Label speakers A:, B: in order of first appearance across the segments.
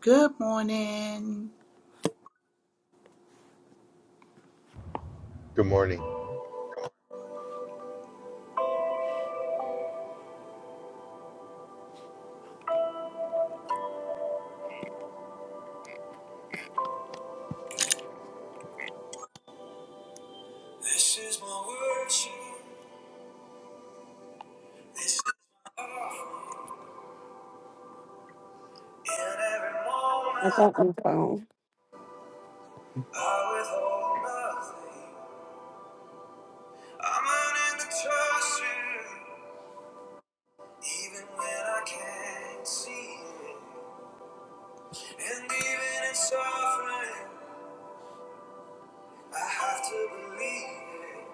A: Good morning.
B: Good morning.
A: This is my worship. This is my offering. In every
C: I got
A: moment,
C: my phone.
A: I withhold nothing. I'm learning to trust you, even when I can't see it. And even in suffering, I have to believe it.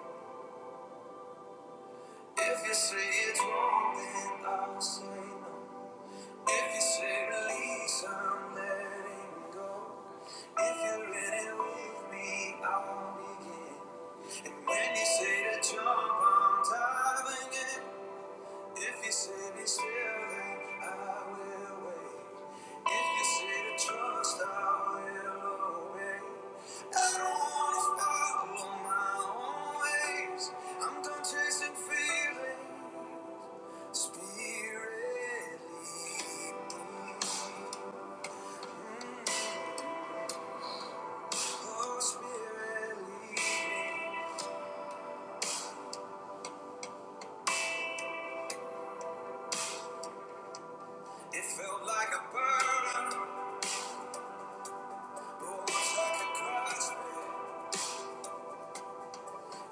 A: If you say it's wrong, then I'll say no. If you say release, I'm letting go. If you're in it with me, I'll begin. And when you say to jump, I'm diving in. If you say be still, then I will wait. If you say to trust, I will obey. I don't wanna follow my own ways. I'm done chasing feelings. Spirit lead me. Holy Spirit, lead me. It felt like a burden, but once I could grasp it,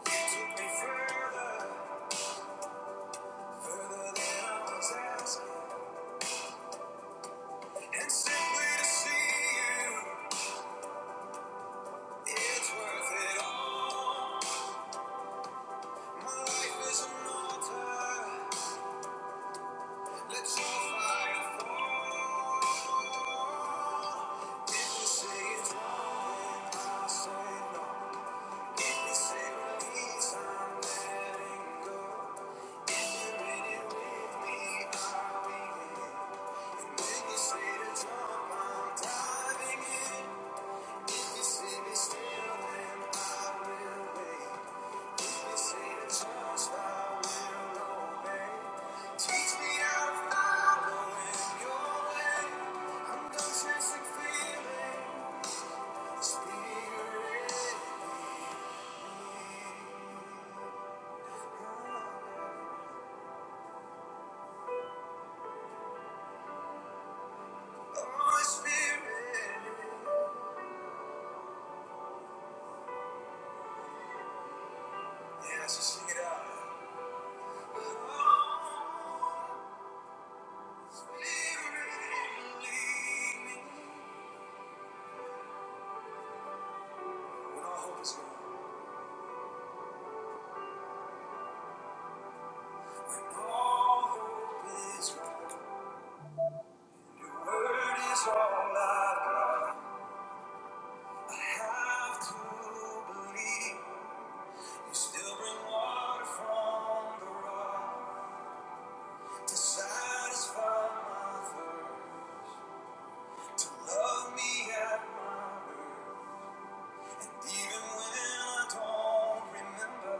A: you took me further, further than I was asking. And simply to see you, it's worth it all. My life is an altar. Let your fire fall. If you say it's wrong, then I say no. Teach me how to follow in your way. I'm done chasing feelings, spirit. Holy Spirit. Yeah, let just sing it out. Oh, Spirit, lead me. When all hope is gone. When all hope is gone. Your word is all I've got. I have to believe. You still bring water from the rock to satisfy my thirst. Love me at my Even when I don't remember,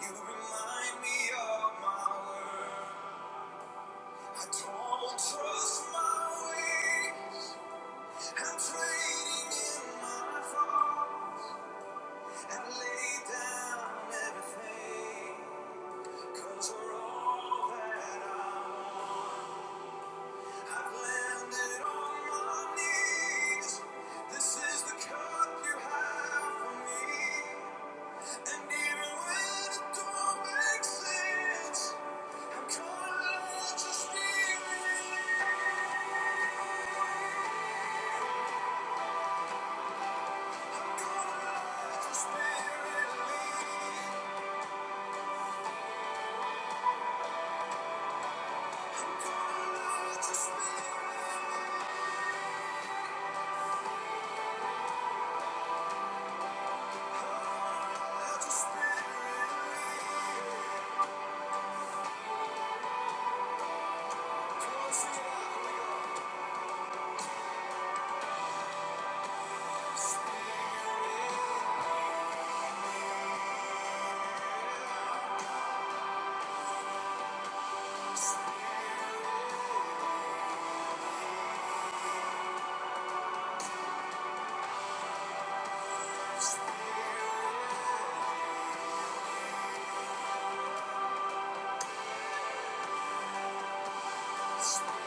A: you remind me of my word. I don't trust my way. I'm trading in my thoughts and lay down everything. for all that I have landed on my knees. This is the cup you have for me. And even when it don't make sense, I'm calling on your spirit. I'm calling on your spirit. I'm calling on your your spirit. Come on, sing it out. Here spirit.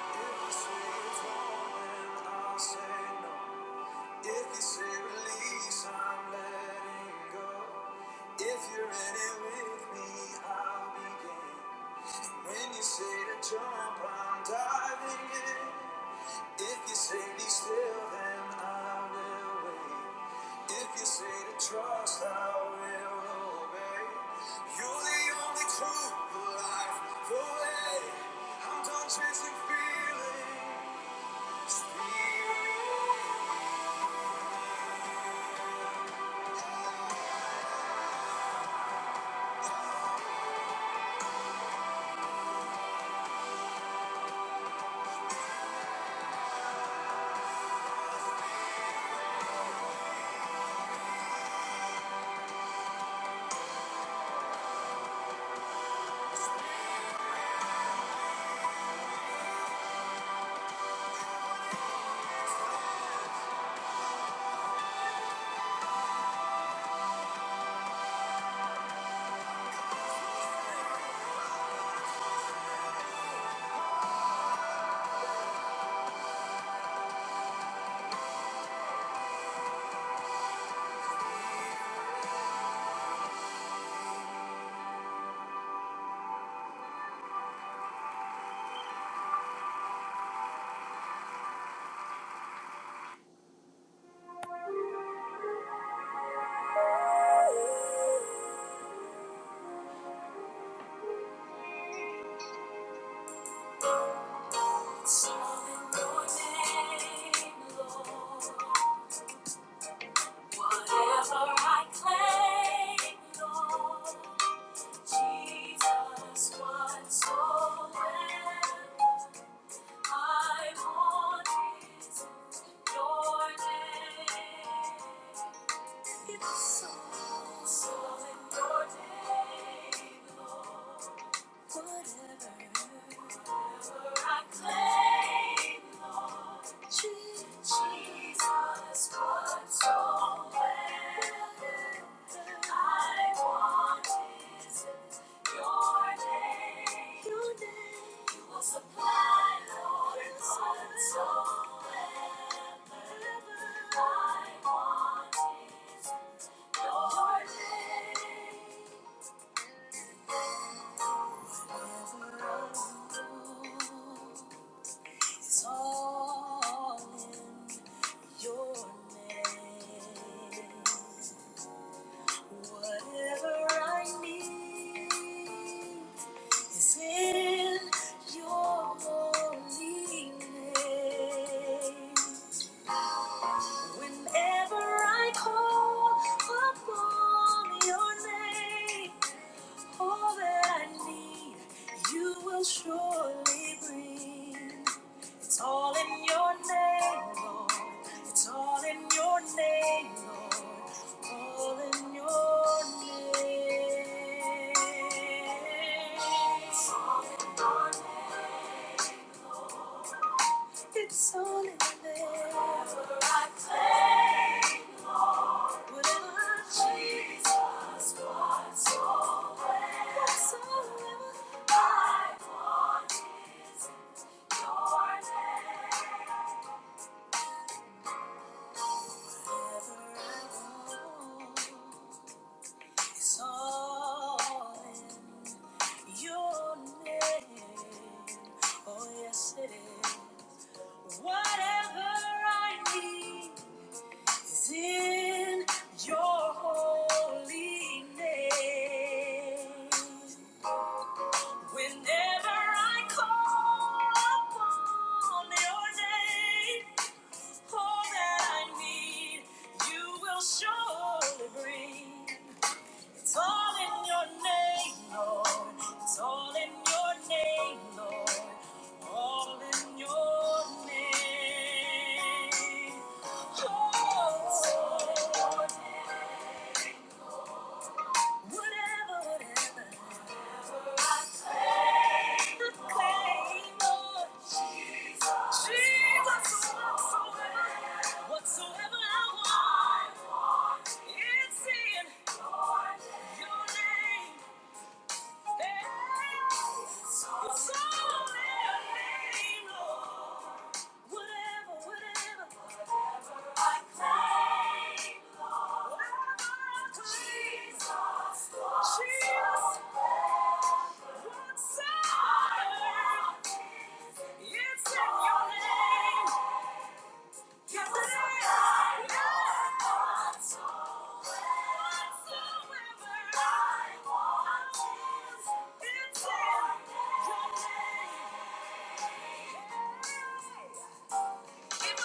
A: If I say it's wrong, then I'll say no. If you say release, I'm letting go. If you're in it with me, I'll begin. When you say to jump, I'm diving in. If you say be still, then I will wait. If you say to trust, I will obey. You're the only truth, the life, the way. I'm done chasing feelings. Spirit. So in your name, Lord. Your name. Whatever I need is in your holy name. Whenever I call upon your name. All that I need, you will surely bring. It's all in your name, Lord. It's all in your name, Lord. All in your name. It's all in your name, Lord. It's all in your name. Forever I claim, Lord. Whatever I need. is in your holy name. Whenever I call upon your name, all that I need, you will surely bring. It's all in your name, Lord. It's all in your name, Lord. All in your name. Oh, whatever, whatever. The claim, Lord. Jesus, whatsoever, whatsoever I want, it's in your name. It's in your name. Yeah. Tell us all about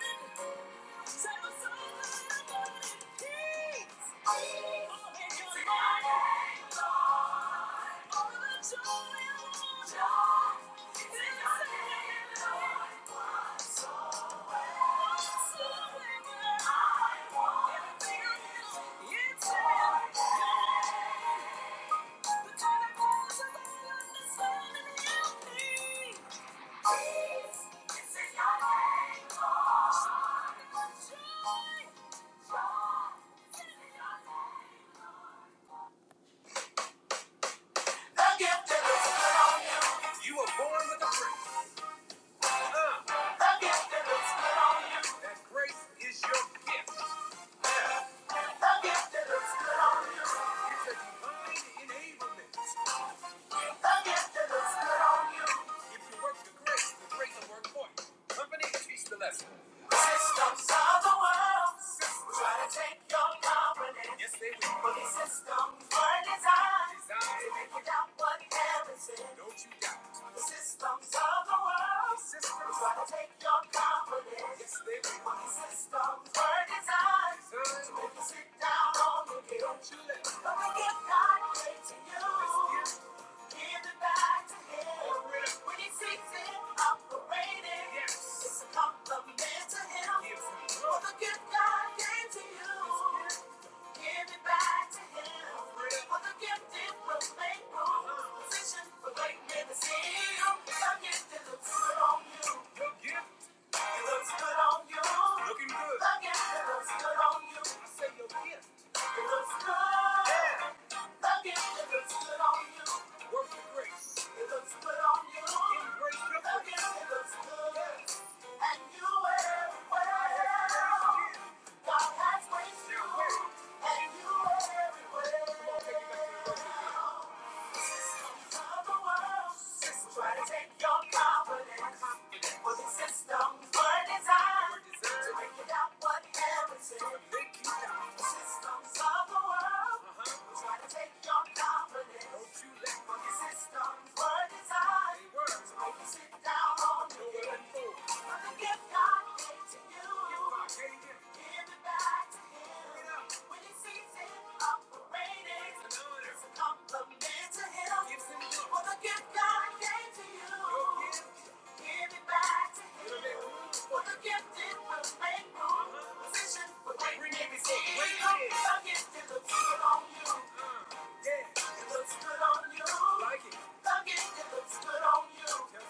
A: it. Thank you you. looks good on The gift that looks good on you. Systems of the world will try to take your confidence. Yes, they will. But these systems were designed, to make you doubt what parents said. Don't you doubt. The systems of the world systems try to take your confidence. Yes, they will. But these systems were designed, to make you sit down on the guilt. But we give God praise to you. It looks good on you. Try to take your confidence, but the systems were designed to make it out what happens. The systems of the world try to take your confidence, but the systems were designed to make you sit down on the Tell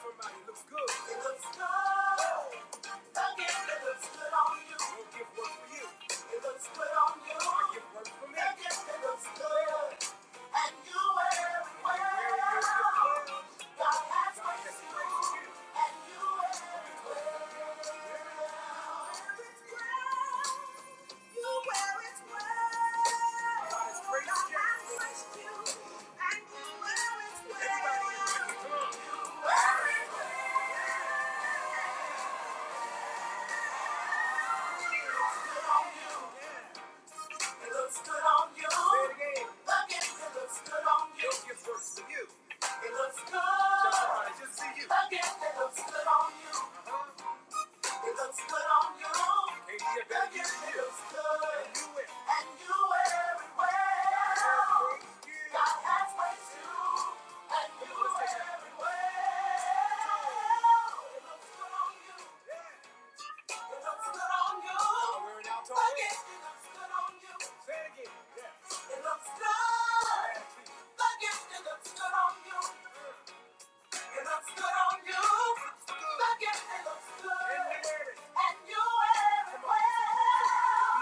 A: somebody it looks good. It looks good. It looks good on you. It it it looks looks good good on you. Look, The gift it looks good on you. It looks good on you. I it looks good. And you everywhere.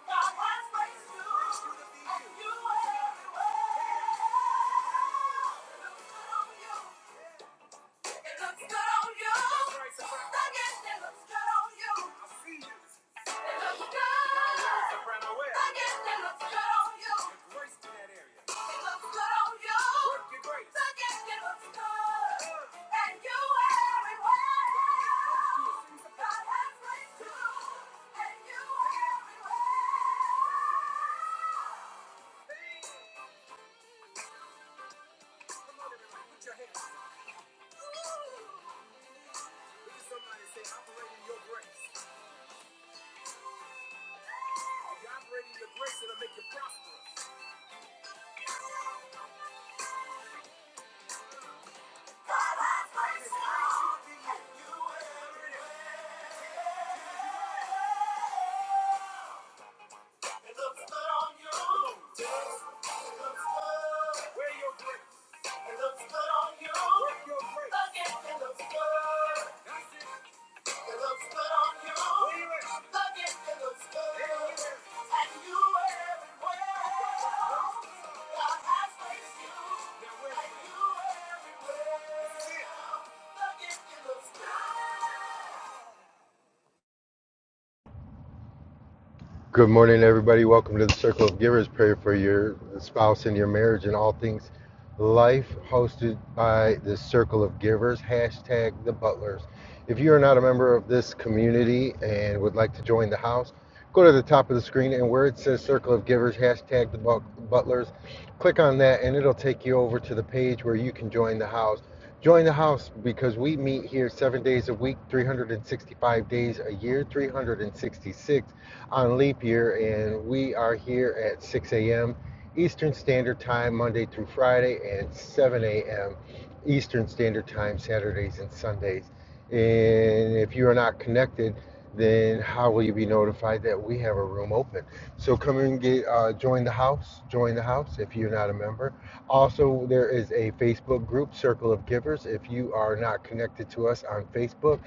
A: God has placed you. And you everywhere. It looks good on you. it looks good on you. It it looks good on you. It looks good on you. It looks good on you. It looks good. good
B: Good morning, everybody. Welcome to the Circle of Givers Prayer for your spouse and your marriage and all things life, hosted by the Circle of Givers, hashtag the Butlers. If you are not a member of this community and would like to join the house, go to the top of the screen and where it says Circle of Givers, hashtag the Butlers, click on that and it'll take you over to the page where you can join the house. Join the house because we meet here seven days a week, 365 days a year, 366 on leap year, and we are here at 6 a.m. Eastern Standard Time, Monday through Friday, and 7 a.m. Eastern Standard Time, Saturdays and Sundays. And if you are not connected, then how will you be notified that we have a room open? So come and get uh, join the house. Join the house if you're not a member. Also, there is a Facebook group, Circle of Givers. If you are not connected to us on Facebook,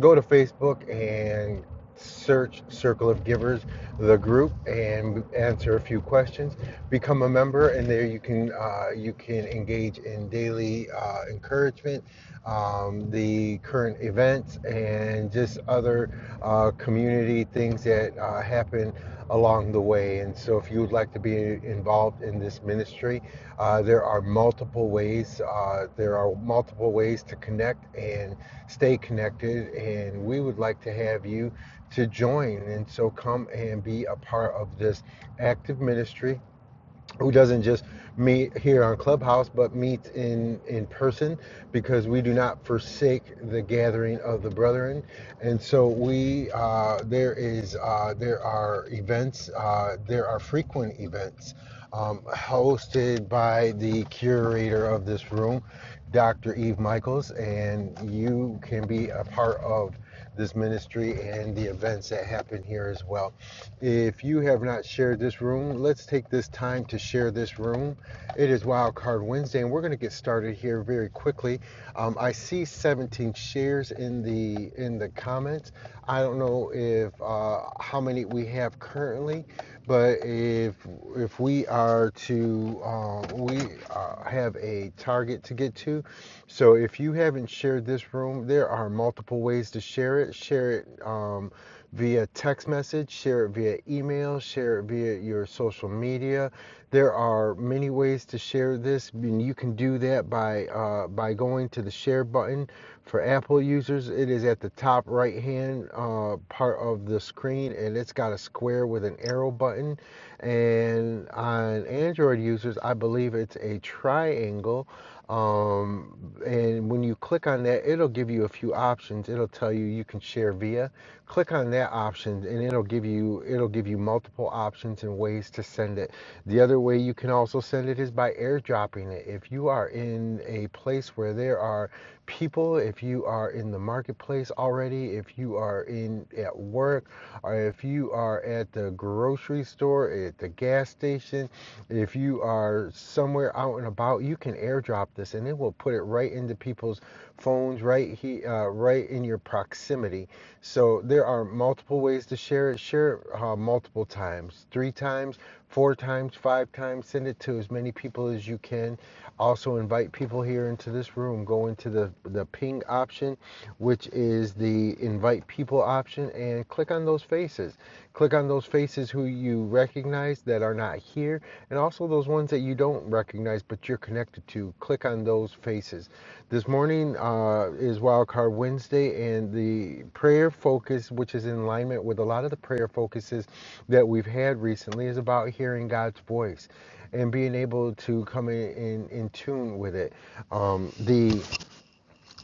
B: go to Facebook and search Circle of Givers, the group, and answer a few questions. Become a member, and there you can uh, you can engage in daily uh, encouragement, um, the current events, and just other uh, community things that uh, happen along the way. And so, if you would like to be involved in this ministry, uh, there are multiple ways. Uh, there are multiple ways to connect and stay connected. And we would like to have you to join and so come and be a part of this active ministry who doesn't just meet here on clubhouse but meets in in person because we do not forsake the gathering of the brethren and so we uh, there is uh, there are events uh, there are frequent events um, hosted by the curator of this room dr eve michaels and you can be a part of this ministry and the events that happen here as well. If you have not shared this room, let's take this time to share this room. It is Wildcard Wednesday, and we're going to get started here very quickly. Um, I see 17 shares in the in the comments. I don't know if uh, how many we have currently, but if if we are to uh, we uh, have a target to get to, so if you haven't shared this room, there are multiple ways to share it. Share it um, via text message, share it via email, share it via your social media. There are many ways to share this, and you can do that by uh, by going to the share button for Apple users, it is at the top right hand uh, part of the screen and it's got a square with an arrow button. And on Android users, I believe it's a triangle. Um, and when you click on that, it'll give you a few options. It'll tell you you can share via. Click on that option and it'll give you it'll give you multiple options and ways to send it. The other way you can also send it is by airdropping it. If you are in a place where there are people, if you are in the marketplace already, if you are in at work, or if you are at the grocery store, at the gas station, if you are somewhere out and about, you can airdrop this and it will put it right into people's phones, right he uh, right in your proximity. So there are multiple ways to share it. Share it uh, multiple times, three times, four times, five times. Send it to as many people as you can also invite people here into this room. Go into the, the ping option, which is the invite people option, and click on those faces. Click on those faces who you recognize that are not here, and also those ones that you don't recognize but you're connected to. Click on those faces. This morning uh, is Wildcard Wednesday, and the prayer focus, which is in alignment with a lot of the prayer focuses that we've had recently, is about hearing God's voice and being able to come in in, in tune with it. Um, the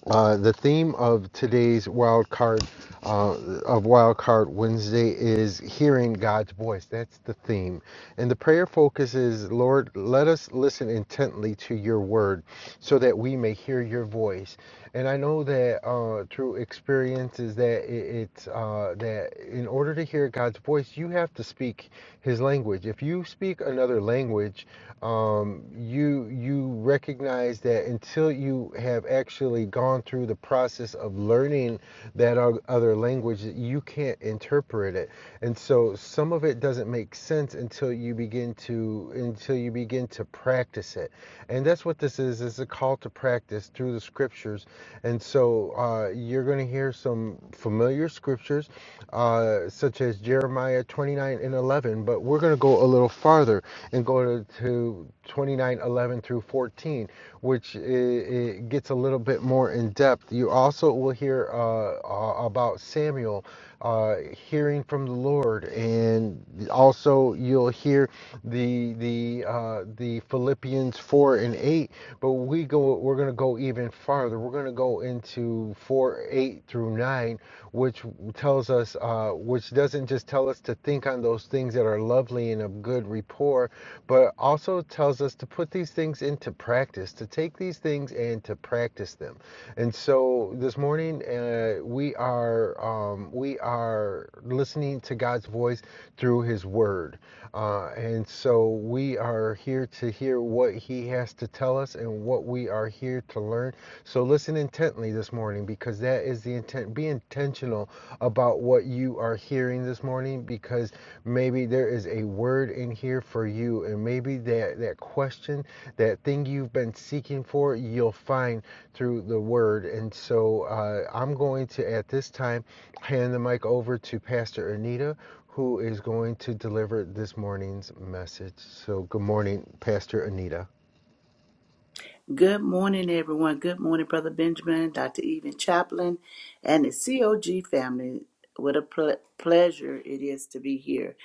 B: uh, the theme of today's wild card uh, of wild card Wednesday is hearing God's voice. That's the theme, and the prayer focus is Lord, let us listen intently to Your word, so that we may hear Your voice. And I know that uh, through experiences that it, it's uh, that in order to hear God's voice, you have to speak His language. If you speak another language, um, you you you recognize that until you have actually gone through the process of learning that other language you can't interpret it and so some of it doesn't make sense until you begin to until you begin to practice it and that's what this is is a call to practice through the scriptures and so uh, you're going to hear some familiar scriptures uh, such as jeremiah 29 and 11 but we're going to go a little farther and go to, to 29 eleven through 14 which i it gets a little bit more in depth you also will hear uh, a- about samuel uh, hearing from the lord and also you'll hear the the uh, the philippians 4 and 8 but we go we're going to go even farther we're going to go into 4 8 through 9 which tells us, uh, which doesn't just tell us to think on those things that are lovely and of good rapport, but also tells us to put these things into practice, to take these things and to practice them. And so this morning, uh, we are um, we are listening to God's voice through His Word, uh, and so we are here to hear what He has to tell us and what we are here to learn. So listen listen intently this morning because that is the intent. Be intentional about what you are hearing this morning because maybe there is a word in here for you, and maybe that, that question, that thing you've been seeking for, you'll find through the word. And so uh, I'm going to, at this time, hand the mic over to Pastor Anita, who is going to deliver this morning's message. So, good morning, Pastor Anita.
A: morning, everyone. Good morning, Brother Benjamin, Dr. Even Chaplin, and the COG family. What a ple- pleasure it is to be here.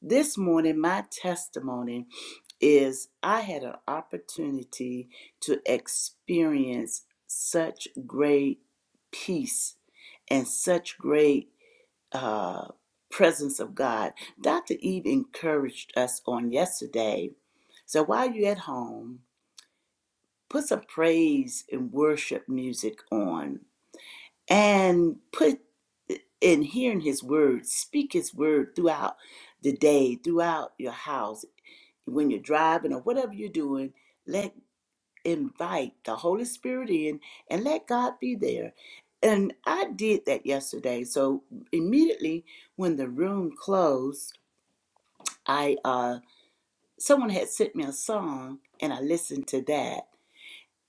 A: This morning, my testimony is I had an opportunity to experience such great peace and such great uh, presence of God. Dr. Eve encouraged us on yesterday. So while you're at home, put some praise and worship music on and put in hearing his word, speak his word throughout the day, throughout your house when you're driving or whatever you're doing, let invite the Holy Spirit in and let God be there. And I did that yesterday. So immediately when the room closed, I uh someone had sent me a song and I listened to that.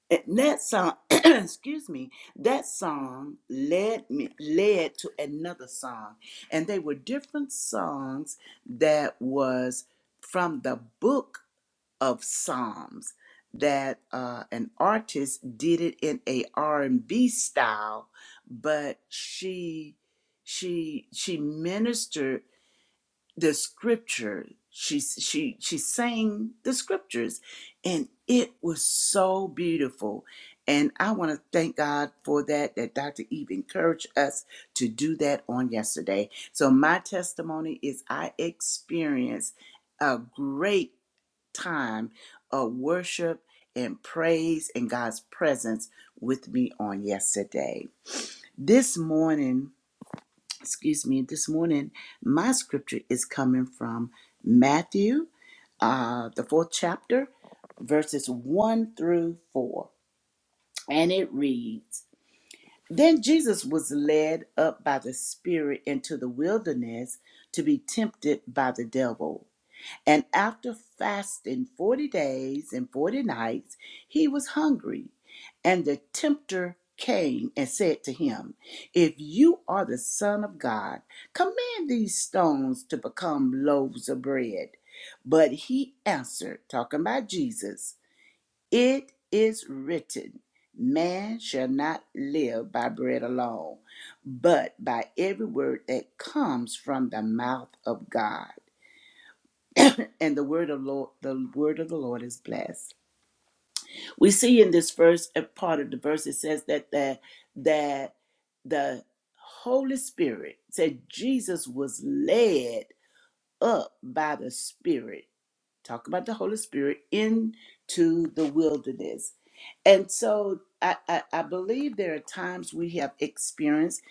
A: And that song excuse me, that song led me led to another song. And they were different songs that was from the book of psalms that uh, an artist did it in a r&b style but she she she ministered the scripture she she she sang the scriptures and it was so beautiful and i want to thank god for that that dr eve encouraged us to do that on yesterday so my testimony is i experienced a great time of worship and praise in God's presence with me on yesterday. This morning, excuse me, this morning, my scripture is coming from Matthew, uh, the fourth chapter, verses 1 through 4. And it reads Then Jesus was led up by the Spirit into the wilderness to be tempted by the devil. And after fasting 40 days and 40 nights, he was hungry. And the tempter came and said to him, If you are the Son of God, command these stones to become loaves of bread. But he answered, talking about Jesus, It is written, Man shall not live by bread alone, but by every word that comes from the mouth of God and the word of Lord, the word of the Lord is blessed. We see in this first uh, part of the verse it says that that that the Holy Spirit said Jesus was led up by the Spirit talk about the Holy Spirit into the wilderness. And so I, I, I believe there are times we have experienced,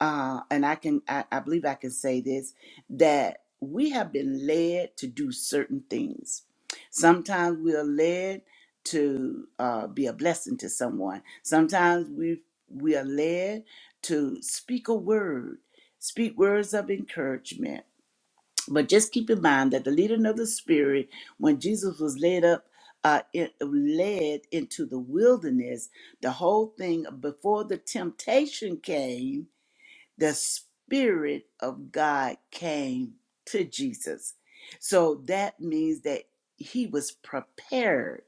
A: uh, and I can I, I believe I can say this, that we have been led to do certain things. Sometimes we are led to uh, be a blessing to someone. Sometimes we we are led to speak a word, speak words of encouragement but just keep in mind that the leading of the Spirit, when Jesus was led up, uh, in- led into the wilderness, the whole thing before the temptation came the Spirit of God came to Jesus. So that means that he was prepared.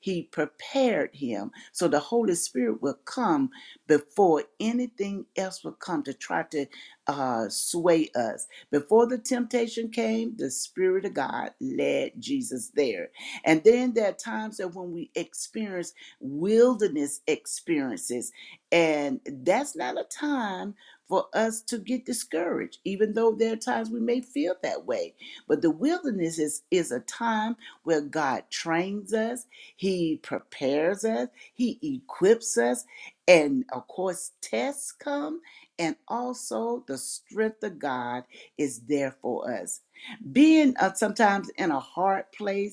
A: He prepared him. So the Holy Spirit will come before anything else will come to try to uh, sway us. Before the temptation came, the Spirit of God led Jesus there. And then there are times that when we experience wilderness experiences, and that's not a time for us to get discouraged, even though there are times we may feel that way. But the wilderness is, is a time where God trains us, He prepares us, He equips us, and of course, tests come, and also the strength of God is there for us being uh, sometimes in a hard place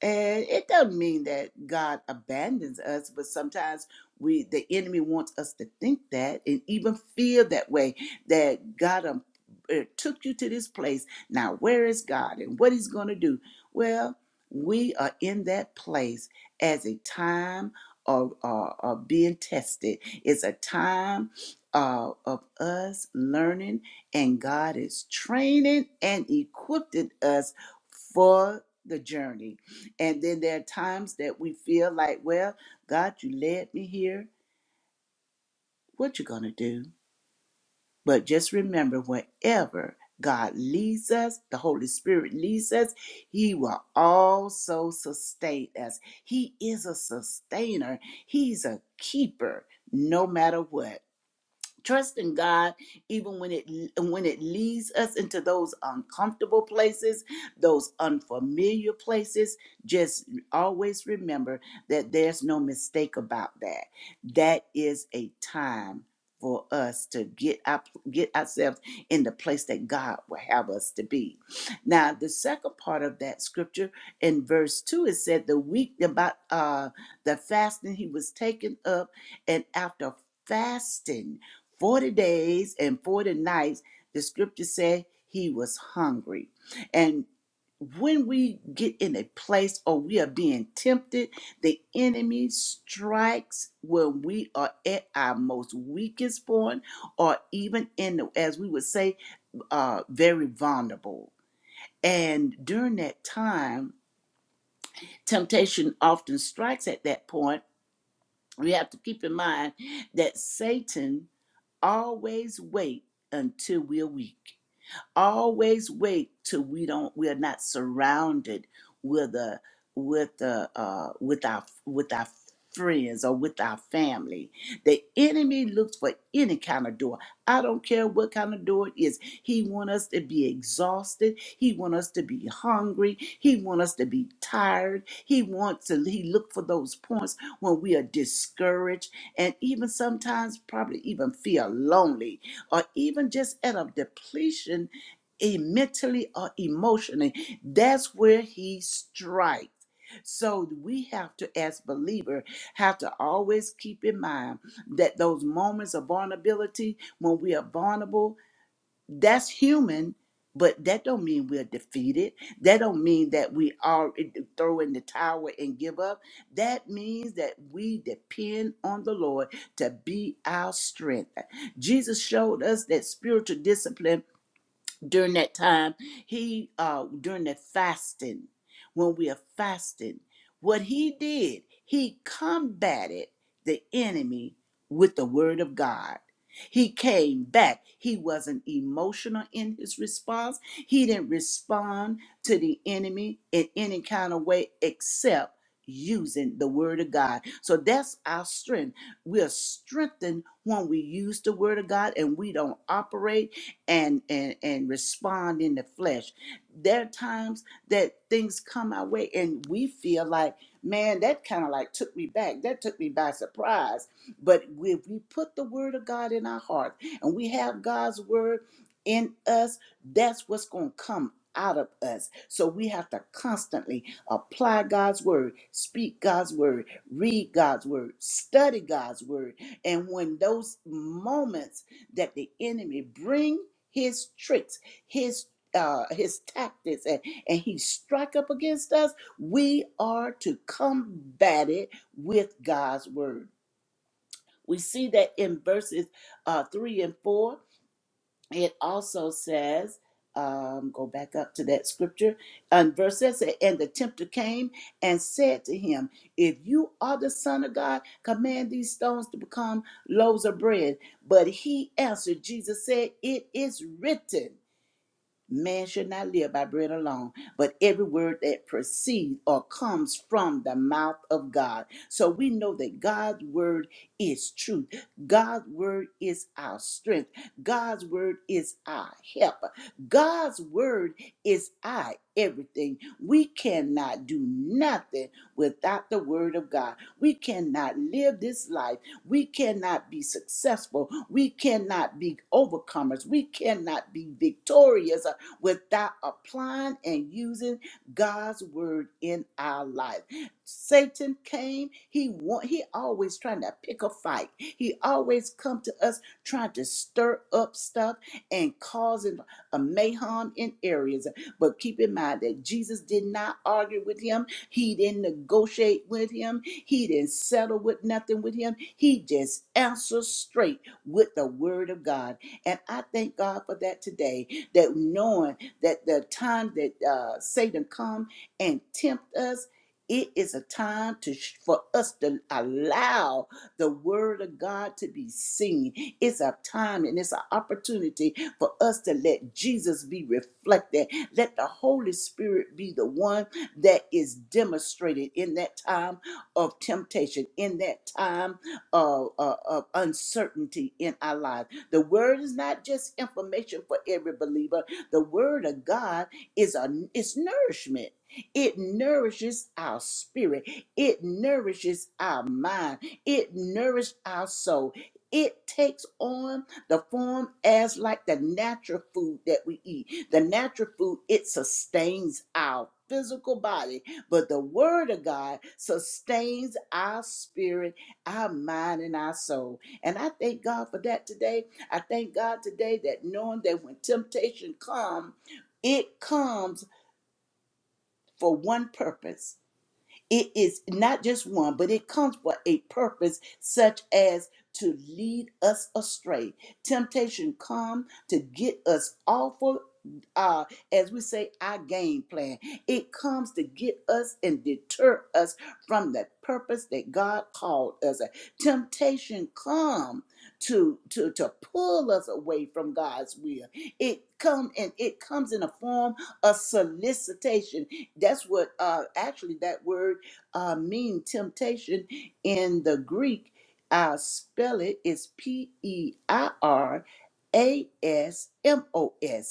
A: and it doesn't mean that God abandons us, but sometimes we the enemy wants us to think that and even feel that way that God um, uh, took you to this place. Now, where is God and what he's going to do? Well, we are in that place as a time of, of, of being tested. It's a time uh, of us learning, and God is training and equipping us for the journey and then there are times that we feel like, well, God, you led me here. What you gonna do? But just remember, wherever God leads us, the Holy Spirit leads us, He will also sustain us. He is a sustainer, He's a keeper, no matter what trust in God even when it when it leads us into those uncomfortable places, those unfamiliar places, just always remember that there's no mistake about that. That is a time for us to get up get ourselves in the place that God will have us to be. Now, the second part of that scripture in verse 2 it said the week about uh the fasting he was taken up and after fasting 40 days and 40 nights, the scripture said he was hungry. And when we get in a place or we are being tempted, the enemy strikes when we are at our most weakest point, or even in, the, as we would say, uh, very vulnerable. And during that time, temptation often strikes at that point. We have to keep in mind that Satan Always wait until we're weak. Always wait till we don't we are not surrounded with a with the uh with our with our friends or with our family. The enemy looks for any kind of door. I don't care what kind of door it is. He want us to be exhausted. He want us to be hungry. He want us to be tired. He wants to he look for those points when we are discouraged and even sometimes probably even feel lonely or even just at a depletion e- mentally or emotionally. That's where he strikes. So we have to, as believer, have to always keep in mind that those moments of vulnerability, when we are vulnerable, that's human. But that don't mean we're defeated. That don't mean that we are throw in the towel and give up. That means that we depend on the Lord to be our strength. Jesus showed us that spiritual discipline during that time he uh during the fasting when we are fasting what he did he combated the enemy with the word of god he came back he wasn't emotional in his response he didn't respond to the enemy in any kind of way except using the word of god so that's our strength we're strengthened when we use the word of god and we don't operate and and and respond in the flesh there are times that things come our way and we feel like man that kind of like took me back that took me by surprise but if we put the word of god in our heart and we have god's word in us that's what's going to come out of us so we have to constantly apply god's word speak god's word read god's word study god's word and when those moments that the enemy bring his tricks, his uh, his tactics, and, and he strike up against us, we are to combat it with God's word. We see that in verses uh, three and four it also says, um, go back up to that scripture, and verse says, and the tempter came and said to him, If you are the Son of God, command these stones to become loaves of bread. But he answered, Jesus said, It is written. Man should not live by bread alone, but every word that proceeds or comes from the mouth of God. So we know that God's word is truth. God's word is our strength. God's word is our help. God's word is our everything. We cannot do nothing without the word of God. We cannot live this life. We cannot be successful. We cannot be overcomers. We cannot be victorious without applying and using God's word in our life. Satan came, he want, he always trying to pick a fight. He always come to us trying to stir up stuff and causing a mayhem in areas. But keep in mind that Jesus did not argue with him. He didn't negotiate with him. He didn't settle with nothing with him. He just answered straight with the word of God. And I thank God for that today that knowing that the time that uh, Satan come and tempt us, it is a time to for us to allow the word of God to be seen. It's a time and it's an opportunity for us to let Jesus be reflected. Let the Holy Spirit be the one that is demonstrated in that time of temptation, in that time of, of, of uncertainty in our life. The word is not just information for every believer. The word of God is a it's nourishment. It nourishes our spirit. It nourishes our mind. It nourishes our soul. It takes on the form as like the natural food that we eat. The natural food, it sustains our physical body, but the word of God sustains our spirit, our mind, and our soul. And I thank God for that today. I thank God today that knowing that when temptation comes, it comes for one purpose it is not just one, but it comes for a purpose such as to lead us astray. Temptation come to get us off of uh, as we say, our game plan. It comes to get us and deter us from the purpose that God called us. Temptation come to to to pull us away from God's will. It come and it comes in a form of solicitation. That's what uh actually that word uh, mean temptation in the Greek. I'll spell it. It's P E I R A S M O S.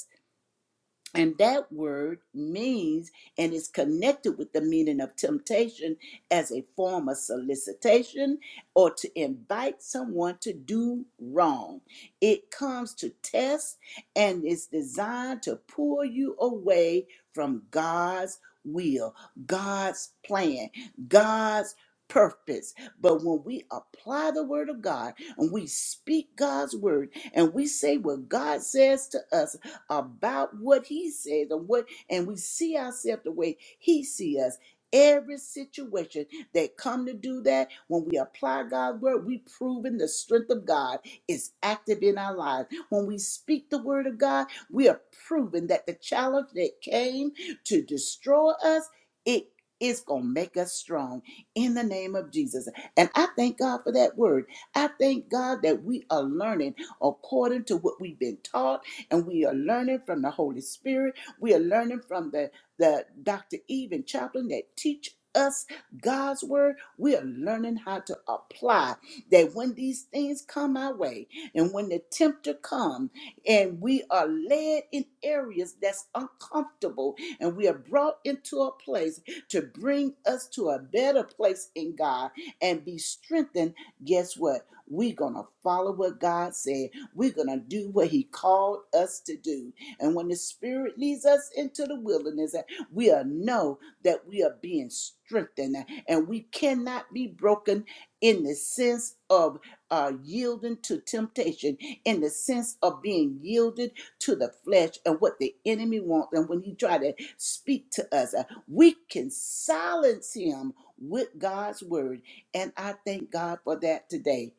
A: And that word means and is connected with the meaning of temptation as a form of solicitation or to invite someone to do wrong. It comes to test and is designed to pull you away from God's will, God's plan, God's purpose. But when we apply the word of God and we speak God's word and we say what God says to us, about what he says and what and we see ourselves the way he see us every situation that come to do that when we apply god's word we proven the strength of god is active in our lives when we speak the word of god we are proving that the challenge that came to destroy us it is going to make us strong in the name of jesus and i thank god for that word i thank god that we are learning according to what we've been taught and we are learning from the Holy Spirit. We are learning from the, the Dr. Eve and Chaplain that teach us God's word. We are learning how to apply that when these things come our way and when the tempter come and we are led in areas that's uncomfortable and we are brought into a place to bring us to a better place in God and be strengthened, guess what? We're going to follow what God said we're going to do what He called us to do. And when the Spirit leads us into the wilderness, we'll know that we are being strengthened uh, and we cannot be broken in the sense of uh, yielding to temptation, in the sense of being yielded to the flesh and what the enemy wants. And when he try to speak to us, uh, we can silence him with God's word. And I thank God for that today.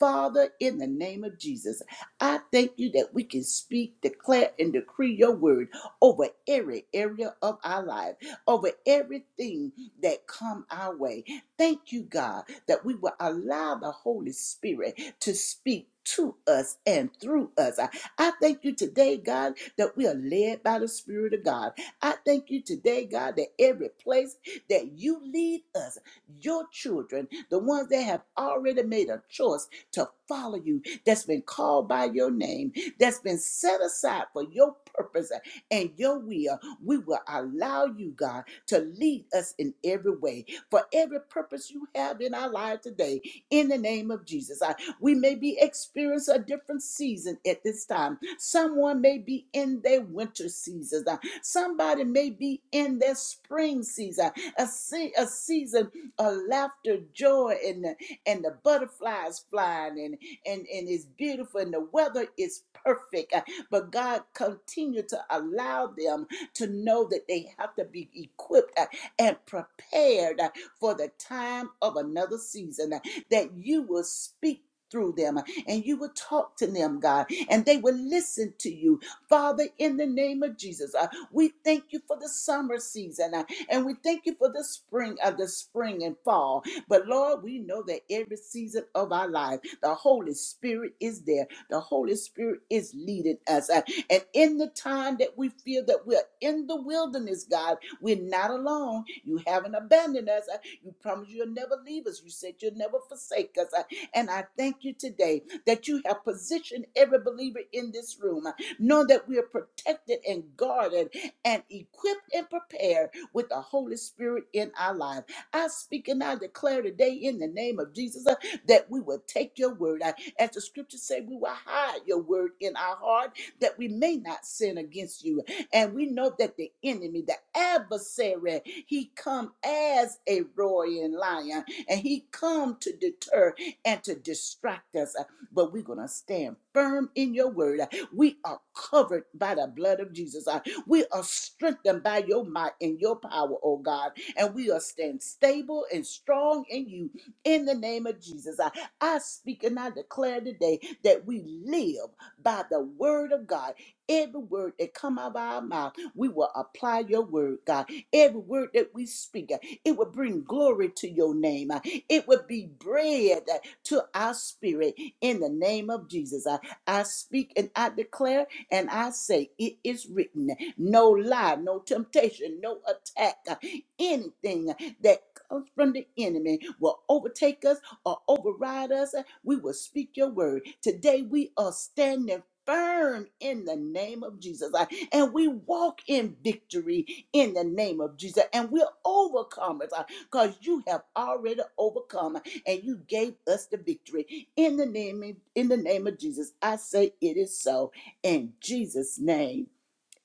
A: Father, in the name of Jesus, I thank you that we can speak, declare, and decree your word over every area of our life, over everything that come our way. Thank you, God, that we will allow the Holy Spirit to speak to us and through us. I, I thank you today, God, that we are led by the Spirit of God. I thank you today, God, that every place that you lead us, your children, the ones that have already made a choice to follow you, that's been called by your name, that's been set aside for your purpose and your will. We will allow you, God, to lead us in every way for every purpose you have in our life today. In the name of Jesus, I, we may be experiencing a different season at this time. Someone may be in their winter season. Uh, Somebody may be in their spring season, a, se- a season of laughter, joy, and the, and the butterflies flying and and, and it's beautiful and the weather is perfect. Uh, But God continued to allow them to know that they have to be equipped uh, and prepared uh, for the time of another season, uh, that you will speak. Through them, uh, and you will talk to them, God, and they will listen to you. Father, in the name of Jesus, uh, we thank you for the summer season, uh, and we thank you for the spring of uh, the spring and fall. But Lord, we know that every season of our life, the Holy Spirit is there. The Holy Spirit is leading us. Uh, And in the time that we feel that we're in the wilderness, God, we're not alone. You haven't abandoned us. Uh, You promised you'll never leave us. You said you'll never forsake us. Uh, And I thank you today that you have positioned every believer in this room, uh, knowing that we are protected and guarded and equipped and prepared with the Holy Spirit in our life. I speak and I declare today in the name of Jesus uh, that we will take your word. I- As the scriptures say, we will hide your word in our heart that we may not sin against you. And we know that the enemy, the adversary, he come as a roaring lion and he come to deter and to distract us. But we're going to stand firm in your word. We are covered by the blood of Jesus. Uh, We are strengthened by your might and your power, oh God. And we are stand stable and strong in you in the name of Jesus. I, I speak and I declare today that we live by the word of God. Every word that come out of our mouth, we will apply your word, God. Every word that we speak, uh, it will bring glory to your name. Uh, It will be bread uh, to our spirit in the name of Jesus. I, I speak and I declare and I say, it is written. No lie, no temptation, no attack, uh, anything that comes from the enemy will overtake us or override us. We will speak your word. Today we are standing firm in the name of Jesus. I- And we walk in victory in the name of Jesus. And we're overcomers because you have already overcome and you gave us the victory. In the name of, in the name of Jesus, I say it is so. In Jesus' name,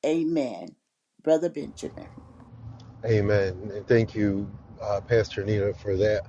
A: amen. Brother Benjamin.
B: Amen. And thank you, uh, Pastor Nita, for that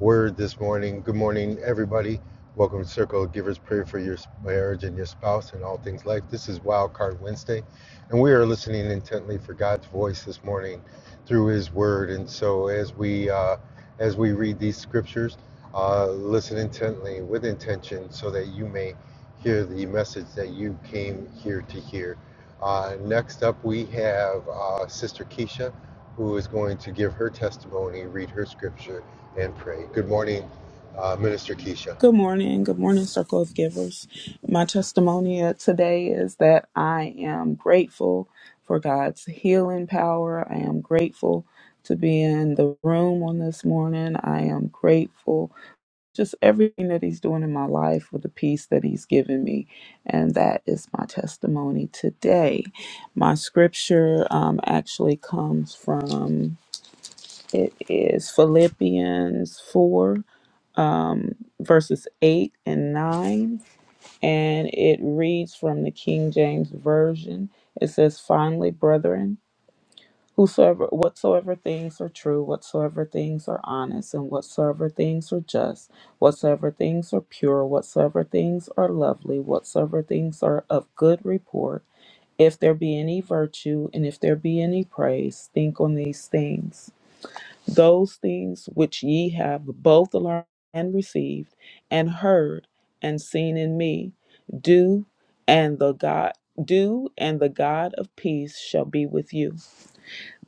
B: word this morning. Good morning, everybody. Welcome to Circle of Givers Prayer for your marriage and your spouse and all things life. This is Wildcard Wednesday, and we are listening intently for God's voice this morning through His Word. And so, as we uh, as we read these scriptures, uh, listen intently with intention, so that you may hear the message that you came here to hear. Uh, next up, we have uh, Sister Keisha who is going to give her testimony, read her scripture, and pray. Good morning, uh, Minister Keisha.
D: Good morning. Good morning, Circle of Givers. My testimony of today is that I am grateful for God's healing power. I am grateful to be in the room on this morning. I am grateful just everything that He's doing in my life with the peace that He's given me. And that is my testimony today. My scripture um, actually comes from it is Philippians 4, verses 8 and 9 and it reads from the King James Version. It says, Finally, brethren, whosoever whatsoever things are true, whatsoever things are honest, and whatsoever things are just, whatsoever things are pure, whatsoever things are lovely, whatsoever things are of good report, if there be any virtue and if there be any praise, think on these things those things which ye have both learned and received, and heard and seen in me, do, and the God do, and the God of peace shall be with you.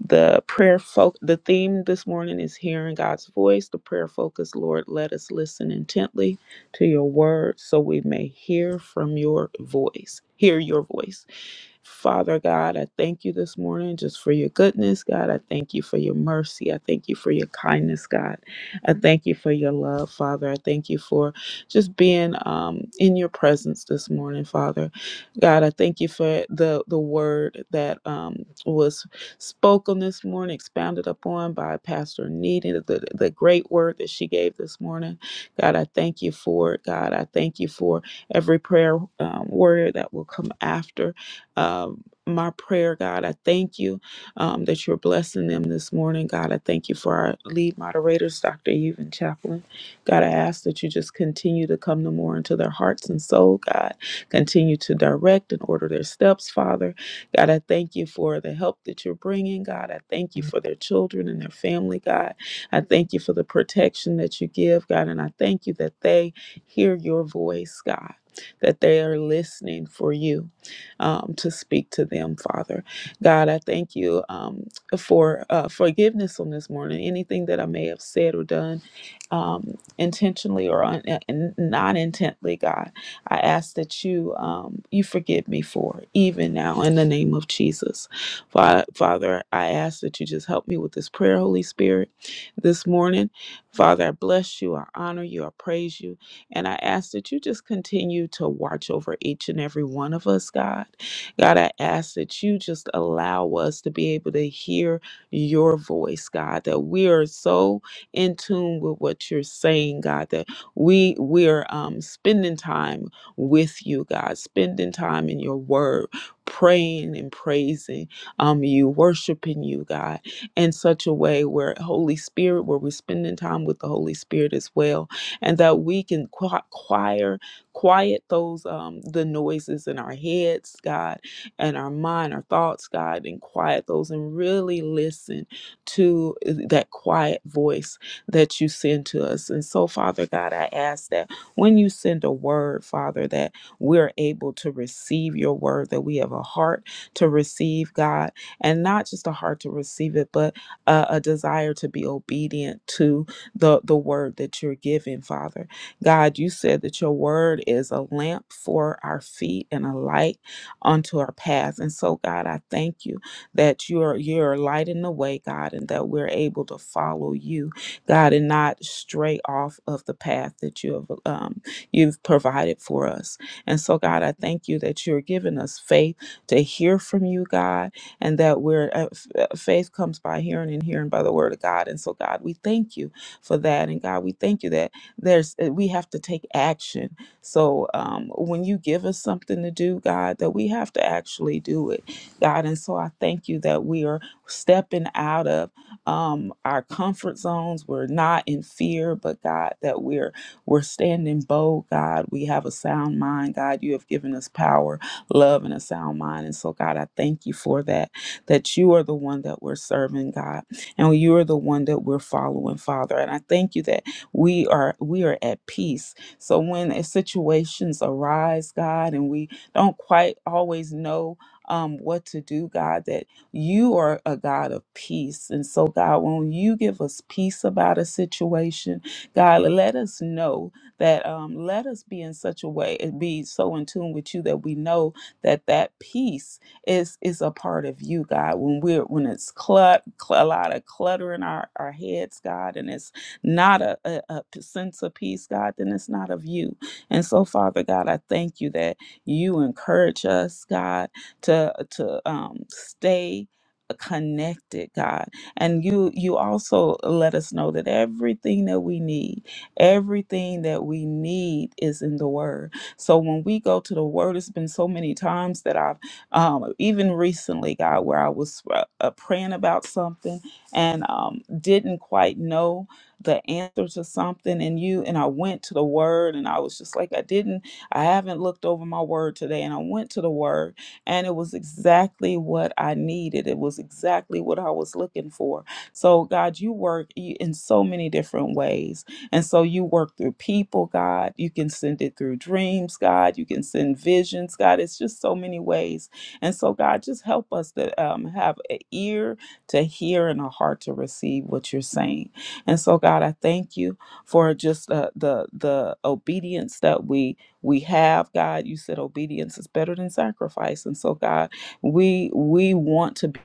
D: The prayer folk the theme this morning is hearing God's voice. The prayer focus, Lord, let us listen intently to your word so we may hear from your voice. Hear your voice. Father God, I thank you this morning just for your goodness, God. I thank you for your mercy. I thank you for your kindness, God. I thank you for your love, Father. I thank you for just being um, in your presence this morning, Father. God, I thank you for the the word that um, was spoken this morning, expounded upon by Pastor Needed, the, the great word that she gave this morning. God, I thank you for it. God, I thank you for every prayer um, warrior that will come after um, my prayer, God. I thank you um, that you're blessing them this morning, God. I thank you for our lead moderators, Dr. Eve and Chaplain. God, I ask that you just continue to come no more into their hearts and soul, God. Continue to direct and order their steps, Father. God, I thank you for the help that you're bringing, God. I thank you for their children and their family, God. I thank you for the protection that you give, God. And I thank you that they hear your voice, God, that they are listening for you um, to speak to them, Father. God, I thank you um, for uh, forgiveness on this morning. Anything that I may have said or done um, intentionally or un- and not intently, God, I ask that you um, you forgive me for it, even now in the name of Jesus. Fa- Father, I ask that you just help me with this prayer, Holy Spirit, this morning. Father, I bless you, I honor you, I praise you. And I ask that you just continue to watch over each and every one of us, God. God, I ask that you just allow us to be able to hear your voice, God, that we are so in tune with what you're saying, God, that we we're um, spending time with you, God, spending time in your word, praying and praising um, you, worshiping you, God, in such a way where Holy Spirit, where we're spending time with the Holy Spirit as well and that we can qui- choir, quiet those um, the noises in our heads, God, and our mind, our thoughts, God, and quiet those and really listen to uh, that quiet voice that you send to us. And so, Father God, I ask that when you send a word, Father, that we're able to receive your word, that we have a heart to receive, God, and not just a heart to receive it, but a, a desire to be obedient to the the word that you're giving, Father. God, you said that your word is a lamp for our feet and a light unto our path. And so, God, I thank you that you're you're lighting the way, God, and that we're able to follow you, God, and not stray off of the path that you have um, you've provided for us. And so, God, I thank you that you're giving us faith to hear from you, God, and that we're uh, f- uh, faith comes by hearing and hearing by the word of God. And so, God, we thank you for that. And God, we thank you that there's uh, we have to take action. So um, when you give us something to do, God, that we have to actually do it, God. And so I thank you that we are stepping out of um, our comfort zones. We're not in fear, but God, that we're we're standing bold. God, we have a sound mind. God, you have given us power, love, and a sound mind. And so, God, I thank you for that. That you are the one that we're serving, God and you are the one that we're following father and i thank you that we are we are at peace so when uh, situations arise god and we don't quite always know um, what to do god that you are a god of peace and so god when you give us peace about a situation god let us know that um, let us be in such a way and be so in tune with you that we know that that peace is is a part of you, God. When we're when it's clut, cl- a lot of clutter in our, our heads, God, and it's not a, a, a sense of peace, God, then it's not of you. And so, Father God, I thank you that you encourage us, God, to to um stay connected god and you you also let us know that everything that we need everything that we need is in the word so when we go to the word it's been so many times that i've um, even recently, God, where I was uh, uh, praying about something and um, didn't quite know the answer to something, and you and I went to the Word, and I was just like, I didn't, I haven't looked over my Word today, and I went to the Word, and it was exactly what I needed. It was exactly what I was looking for. So, God, you work y- in so many different ways, and so you work through people, God. You can send it through dreams, God. You can send visions, God. It's just so many ways and so, God, just help us to um, have an ear to hear and a heart to receive what you're saying. And so, God, I thank you for just uh, the the obedience that we we have. God, you said obedience is better than sacrifice, and so, God, we we want to be. obedient.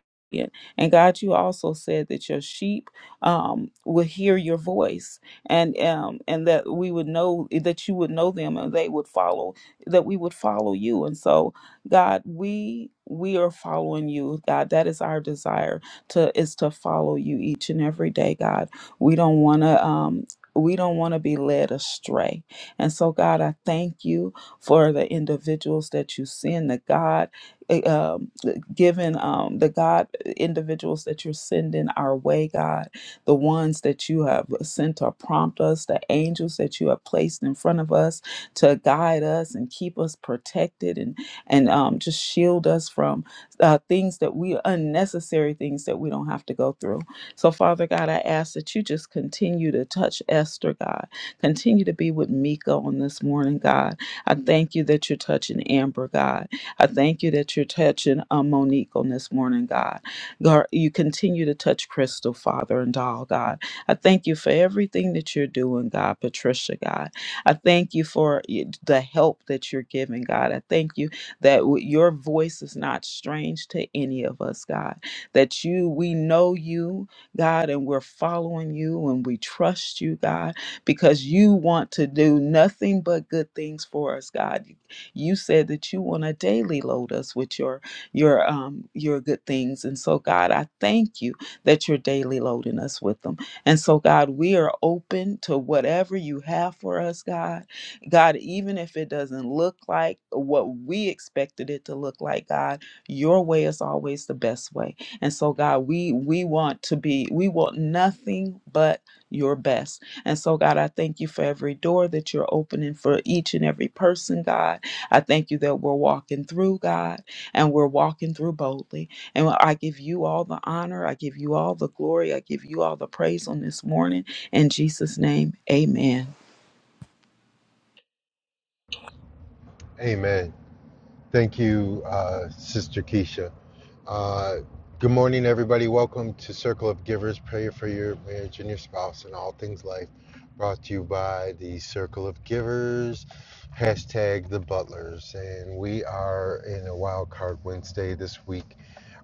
D: And God, you also said that your sheep um, will hear your voice, and um, and that we would know that you would know them, and they would follow. That we would follow you, and so God, we we are following you, God. That is our desire to is to follow you each and every day, God. We don't want to um we don't want to be led astray. And so, God, I thank you for the individuals that you send, the God, eh, um, given um, the God individuals that you're sending our way, God, the ones that you have sent to prompt us, the angels that you have placed in front of us to guide us and keep us protected and and um, just shield us from uh, things that we unnecessary things that we don't have to go through. So, Father God, I ask that you just continue to touch Esther, God. Continue to be with Mika on this morning, God. I thank you that you're touching Amber, God. I thank you that you're touching uh, Monique on this morning, God. God. You continue to touch Crystal, Father, and Doll, God. I thank you for everything that you're doing, God. Patricia, God. I thank you for y- the help that you're giving, God. I thank you that w- your voice is not strange to any of us, God. That you, we know you, God, and we're following you and we trust you, God, because you want to do nothing but good things for us, God. You said that you want to daily load us with your your um your good things. And so God, I thank you that you're daily loading us with them. And so God, we are open to whatever you have for us, God God, even if it doesn't look like what we expected it to look like, God, your way is always the best way. And so, God, we we want to be, we want nothing but your best. And so, God, I thank you for every door that you're opening for each and every person, God. I thank you that we're walking through, God, and we're walking through boldly. And I give you all the honor, I give you all the glory, I give you all the praise on this morning. In Jesus' name, amen.
B: Amen. Thank you, uh, Sister Keisha. Uh, good morning, everybody. Welcome to Circle of Givers, prayer for your marriage and your spouse and all things life, brought to you by the Circle of Givers, hashtag the Butlers. And we are in a wild card Wednesday this week.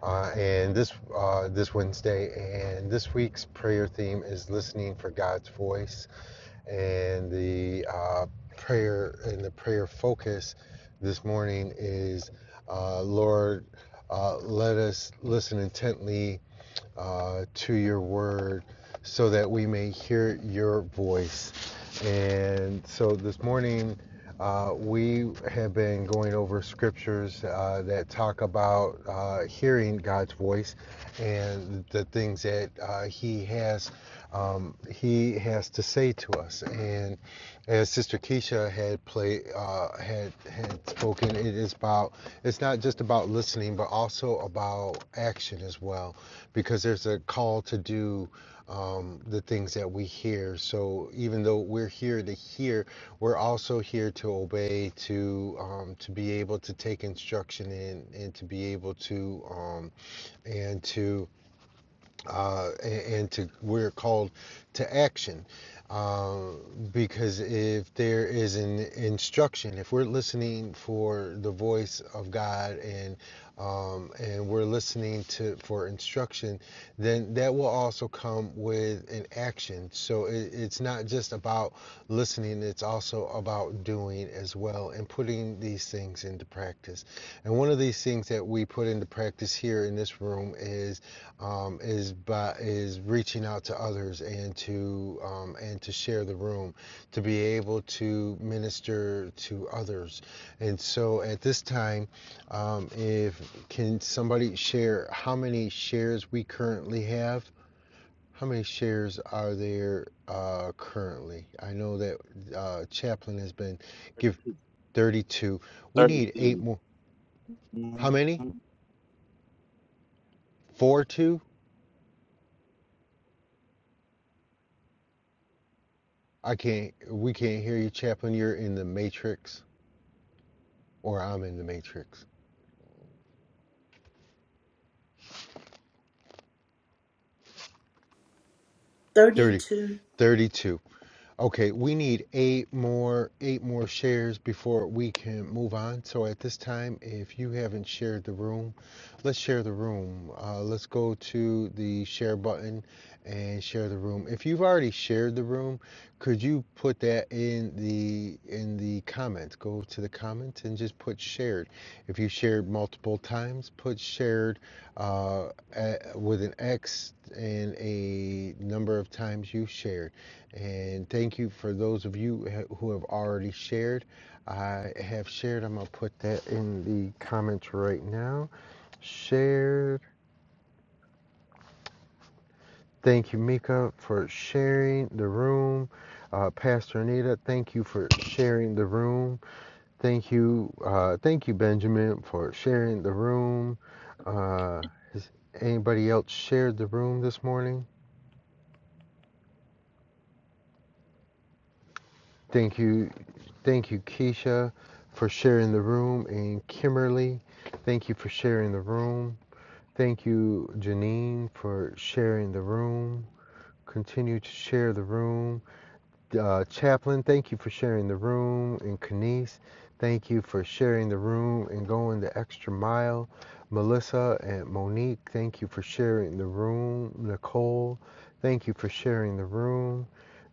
B: Uh, and this uh, this Wednesday, and this week's prayer theme is listening for God's voice and the uh, prayer and the prayer focus this morning is uh, Lord, uh, let us listen intently uh, to your word so that we may hear your voice. And so this morning, uh, we have been going over scriptures uh, that talk about uh, hearing God's voice and the things that uh, He has um, He has to say to us. And as Sister Keisha had play uh, had had spoken, it is about it's not just about listening, but also about action as well because there's a call to do um, the things that we hear. So even though we're here to hear, we're also here to obey, to um, to be able to take instruction in, and to be able to um, and to uh, and, and to we're called to action um, because if there is an instruction if we're listening for the voice of God and um, and we're listening to for instruction then that will also come with an action so it, it's not just just about listening, it's also about doing as well and putting these things into practice. And one of these things that we put into practice here in this room is um, is by is reaching out to others and to um, and to share the room, to be able to minister to others. And so at this time, um, if can somebody share how many shares we currently have? How many shares are there uh, currently? I know that uh, Chaplin has been give
E: 32,
B: 32. We need eight
E: 32.
B: more. How
E: Mhm.
B: many? Four, two? I can't. We can't hear you, Chaplin. You're in the matrix, or I'm in the matrix. 30,
A: 32.
B: 32. Okay, we need eight more eight more shares before we can move on. So at this time, if you haven't shared the room, let's share the room. Uh, let's go to the share button and share the room. If you've already shared the room, could you put that in the in the comments? Go to the comments and just put shared if you shared multiple times, put shared uh, a, with an X and a number of times you shared. And thank you for those of you who have already shared. I have shared. I'm going to put that in the comments right now. Shared. Thank you, Mika, for sharing the room. Uh, Pastor Anita, thank you for sharing the room. Thank you, uh, thank you, Benjamin, for sharing the room. Uh, has anybody else shared the room this morning? Thank you, thank you, Keisha, for sharing the room, and Kimberly, thank you for sharing the room. Thank you, Janine, for sharing the room. Continue to share the room. Uh, Chaplain, thank you for sharing the room. And Kanice, thank you for sharing the room and going the extra mile. Melissa and Monique, thank you for sharing the room. Nicole, thank you for sharing the room.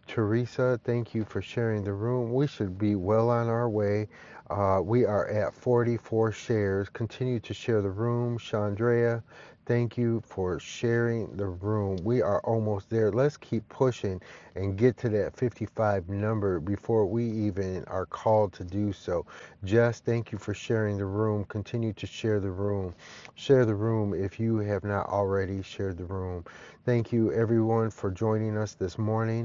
B: Teresa, thank you for sharing the room. We should be well on our way. Uh, we are at 44 shares. Continue to share the room. Chandrea, thank you for sharing the room. We are almost there. Let's keep pushing and get to that 55 number before we even are called to do so. Jess, thank you for sharing the room. Continue to share the room. Share the room if you have not already shared the room. Thank you, everyone, for joining us this morning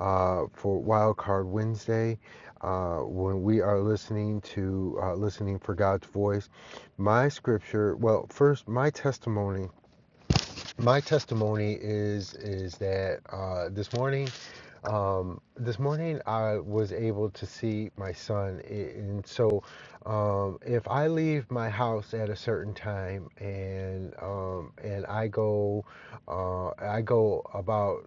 B: uh, for Wild Card Wednesday. Uh, when we are listening to uh, listening for God's voice, my scripture. Well, first, my testimony. My testimony is is that uh, this morning, um, this morning I was able to see my son, and so um, if I leave my house at a certain time and um, and I go, uh, I go about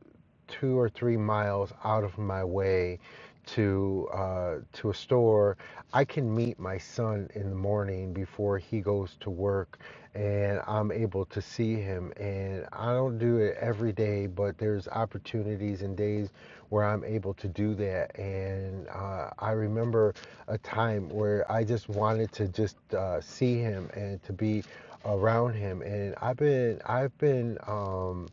B: two or three miles out of my way to uh, to a store, I can meet my son in the morning before he goes to work, and I'm able to see him. And I don't do it every day, but there's opportunities and days where I'm able to do that. And uh, I remember a time where I just wanted to just uh, see him and to be around him. And I've been I've been um,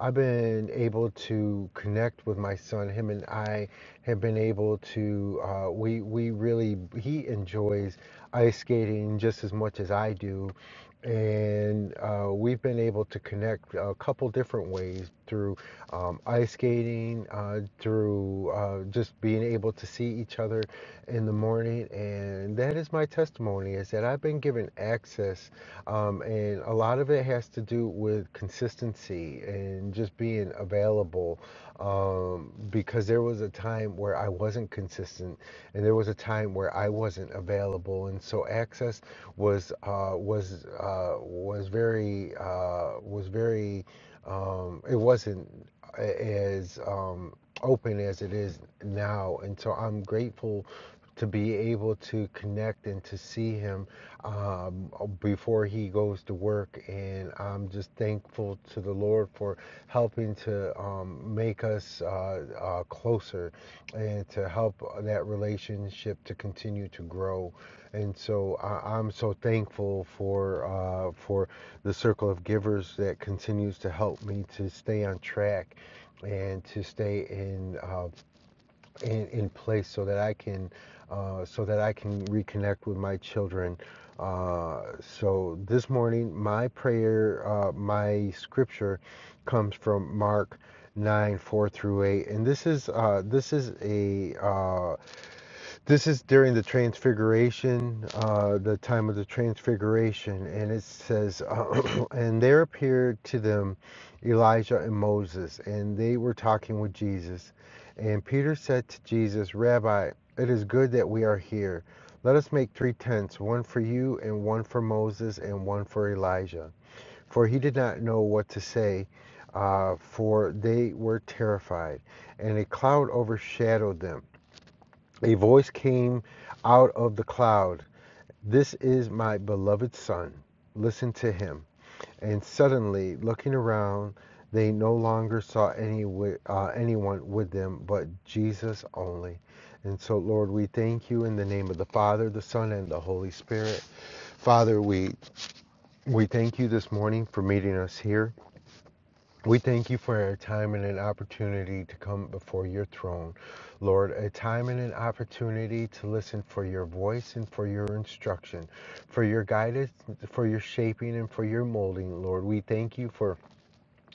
B: I've been able to connect with my son. Him and I have been able to. Uh, we we really he enjoys ice skating just as much as I do, and uh, we've been able to connect a couple different ways through um, ice skating, uh, through uh, just being able to see each other in the morning. And that is my testimony is that I've been given access, um, and a lot of it has to do with consistency and just being available available um, because there was a time where I wasn't consistent and there was a time where I wasn't available and so access was uh, was uh, was very uh, was very um, it wasn't a- as um, open as it is now and so I'm grateful to be able to connect and to see him um, before he goes to work. And I'm just thankful to the Lord for helping to um, make us uh, uh, closer and to help uh, that relationship to continue to grow. And so I, I'm so thankful for uh, for the circle of givers that continues to help me to stay on track and to stay in uh, in, in place so that I can uh, so that I can reconnect with my children. Uh, so this morning, my prayer, uh, my scripture, comes from Mark nine four through eight, and this is uh, this is a uh, this is during the transfiguration, uh, the time of the transfiguration, and it says, uh, And there appeared to them Elijah and Moses, and they were talking with Jesus. And Peter said to Jesus, Rabbi, it is good that we are here. Let us make three tents, one for you, and one for Moses, and one for Elijah. For he did not know what to say, uh, for they were terrified. And a cloud overshadowed them. A voice came out of the cloud This is my beloved Son. Listen to him. And suddenly, looking around, they no longer saw any uh, anyone with them but Jesus only. And so, Lord, we thank you in the name of the Father, the Son, and the Holy Spirit. Father, we, we thank you this morning for meeting us here. We thank you for a time and an opportunity to come before your throne. Lord, a time and an opportunity to listen for your voice and for your instruction, for your guidance, for your shaping, and for your molding. Lord, we thank you for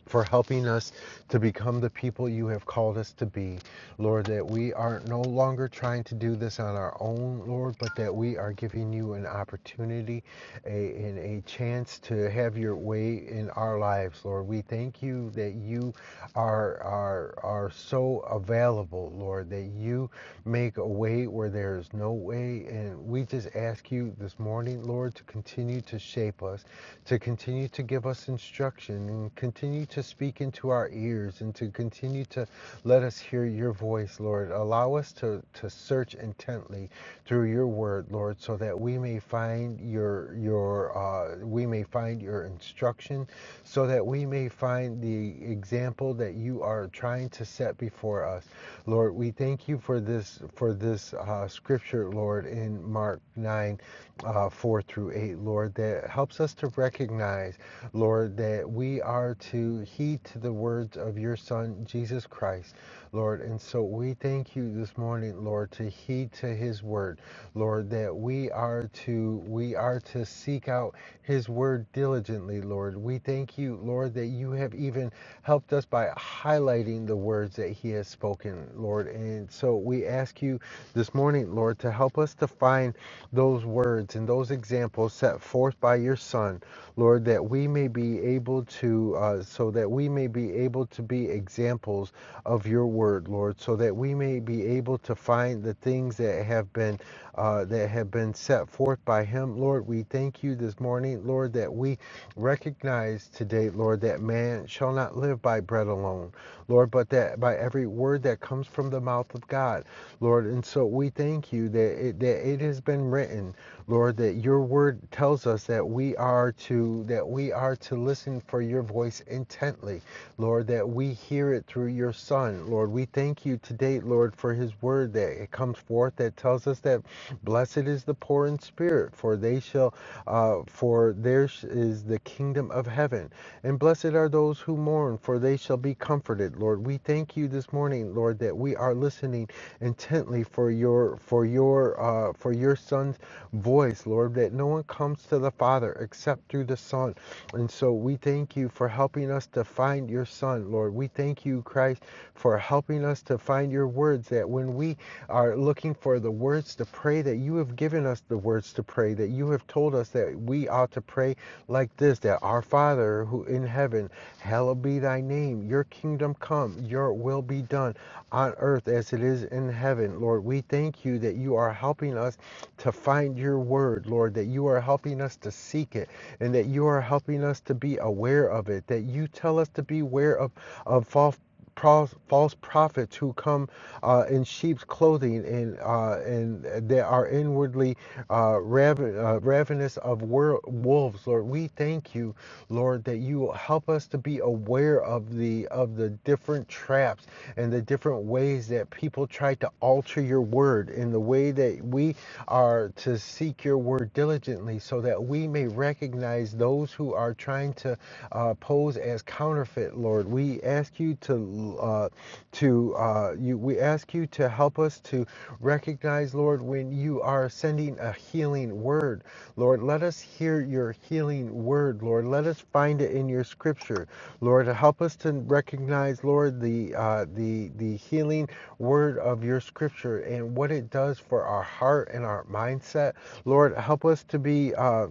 B: for helping us to become the people you have called us to be. Lord, that we are no longer trying to do this on our own, Lord, but that we are giving you an opportunity a, and a chance to have your way in our lives, Lord. We thank you that you are, are, are so available, Lord, that you make a way where there is no way. And we just ask you this morning, Lord, to continue to shape us, to continue to give us instruction, and continue continue to speak into our ears and to continue to let us hear your voice, Lord. Allow us to, to search intently through your word, Lord, so that we may find your your uh, we may find your instruction, so that we may find the example that you are trying to set before us. Lord, we thank you for this for this uh, scripture, Lord, in Mark 9 uh, 4 through 8, Lord, that helps us to recognize, Lord, that we are to heed to the words of your Son, Jesus Christ, Lord. And so we thank you this morning, Lord, to heed to his word, Lord, that we are to we are to seek out his word diligently, Lord. We thank you, Lord, that you have even helped us by highlighting the word words that He has spoken, Lord. And so we ask you this morning, Lord, to help us to find those words and those examples set forth by your Son, Lord, that we may be able to, uh, so that we may be able to be examples of your word, Lord, so that we may be able to find the things that have been uh, that have been set forth by Him, Lord. We thank you this this morning, Lord, that we recognize today, Lord, that man shall not live by bread alone, Lord, but that by every word that comes from the mouth of God, Lord. And so we thank you that it, that it has been written, Lord, that your word tells us that we are to that we are to listen for your voice intently, Lord, that we hear it through your son, Lord. We thank you today made, Lord, for his word that it comes forth that tells us that blessed is the poor in spirit, for they shall, uh, for theirs is the kingdom of heaven. And blessed are those who mourn, for they shall be comforted. Lord, we thank you this morning, Lord, that we are listening intently for your for your uh, for your son's voice, Lord, that no one comes to the Father except through the Son. And so we thank you for helping us to find your son, Lord. We thank you, Christ, for helping us to find your words that when we are looking for the words to pray, that you have given us the words to pray, that you have told us that we ought to pray like this that our Father who in heaven, hallowed be thy name, your kingdom come, your will be done on earth as it is in heaven. Lord, we thank you that you are helping us to find your word, Lord, that you are helping us to seek it and that you are helping us to be aware of it, that you tell us to be aware of, of false false prophets who come uh, in sheep's clothing and uh, and they are inwardly uh, raven, uh, ravenous of wor- wolves. Lord, we thank you, Lord, that you will help us to be aware of the of the different traps and the different ways that people try to alter your word in the way that we are to seek your word diligently, so that we may recognize those who are trying to uh, uh, pose as counterfeit, Lord. We ask you to uh, to uh, you. We ask you to help us to recognize, Lord, when you are sending a healing word, Lord. Let us hear your healing word, Lord. Let us find it in your Scripture, Lord. Help us to recognize, Lord, the uh, the the healing word of your Scripture and what it does for our heart and our mindset, Lord. Help us to be. Uh,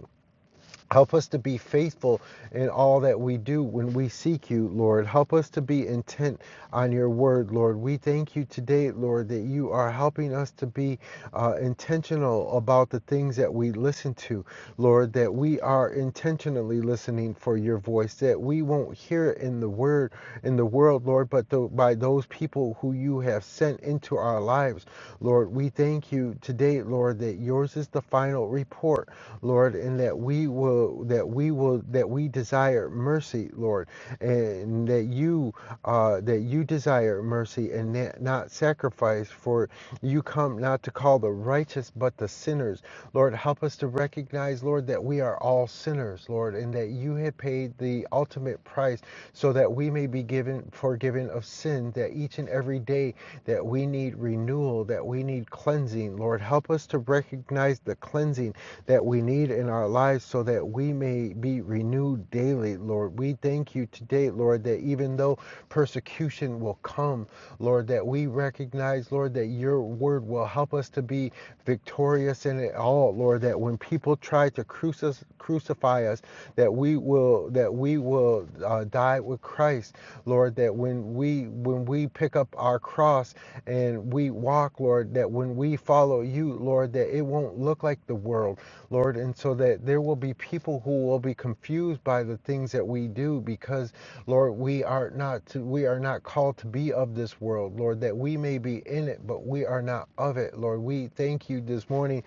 B: Help us to be faithful in all that we do when we seek you, Lord. Help us to be intent on your word, Lord. We thank you today, Lord, that you are helping us to be uh, intentional about the things that we listen to, Lord, that we are intentionally listening for your voice, that we won't hear it in the word, in the world, Lord, but tho- by those people who you have sent into our lives, Lord. We thank you today, Lord, that yours is the final report, Lord and that we will that we will that we desire mercy, Lord, and that you uh, that you desire mercy and not sacrifice. For you come not to call the righteous but the sinners, Lord. Help us to recognize, Lord, that we are all sinners, Lord, and that you have paid the ultimate price so that we may be given forgiven of sin. That each and every day that we need renewal, that we need cleansing, Lord, help us to recognize the cleansing that we need in our lives so that we may be renewed daily, Lord. We thank you today, Lord, that even though persecution will come, Lord, that we recognize, Lord, that your word will help us to be victorious in it all, Lord, that when people try to crucis- crucify us, that we will that we will uh, die with Christ, Lord, that when we when we pick up our cross and we walk, Lord, that when we follow you, Lord, that it won't look look like the world, Lord, and so that there will be people who will be confused by the things that we do because, Lord, we are not to, we are not called to be of this world, Lord, that we may be in it, but we are not of it, Lord. We thank you this morning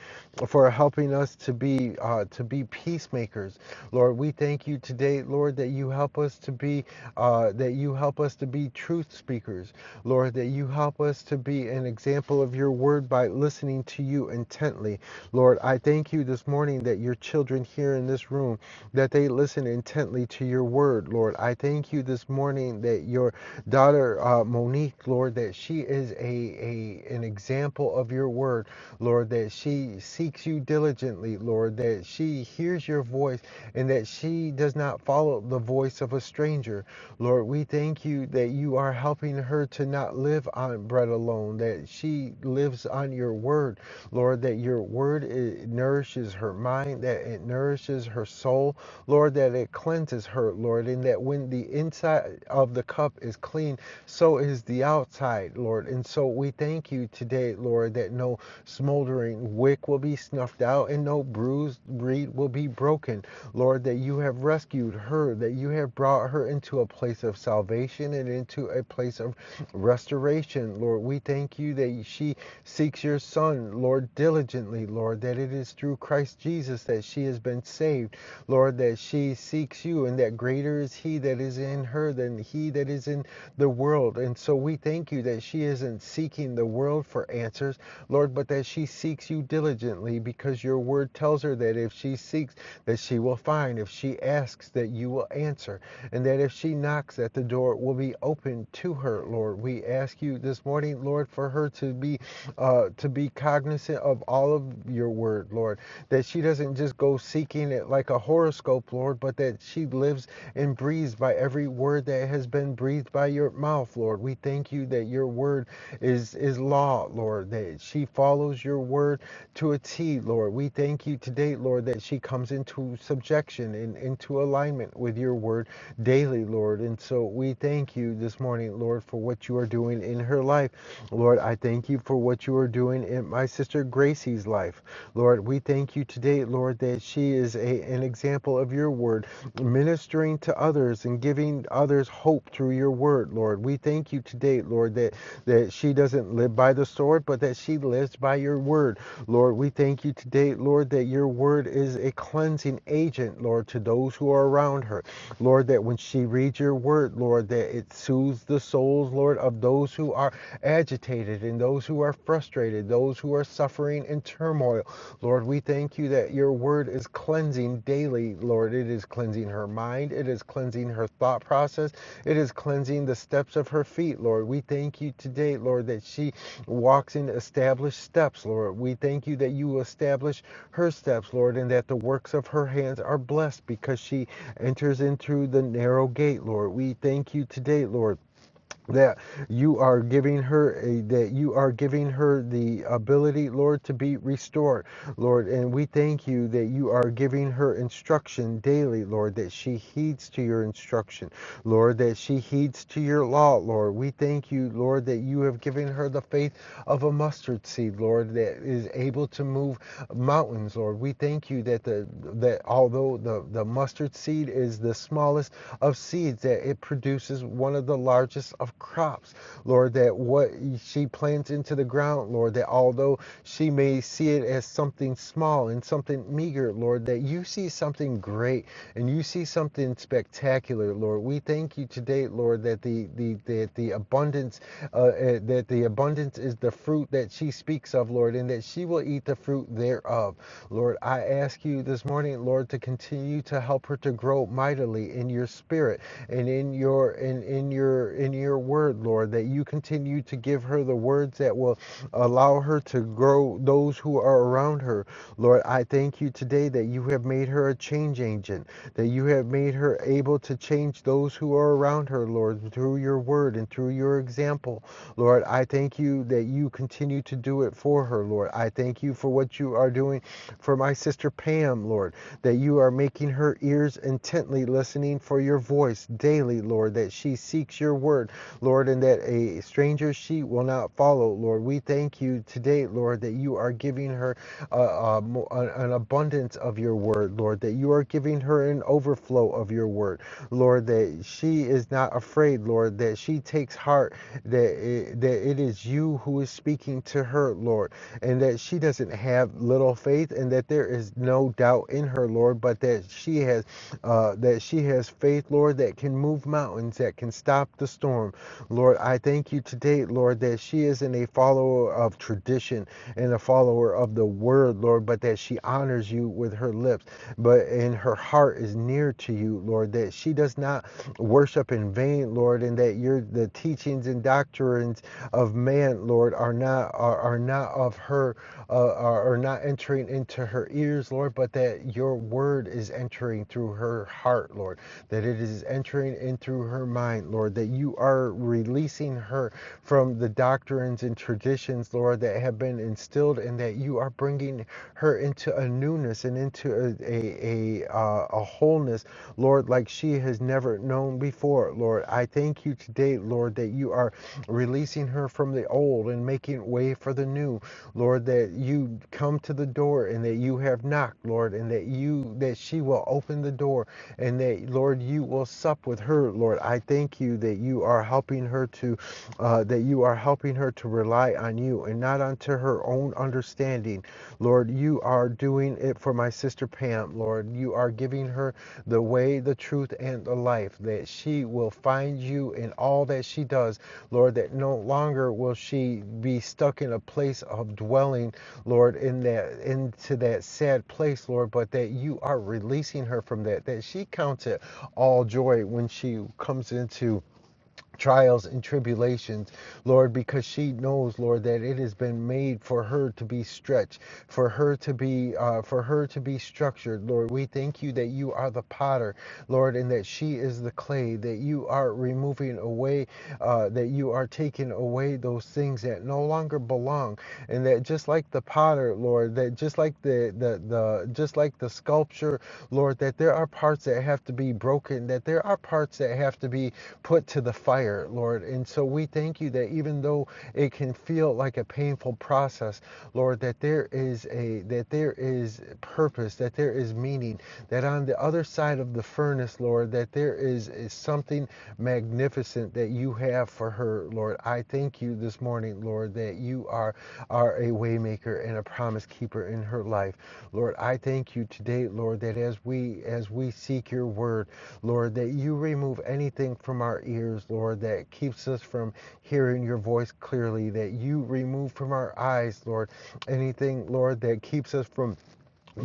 B: for helping us to be uh, to be peacemakers, Lord. We thank you today, Lord, that you help us to be uh, that you help us to be truth speakers, Lord, that you help us to be an example of your word by listening to you and intently. Lord, I thank you this morning that your children here in this room, that they listen intently to your word, Lord. I thank you this morning that your daughter uh, Monique, Lord, that she is a, a an example of your word, Lord, that she seeks you diligently, Lord, that she hears your voice and that she does not follow the voice of a stranger. Lord, we thank you that you are helping her to not live on bread alone, that she lives on your word, Lord, that your word it nourishes her mind, that it nourishes her soul, Lord, that it cleanses her, Lord, and that when the inside of the cup is clean, so is the outside, Lord. And so we thank you today, Lord, that no smoldering wick will be snuffed out and no bruised reed will be broken, Lord, that you have rescued her, that you have brought her into a place of salvation and into a place of restoration, Lord. We thank you that she she seeks your Son, Lord, diligently, Lord, that it is through Christ Jesus that she has been saved, Lord, that she seeks you, and that greater is He that is in her than He that is in the world. And so we thank you that she isn't seeking the world for answers, Lord, but that she seeks you diligently because your word tells her that if she seeks, that she will find. If she asks, that you will answer. And that if she knocks at the door, it will be open to her, Lord. We ask you this morning, Lord, Lord, for her to be uh, to be cognizant of all of your word, Lord, that she doesn't just go seeking it like a horoscope, Lord, but that she lives and breathes by every word that has been breathed by your mouth, Lord. We thank you that your word is is law, Lord, that she follows your word to a T, Lord. We thank you today, Lord, that she comes into subjection and into alignment with your word daily, Lord. And so we thank you this morning, Lord, for what you are doing in her her life. Lord, I thank you for what you are doing in my sister Gracie's life. Lord, we thank you today, Lord, that she is a, an example of your word, ministering to others and giving others hope through your word, Lord. We thank you today, Lord, that, that she doesn't live by the sword, but that she lives by your word. Lord, we thank you today, Lord, that your word is a cleansing agent, Lord, to those who are around her. Lord, that when she reads your word, Lord, that it soothes the souls, Lord. Lord, of those who are agitated and those who are frustrated, those who are suffering in turmoil. Lord, we thank you that your word is cleansing daily, Lord. It is cleansing her mind, it is cleansing her thought process, it is cleansing the steps of her feet, Lord. We thank you today, Lord, that she walks in established steps, Lord. We thank you that you establish her steps, Lord, and that the works of her hands are blessed because she enters in through the narrow gate, Lord. We thank you today, Lord that you are giving her a, that you are giving her the ability lord to be restored lord and we thank you that you are giving her instruction daily lord that she heeds to your instruction lord that she heeds to your law lord we thank you lord that you have given her the faith of a mustard seed lord that is able to move mountains lord we thank you that the that although the the mustard seed is the smallest of seeds that it produces one of the largest of of crops, Lord, that what she plants into the ground, Lord, that although she may see it as something small and something meager, Lord, that you see something great and you see something spectacular, Lord. We thank you today, Lord, that the the that the abundance uh, uh, that the abundance is the fruit that she speaks of, Lord, and that she will eat the fruit thereof. Lord, I ask you this morning, Lord, to continue to help her to grow mightily in your spirit and in your in in your in your to your word, Lord, that you continue to give her the words that will allow her to grow those who are around her. Lord, I thank you today that you have made her a change agent, that you have made her able to change those who are around her, Lord, through your word and through your example. Lord, I thank you that you continue to do it for her, Lord. I thank you for what you are doing for my sister Pam, Lord, that you are making her ears intently listening for your voice daily, Lord, that she seeks your word word, Lord, and that a stranger's sheep will not follow, Lord. We thank you today, Lord, that you are giving her uh, uh, an an abundance of your word, Lord, that you are giving her an overflow of your word, Lord, that she is not afraid, Lord, that she takes heart that it, that it is you who is speaking to her, Lord, and that she doesn't have little faith, and that there is no doubt in her, Lord, but that she has uh, that she has faith, Lord, that can move mountains, that can stop the the storm. Lord, I thank you today, Lord, that she isn't a follower of tradition and a follower of the word, Lord, but that she honors you with her lips, but in her heart is near to you, Lord, that she does not worship in vain, Lord, and that your the teachings and doctrines of man, Lord, are not are, are not of her uh, are, are not entering into her ears, Lord, but that your word is entering through her heart, Lord, that it is entering in through her mind, Lord, that that you are releasing her from the doctrines and traditions, Lord, that have been instilled, and that you are bringing her into a newness and into a a a, uh, a wholeness, Lord, like she has never known before, Lord. I thank you today, Lord, that you are releasing her from the old and making way for the new, Lord. That you come to the door and that you have knocked, Lord, and that you that she will open the door and that Lord, you will sup with her, Lord. I thank you that you are helping her to uh, that you are helping her to rely on you and not unto her own understanding. Lord, you are doing it for my sister Pam. Lord, you are giving her the way, the truth, and the life that she will find you in all that she does. Lord, that no longer will she be stuck in a place of dwelling, Lord, in that into that sad place, Lord, but that you are releasing her from that, that she counts it all joy when she comes into trials and tribulations, Lord, because she knows, Lord, that it has been made for her to be stretched, for her to be, uh, for her to be structured, Lord. We thank you that you are the potter, Lord, and that she is the clay, that you are removing away, uh, that you are taking away those things that no longer belong, and that just like the potter, Lord, that just like the the, the just like the sculpture, Lord, that there are parts that have to be broken, that there are parts that have to be put to the fire, Lord. And so we thank you that even though it can feel like a painful process, Lord, that there is a that there is purpose, that there is meaning, that on the other side of the furnace, Lord, that there is, is something magnificent that you have for her, Lord. I thank you this morning, Lord, that you are, are a waymaker and a promise keeper in her life. Lord, I thank you today, Lord, that as we as we seek your word, Lord, that you remove anything from our ears, Lord, that keeps us from hearing your voice clearly, that you remove from our eyes, Lord, anything, Lord, that keeps us from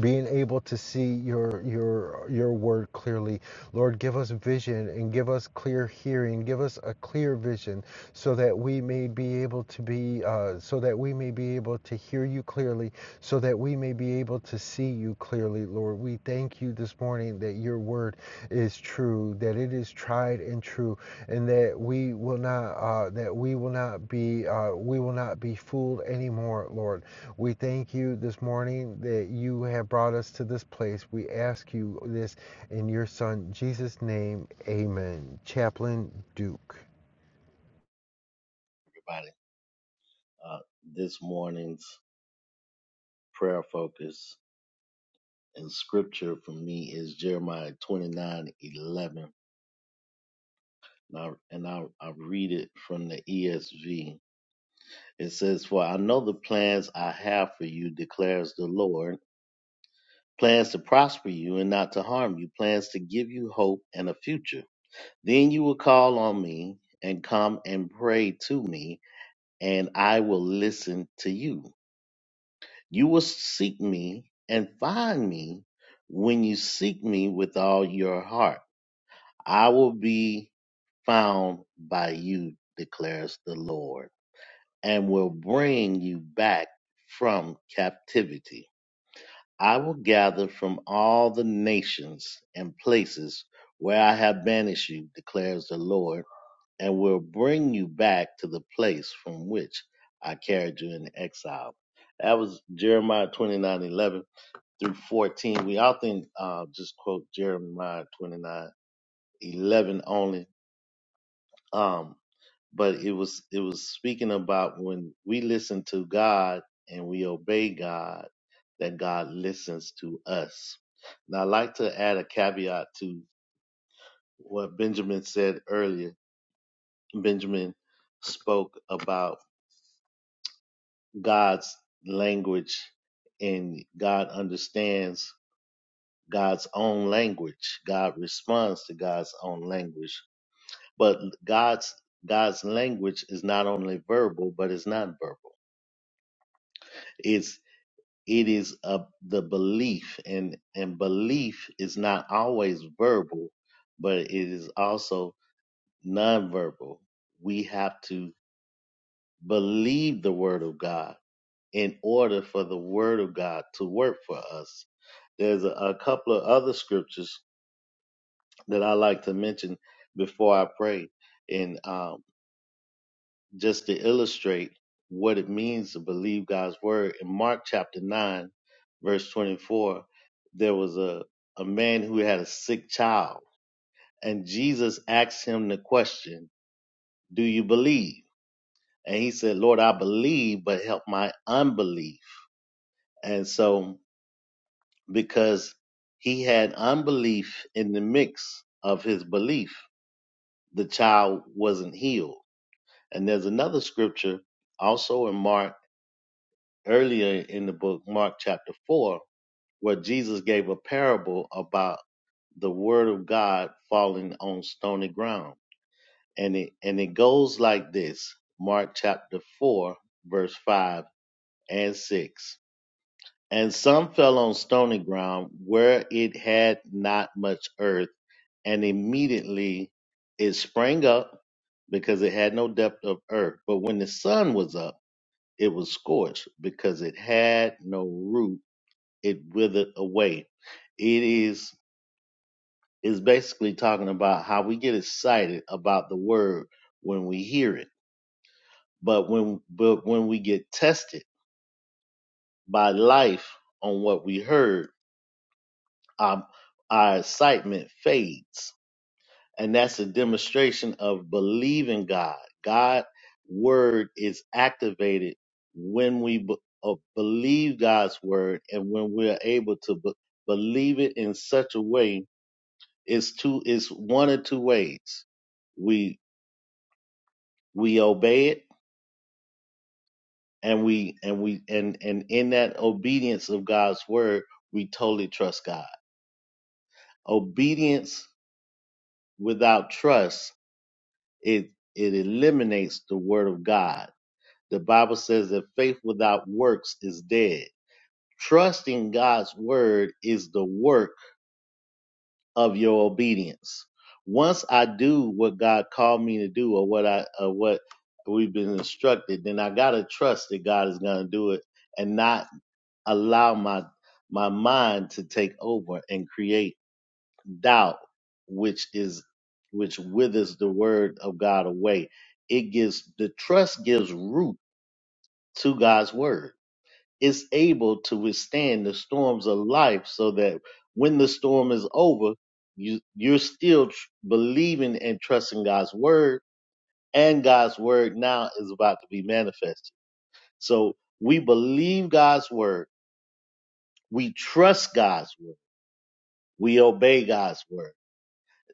B: being able to see your your your word clearly lord give us vision and give us clear hearing give us a clear vision so that we may be able to be uh, so that we may be able to hear you clearly so that we may be able to see you clearly lord we thank you this morning that your word is true, that it is tried and true, and that we will not uh, that we will not be uh, we will not be fooled anymore, Lord. We thank you this morning that you have brought us to this place. We ask you this in your Son Jesus' name, Amen. Chaplain Duke.
E: Everybody, uh, this morning's prayer focus and scripture for me is Jeremiah 29, 11. And, I, and I, I read it from the ESV. It says, For I know the plans I have for you, declares the Lord plans to prosper you and not to harm you, plans to give you hope and a future. Then you will call on me and come and pray to me, and I will listen to you. You will seek me and find me when you seek me with all your heart. I will be found by you, declares the Lord, and will bring you back from captivity. I will gather from all the nations and places where I have banished you, declares the Lord, and will bring you back to the place from which I carried you in exile. That was Jeremiah twenty nine eleven through 14. We often uh, just quote Jeremiah 29 11 only. Um, but it was it was speaking about when we listen to God and we obey God, that God listens to us. Now I like to add a caveat to what Benjamin said earlier. Benjamin spoke about God's language and God understands God's own language. God responds to God's own language but God's God's language is not only verbal, but it's not verbal. It's it is a, the belief, and and belief is not always verbal, but it is also nonverbal. We have to believe the word of God in order for the word of God to work for us. There's a, a couple of other scriptures that I like to mention before I pray, and um, just to illustrate what it means to believe God's word. In Mark chapter 9, verse 24, there was a, a man who had a sick child, and Jesus asked him the question, Do you believe? And he said, Lord, I believe, but help my unbelief. And so, because he had unbelief in the mix of his belief, the child wasn't healed. And there's another scripture also in Mark earlier in the book, Mark chapter 4, where Jesus gave a parable about the word of God falling on stony ground. And it, and it goes like this Mark chapter 4, verse 5 and 6. And some fell on stony ground where it had not much earth, and immediately it sprang up because it had no depth of earth. But when the sun was up, it was scorched because it had no root it withered away. It is is basically talking about how we get excited about the word when we hear it, but when but when we get tested by life on what we heard, our, our excitement fades, and that's a demonstration of believing God. God word is activated when we b- uh, believe God's word and when we're able to b- believe it in such a way It's two. It's one of two ways. We we obey it, and we and we and and in that obedience of God's word, we totally trust God. Obedience without trust, it it eliminates the word of God. The Bible says that faith without works is dead. Trusting God's word is the work of your obedience. Once I do what God called me to do or what I or what we've been instructed, then I gotta trust that God is gonna do it and not allow my my mind to take over and create doubt, which is which withers the word of God away. It gives the trust gives root to God's word is able to withstand the storms of life so that when the storm is over, you, you're still tr- believing and trusting God's word, and God's word now is about to be manifested. So we believe God's word, we trust God's word, we obey God's word.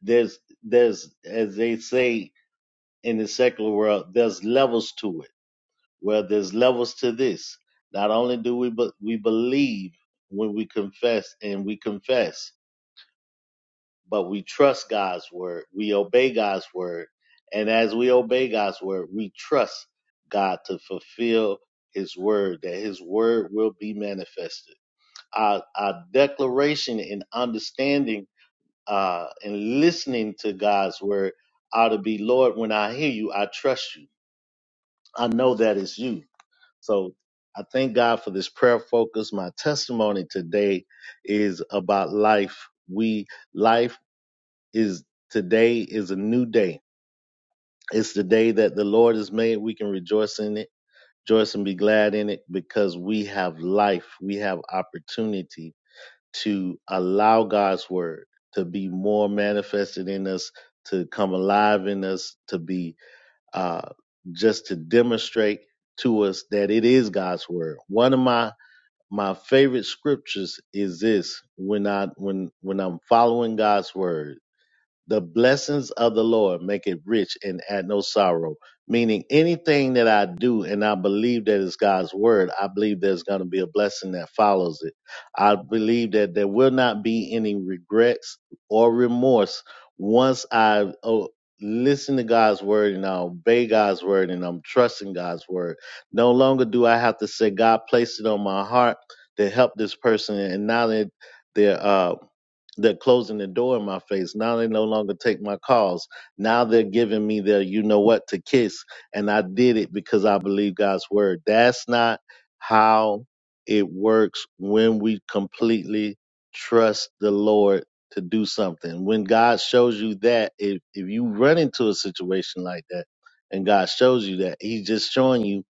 E: There's, there's, as they say in the secular world, there's levels to it Well, there's levels to this. Not only do we be- we believe when we confess and we confess, but we trust God's word. We obey God's word, and as we obey God's word, we trust God to fulfill His word. That His word will be manifested. Our our declaration and understanding uh, and listening to God's word ought to be, Lord, when I hear you, I trust you. I know that it's you. So I thank God for this prayer focus. My testimony today is about life. We life is today is a new day. It's the day that the Lord has made. We can rejoice in it, rejoice and be glad in it because we have life. We have opportunity to allow God's word to be more manifested in us, to come alive in us, to be uh, just to demonstrate to us that it is God's word. One of my my favorite scriptures is this when I when when I'm following God's word the blessings of the Lord make it rich and add no sorrow. Meaning anything that I do and I believe that is God's word, I believe there's going to be a blessing that follows it. I believe that there will not be any regrets or remorse once I oh, listen to God's word and I obey God's word and I'm trusting God's word. No longer do I have to say God placed it on my heart to help this person and now that they're uh, they're closing the door in my face. Now they no longer take my calls. Now they're giving me their you know what to kiss. And I did it because I believe God's word. That's not how it works when we completely trust the Lord to do something. When God shows you that, if, if you run into a situation like that and God shows you that, He's just showing you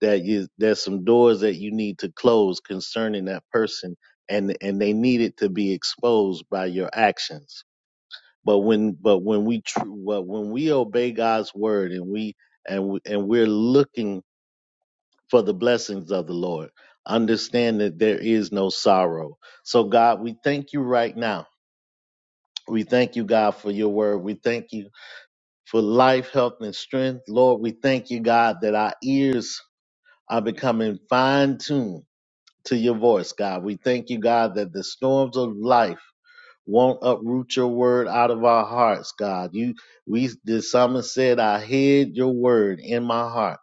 E: that you, there's some doors that you need to close concerning that person and and they needed to be exposed by your actions but when but when we tr- but when we obey God's word and we and we, and we're looking for the blessings of the Lord understand that there is no sorrow so God we thank you right now we thank you God for your word we thank you for life health and strength Lord we thank you God that our ears are becoming fine tuned to your voice God we thank you God that the storms of life won't uproot your word out of our hearts, God. You we the psalmist said, I hid your word in my heart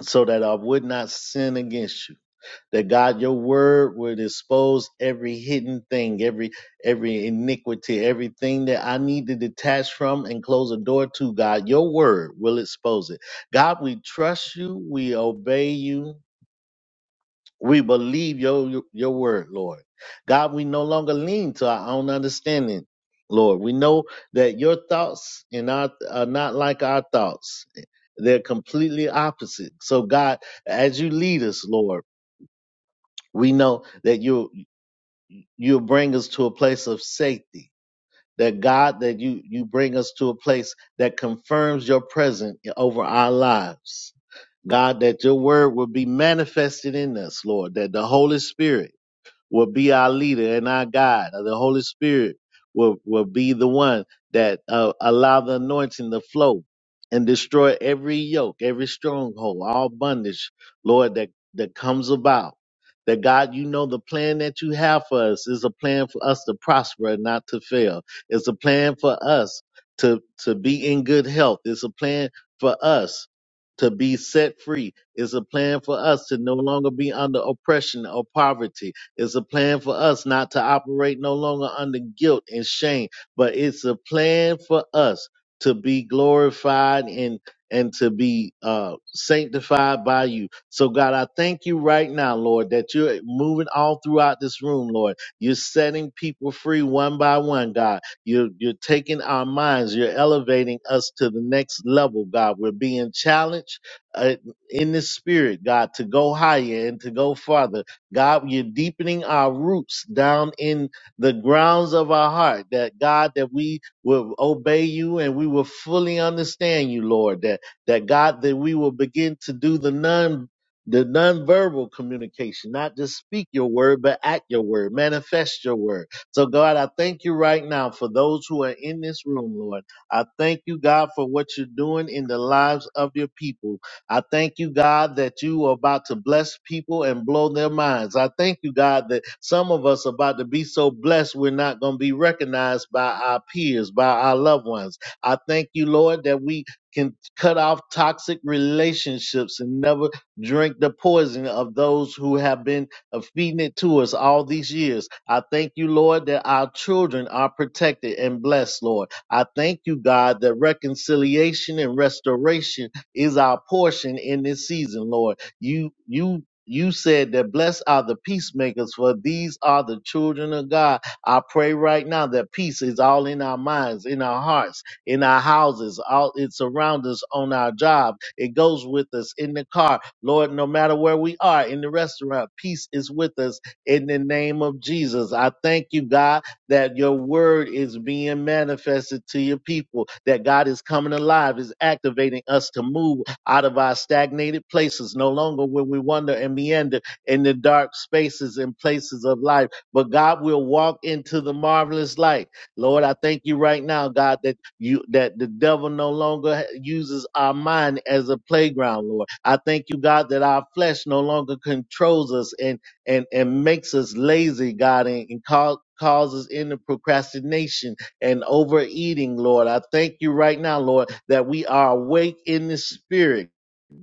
E: so that I would not sin against you. That God, your word would expose every hidden thing, every every iniquity, everything that I need to detach from and close a door to, God. Your word will expose it. God, we trust you, we obey you, we believe your your word, Lord. God, we no longer lean to our own understanding, Lord. We know that your thoughts and our are not like our thoughts. They're completely opposite. So God, as you lead us, Lord, we know that you you'll bring us to a place of safety. That God, that you you bring us to a place that confirms your presence over our lives. God, that your word will be manifested in us, Lord, that the Holy Spirit will be our leader and our God. The Holy Spirit will, will be the one that uh, allow the anointing to flow and destroy every yoke, every stronghold, all bondage, Lord, that, that comes about. That God, you know the plan that you have for us is a plan for us to prosper and not to fail. It's a plan for us to, to be in good health. It's a plan for us to be set free. It's a plan for us to no longer be under oppression or poverty. It's a plan for us not to operate no longer under guilt and shame, but it's a plan for us to be glorified and and to be uh, sanctified by you. So God, I thank you right now, Lord, that you're moving all throughout this room, Lord. You're setting people free one by one, God. You're you're taking our minds. You're elevating us to the next level, God. We're being challenged uh, in the spirit, God, to go higher and to go farther God, you're deepening our roots down in the grounds of our heart. That God, that we will obey you and we will fully understand you, Lord. That that God, that we will begin to do the non the nonverbal communication, not just speak your word, but act your word, manifest your word. So God, I thank you right now for those who are in this room, Lord. I thank you, God, for what you're doing in the lives of your people. I thank you, God, that you are about to bless people and blow their minds. I thank you, God, that some of us are about to be so blessed we're not going to be recognized by our peers, by our loved ones. I thank you, Lord, that we can cut off toxic relationships and never drink the poison of those who have been uh, feeding it to us all these years. I thank you, Lord, that our children are protected and blessed, Lord. I thank you, God, that reconciliation and restoration is our portion in this season, Lord. You you you said that blessed are the peacemakers, for these are the children of God. I pray right now that peace is all in our minds, in our hearts, in our houses, all it's around us on our job. It goes with us in the car. Lord, no matter where we are, in the restaurant, peace is with us in the name of Jesus. I thank you, God that your word is being manifested to your people, that God is coming alive, is activating us to move out of our stagnated places, no longer will we wander and meander in the dark spaces and places of life, but God will walk into the marvelous light. Lord, I thank you right now, God, that you that the devil no longer uses our mind as a playground, Lord. I thank you, God, that our flesh no longer controls us and and, and makes us lazy, God, and, and cau- causes into procrastination and overeating, Lord. I thank you right now, Lord, that we are awake in the spirit.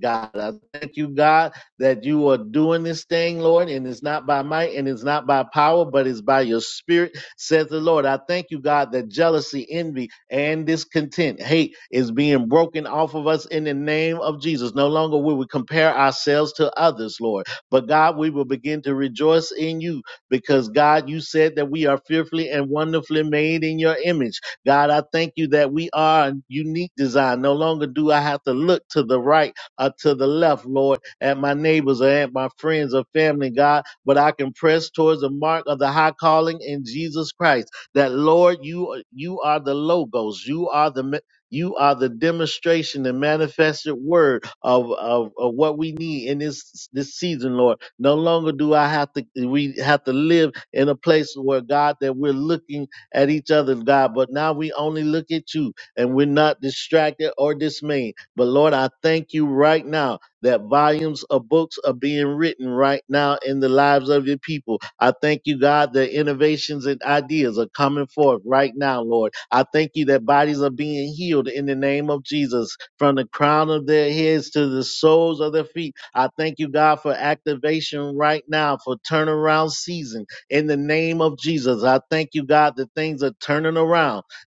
E: God, I thank you, God, that you are doing this thing, Lord, and it's not by might and it's not by power, but it's by your spirit, says the Lord. I thank you, God, that jealousy, envy, and discontent, hate is being broken off of us in the name of Jesus. No longer will we compare ourselves to others, Lord. But God, we will begin to rejoice in you because God, you said that we are fearfully and wonderfully made in your image. God, I thank you that we are a unique design. No longer do I have to look to the right or to the left, Lord, at my neighbors or at my friends or family, God, but I can press towards the mark of the high calling in Jesus Christ. That Lord, you you are the logos, you are the you are the demonstration and manifested word of, of, of what we need in this this season, Lord. No longer do I have to we have to live in a place where God that we're looking at each other, God, but now we only look at you and we're not distracted or dismayed. But Lord, I thank you right now that volumes of books are being written right now in the lives of your people. I thank you, God, that innovations and ideas are coming forth right now, Lord. I thank you that bodies are being healed in the name of Jesus from the crown of their heads to the soles of their feet. I thank you, God, for activation right now for turnaround season in the name of Jesus. I thank you, God, that things are turning around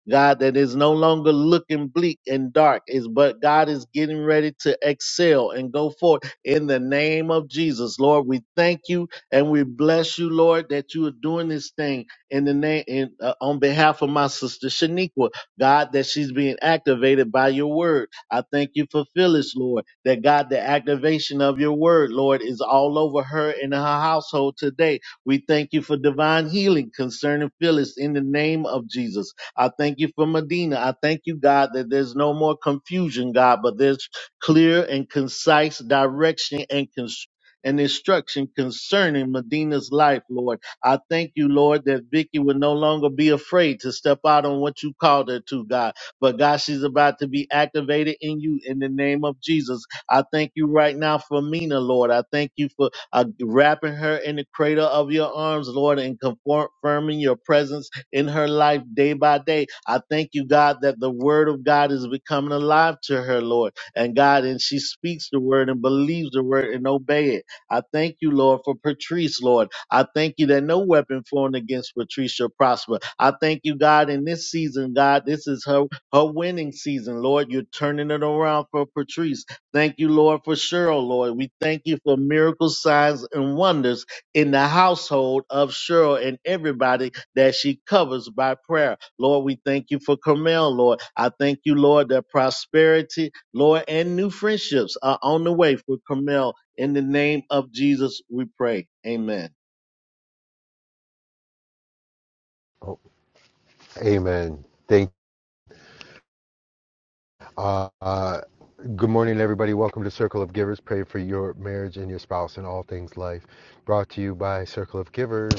E: God that is no longer looking bleak and dark is but God is getting ready to excel and go forth in the name of Jesus. Lord, we thank you and we bless you, Lord, that you are doing this thing in the name in, uh, on behalf of my sister Shaniqua. God, that she's being activated by your word. I thank you for Phyllis, Lord, that God, the activation of your word, Lord, is all over her and her household today. We thank you for divine healing concerning Phyllis in the name of Jesus. I thank you for Medina. I thank you, God, that there's no more confusion, God, but there's clear and concise direction and cons- and instruction concerning Medina's life, Lord. I thank you, Lord, that Vicky will no longer be afraid to step out on what you called her to, God. But God, she's about to be activated in you in the name of Jesus. I thank you right now for Mina, Lord. I thank you for uh, wrapping her in the cradle of your arms, Lord, and confirming your presence in her life day by day. I thank you, God, that the word of God is becoming alive to her, Lord. And God, and she speaks the word and believes the word and obey it. I thank you, Lord, for Patrice, Lord. I thank you that no weapon formed against Patrice shall prosper. I thank you, God, in this season, God, this is her, her winning season, Lord. You're turning it around for Patrice. Thank you, Lord, for Cheryl, Lord. We thank you for miracles, signs, and wonders in the household of Cheryl and everybody that she covers by prayer. Lord, we thank you for Carmel, Lord. I thank you, Lord, that prosperity, Lord, and new friendships are on the way for Carmel. In the name of Jesus, we pray. Amen.
B: Oh, amen. Thank. Uh, uh, good morning, everybody. Welcome to Circle of Givers. Pray for your marriage and your spouse and all things life. Brought to you by Circle of Givers,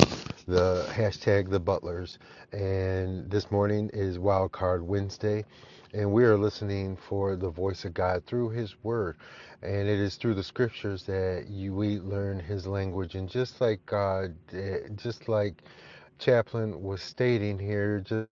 B: the hashtag the Butlers. And this morning is Wild Card Wednesday. And we are listening for the voice of God through His Word. And it is through the scriptures that you, we learn His language. And just like God, eh, just like Chaplain was stating here, just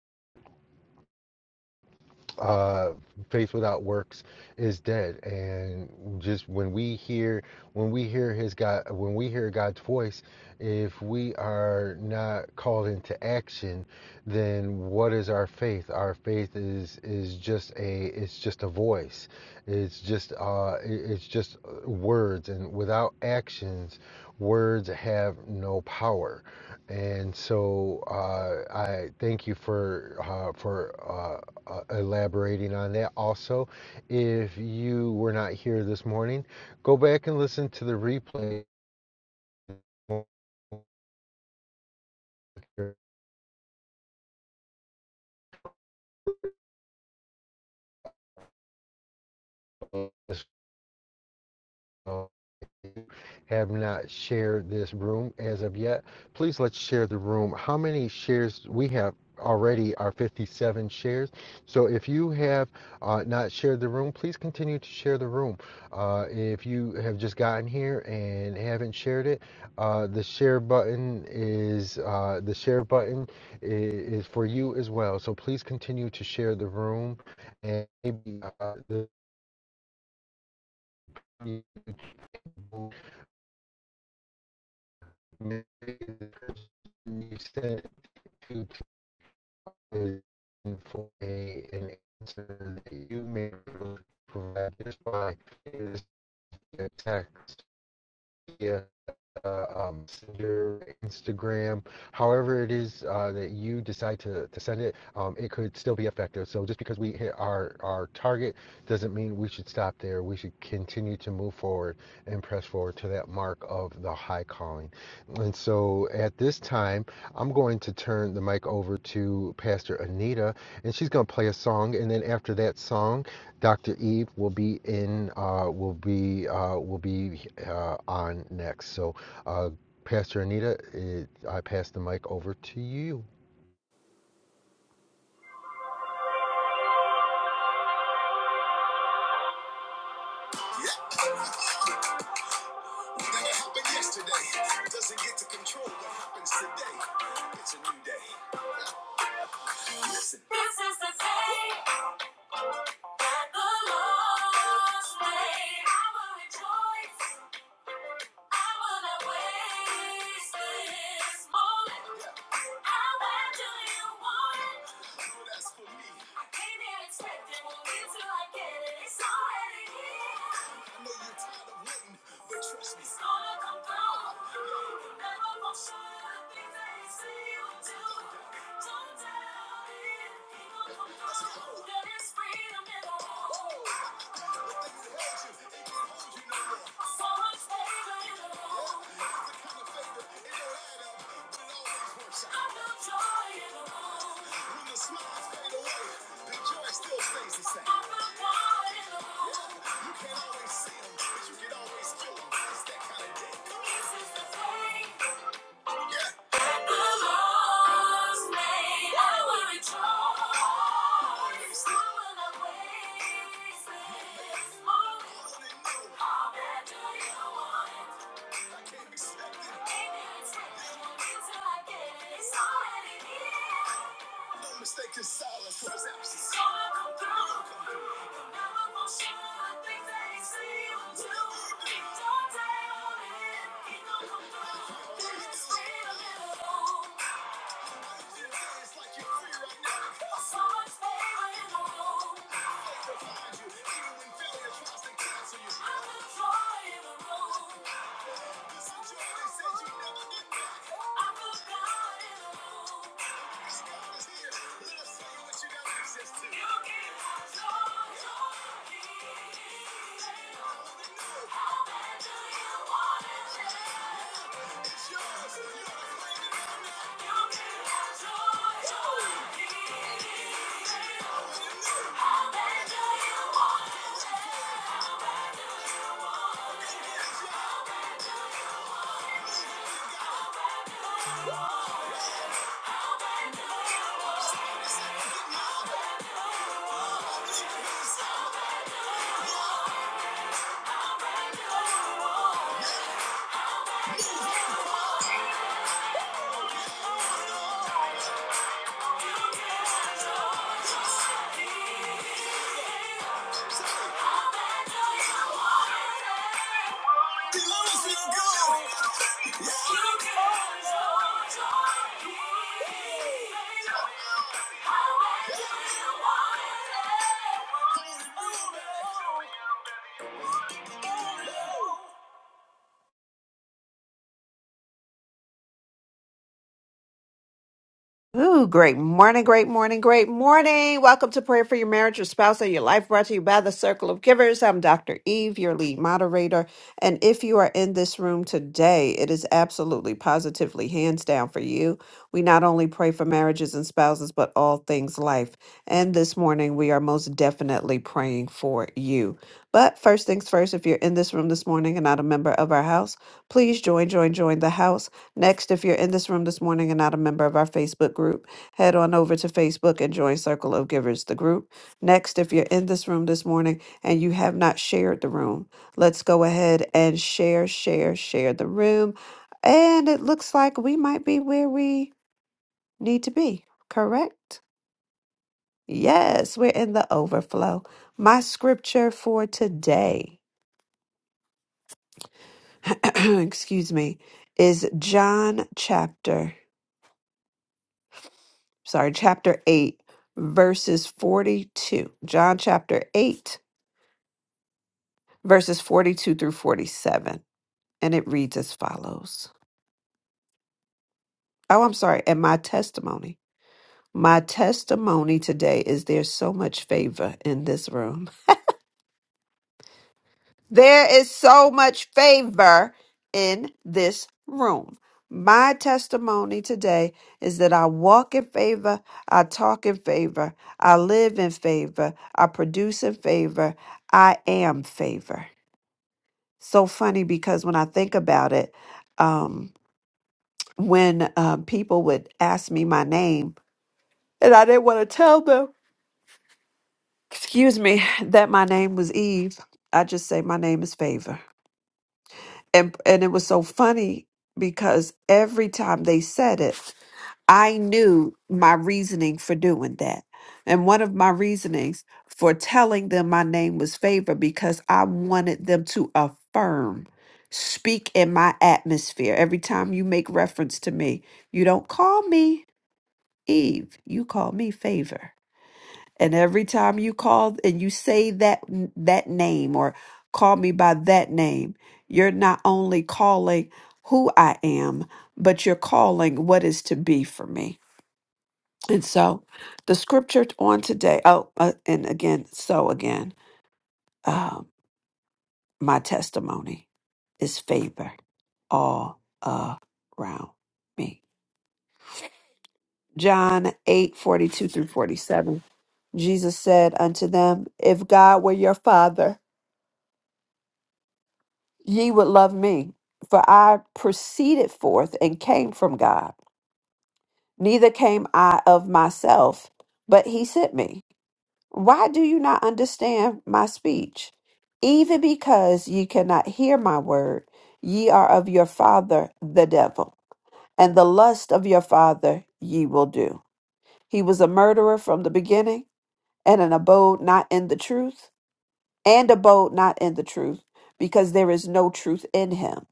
B: uh faith without works is dead and just when we hear when we hear his god when we hear god's voice if we are not called into action then what is our faith our faith is is just a it's just a voice it's just uh it's just uh, words and without actions words have no power and so uh, I thank you for uh, for uh, uh, elaborating on that. Also, if you were not here this morning, go back and listen to the replay. have not shared this room as of yet, please let's share the room. How many shares we have already are 57 shares. So if you have uh, not shared the room, please continue to share the room. Uh, if you have just gotten here and haven't shared it, uh, the share button is uh, the share button i- is for you as well. So please continue to share the room and maybe uh, the maybe the person you sent it to to is looking for a, an answer that you may be able to provide just by this text. Yeah, uh, um, your Instagram, however it is uh, that you decide to, to send it, um, it could still be effective. So just because we hit our, our target doesn't mean we should stop there. We should continue to move forward and press forward to that mark of the high calling. And so at this time, I'm going to turn the mic over to Pastor Anita, and she's going to play a song. And then after that song, Dr. Eve will be in, uh, will be, uh, will be uh, on next. So uh, Pastor Anita, it, I pass the mic over to you.
A: Now happened yesterday doesn't get to control what happens today. It's a new day. This is the day that the Lord's made. I will rejoice. I will not waste this moment. I went to you want it? I came here expecting, won't get till I get it. It's already here. It's gonna come through. You Never gonna show the Things that he say he will do. Don't doubt it. He gonna come through. There is freedom in the room. So much favor in the room. I feel joy in the room. I feel God in the room. This is the day. Don't take on it. It don't come through. Just wait a little. long. Joy, joy, joy, joy. Please move it.
C: Ooh, great morning, great morning, great morning. Welcome to Prayer for Your Marriage, Your Spouse, and Your Life, brought to you by the Circle of Givers. I'm Dr. Eve, your lead moderator. And if you are in this room today, it is absolutely positively hands down for you. We not only pray for marriages and spouses, but all things life. And this morning, we are most definitely praying for you. But first things first, if you're in this room this morning and not a member of our house, please join, join, join the house. Next, if you're in this room this morning and not a member of our Facebook group, head on over to Facebook and join Circle of Givers, the group. Next, if you're in this room this morning and you have not shared the room, let's go ahead and share, share, share the room. And it looks like we might be where we need to be, correct? Yes, we're in the overflow. My scripture for today, excuse me, is John chapter sorry, chapter 8, verses 42. John chapter 8, verses 42 through 47. And it reads as follows Oh, I'm sorry. And my testimony. My testimony today is there's so much favor in this room. There is so much favor in this room. My testimony today is that I walk in favor, I talk in favor, I live in favor, I produce in favor, I am favor. So funny because when I think about it, um, when um, people would ask me my name and I didn't want to tell them, excuse me, that my name was Eve, I just say my name is favor. and and it was so funny because every time they said it i knew my reasoning for doing that and one of my reasonings for telling them my name was favor because i wanted them to affirm speak in my atmosphere every time you make reference to me you don't call me eve you call me favor and every time you call and you say that that name or call me by that name, you're not only calling who I am, but you're calling what is to be for me. And so the scripture on today, oh, uh, and again, so again, uh, my testimony is favor all around me. John 8 42 through 47. Jesus said unto them, If God were your father, Ye would love me, for I proceeded forth and came from God. Neither came I of myself, but he sent me. Why do you not understand my speech? Even because ye cannot hear my word, ye are of your father the devil, and the lust of your father ye will do. He was a murderer from the beginning, and an abode not in the truth, and abode not in the truth, because there is no truth in him.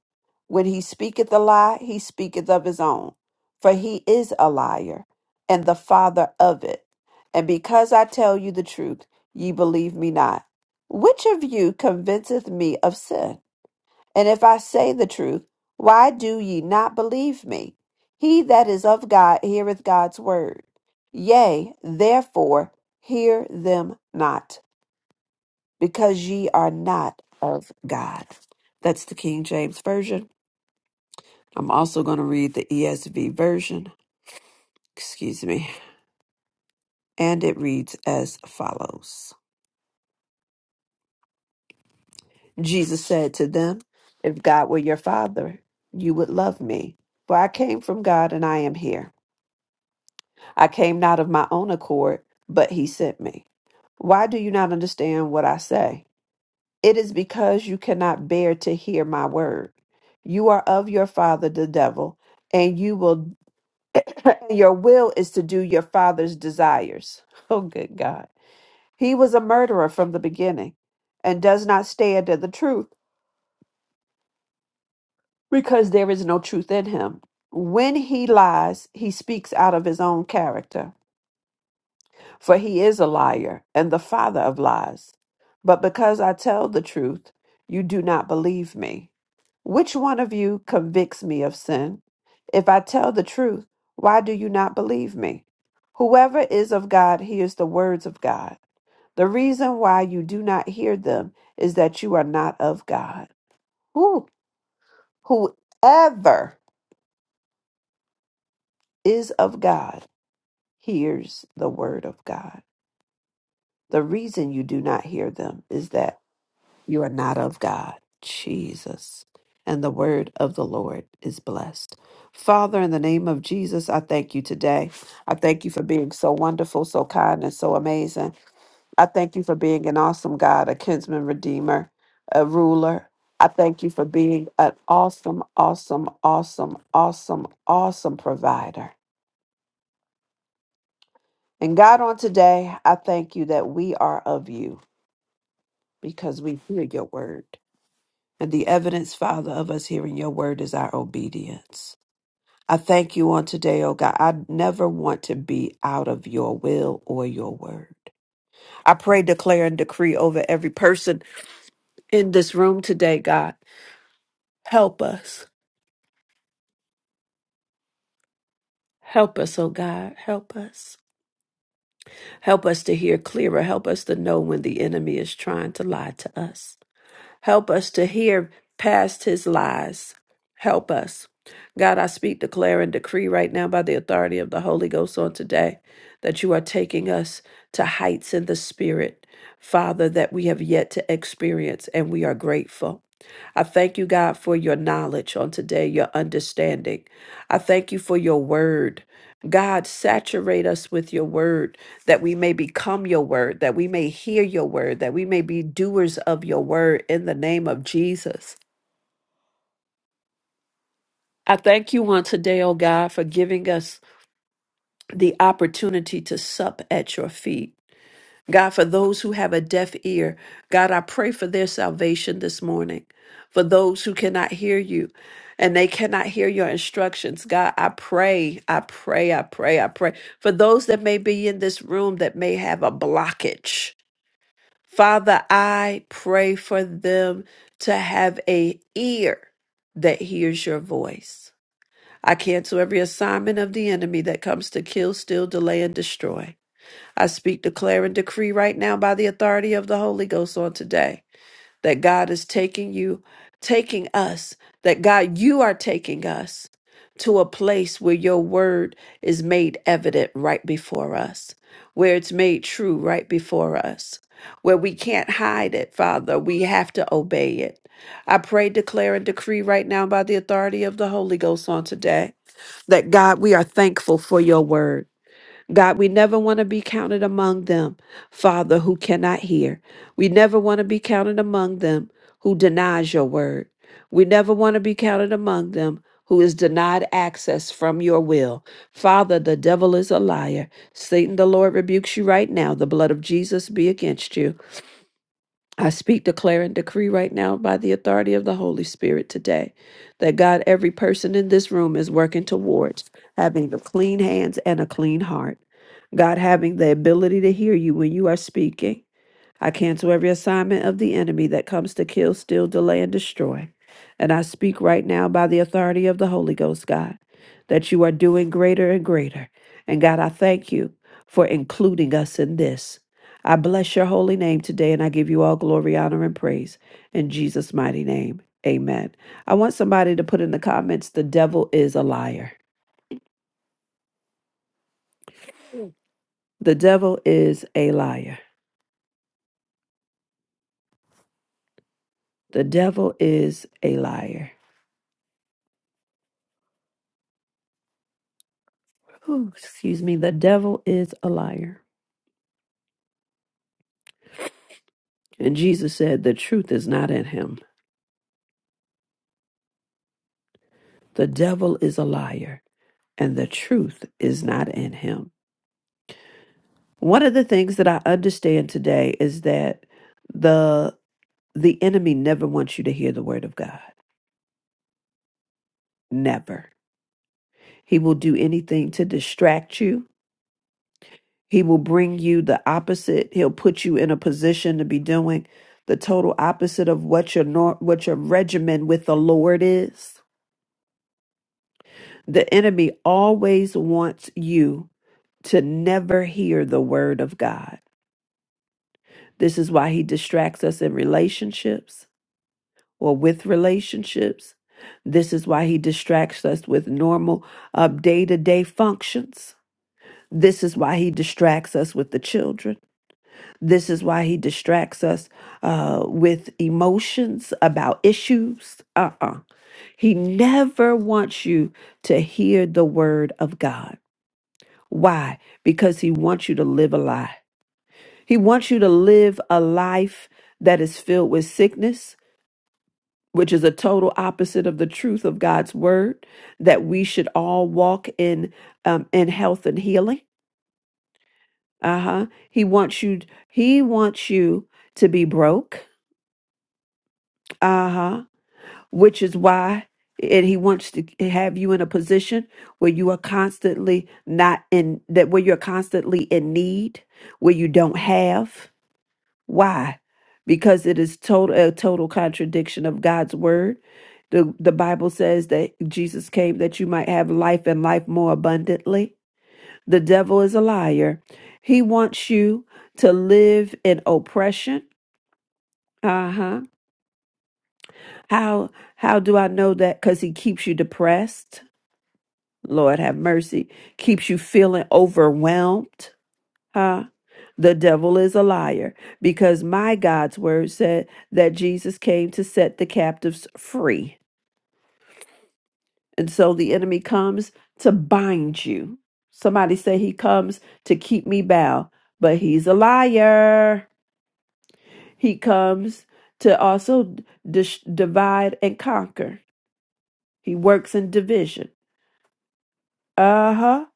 C: When he speaketh a lie, he speaketh of his own, for he is a liar and the father of it. And because I tell you the truth, ye believe me not. Which of you convinceth me of sin? And if I say the truth, why do ye not believe me? He that is of God heareth God's word. Yea, therefore, hear them not, because ye are not of God. That's the King James Version. I'm also going to read the ESV version, excuse me, and it reads as follows Jesus said to them, If God were your father, you would love me, for I came from God and I am here. I came not of my own accord, but he sent me. Why do you not understand what I say? It is because you cannot bear to hear my word. You are of your father, the devil, and you will, your will is to do your father's desires. Oh, good God. He was a murderer from the beginning and does not stand in the truth because there is no truth in him. When he lies, he speaks out of his own character, for he is a liar and the father of lies. But because I tell the truth, you do not believe me. Which one of you convicts me of sin? If I tell the truth, why do you not believe me? Whoever is of God hears the words of God. The reason why you do not hear them is that you are not of God. Who, whoever is of God hears the word of God. The reason you do not hear them is that you are not of God. Jesus. And the word of the Lord is blessed. Father, in the name of Jesus, I thank you today. I thank you for being so wonderful, so kind, and so amazing. I thank you for being an awesome God, a kinsman redeemer, a ruler. I thank you for being an awesome, awesome, awesome, awesome, awesome provider. And God, on today, I thank you that we are of you because we hear your word. And the evidence, Father, of us hearing your word is our obedience. I thank you on today, oh God. I never want to be out of your will or your word. I pray, declare, and decree over every person in this room today, God. Help us. Help us, oh God. Help us. Help us to hear clearer. Help us to know when the enemy is trying to lie to us. Help us to hear past his lies. Help us. God, I speak, declare, and decree right now by the authority of the Holy Ghost on today that you are taking us to heights in the Spirit, Father, that we have yet to experience, and we are grateful. I thank you, God, for your knowledge on today, your understanding. I thank you for your word. God, saturate us with your word that we may become your word, that we may hear your word, that we may be doers of your word in the name of Jesus. I thank you on today, oh God, for giving us the opportunity to sup at your feet. God, for those who have a deaf ear, God, I pray for their salvation this morning. For those who cannot hear you and they cannot hear your instructions, God, I pray, I pray, I pray, I pray. For those that may be in this room that may have a blockage, Father, I pray for them to have a ear that hears your voice. I cancel every assignment of the enemy that comes to kill, steal, delay, and destroy. I speak, declare, and decree right now by the authority of the Holy Ghost on today that God is taking you, taking us, that God, you are taking us to a place where your word is made evident right before us, where it's made true right before us, where we can't hide it, Father. We have to obey it. I pray, declare, and decree right now by the authority of the Holy Ghost on today that God, we are thankful for your word. God, we never want to be counted among them, Father, who cannot hear. We never want to be counted among them who denies your word. We never want to be counted among them who is denied access from your will. Father, the devil is a liar. Satan, the Lord rebukes you right now. The blood of Jesus be against you. I speak, declare, and decree right now by the authority of the Holy Spirit today that God, every person in this room is working towards having the clean hands and a clean heart. God, having the ability to hear you when you are speaking I cancel every assignment of the enemy that comes to kill, steal, delay, and destroy. And I speak right now by the authority of the Holy Ghost, God, that you are doing greater and greater. And God, I thank you for including us in this. I bless your holy name today, and I give you all glory, honor, and praise in Jesus' mighty name. Amen. I want somebody to put in the comments the devil is a liar. The devil is a liar. The devil is a liar. Whew, excuse me, the devil is a liar. And Jesus said, The truth is not in him. The devil is a liar, and the truth is not in him. One of the things that I understand today is that the the enemy never wants you to hear the word of God. Never. He will do anything to distract you. He will bring you the opposite. He'll put you in a position to be doing the total opposite of what your nor- what your regimen with the Lord is The enemy always wants you to never hear the word of God. This is why he distracts us in relationships or with relationships. This is why he distracts us with normal day to day functions. This is why he distracts us with the children. This is why he distracts us uh, with emotions about issues. Uh uh He never wants you to hear the word of God. Why? Because he wants you to live a lie. He wants you to live a life that is filled with sickness, which is a total opposite of the truth of God's word, that we should all walk in um, in health and healing. Uh-huh. He wants you he wants you to be broke. Uh-huh. Which is why and he wants to have you in a position where you are constantly not in that where you're constantly in need, where you don't have. Why? Because it is total a total contradiction of God's word. The the Bible says that Jesus came that you might have life and life more abundantly. The devil is a liar. He wants you to live in oppression. Uh-huh. How how do I know that? Because he keeps you depressed. Lord have mercy. Keeps you feeling overwhelmed Huh? The devil is a liar because my God's word said that Jesus came to set the captives free. And so the enemy comes to bind you. Somebody say he comes to keep me bound, but he's a liar. He comes to also dis- divide and conquer. He works in division. Uh-huh.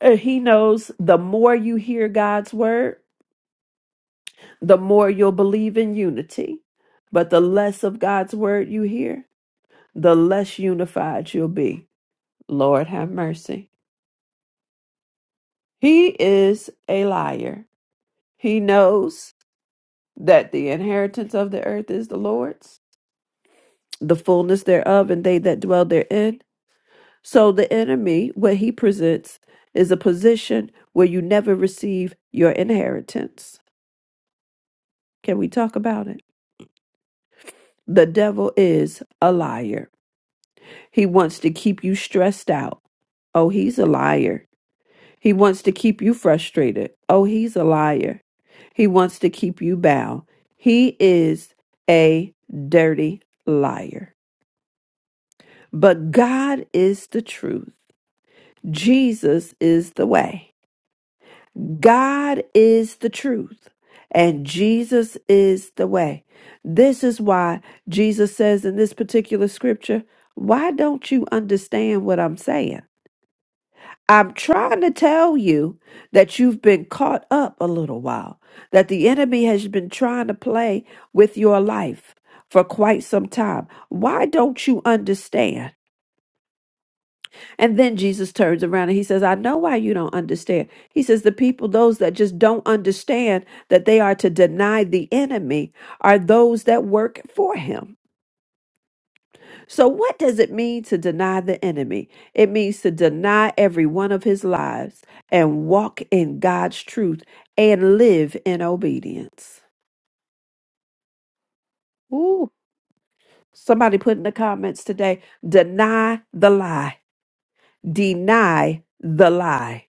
C: Uh, He knows the more you hear God's word, the more you'll believe in unity. But the less of God's word you hear, the less unified you'll be. Lord have mercy. He is a liar. He knows that the inheritance of the earth is the Lord's, the fullness thereof, and they that dwell therein. So the enemy, what he presents, is a position where you never receive your inheritance. Can we talk about it? The devil is a liar. He wants to keep you stressed out. Oh, he's a liar. He wants to keep you frustrated. Oh, he's a liar. He wants to keep you bound. He is a dirty liar. But God is the truth. Jesus is the way. God is the truth. And Jesus is the way. This is why Jesus says in this particular scripture, Why don't you understand what I'm saying? I'm trying to tell you that you've been caught up a little while, that the enemy has been trying to play with your life for quite some time. Why don't you understand? And then Jesus turns around and he says, I know why you don't understand. He says, The people, those that just don't understand that they are to deny the enemy, are those that work for him. So, what does it mean to deny the enemy? It means to deny every one of his lies and walk in God's truth and live in obedience. Ooh, somebody put in the comments today deny the lie, deny the lie,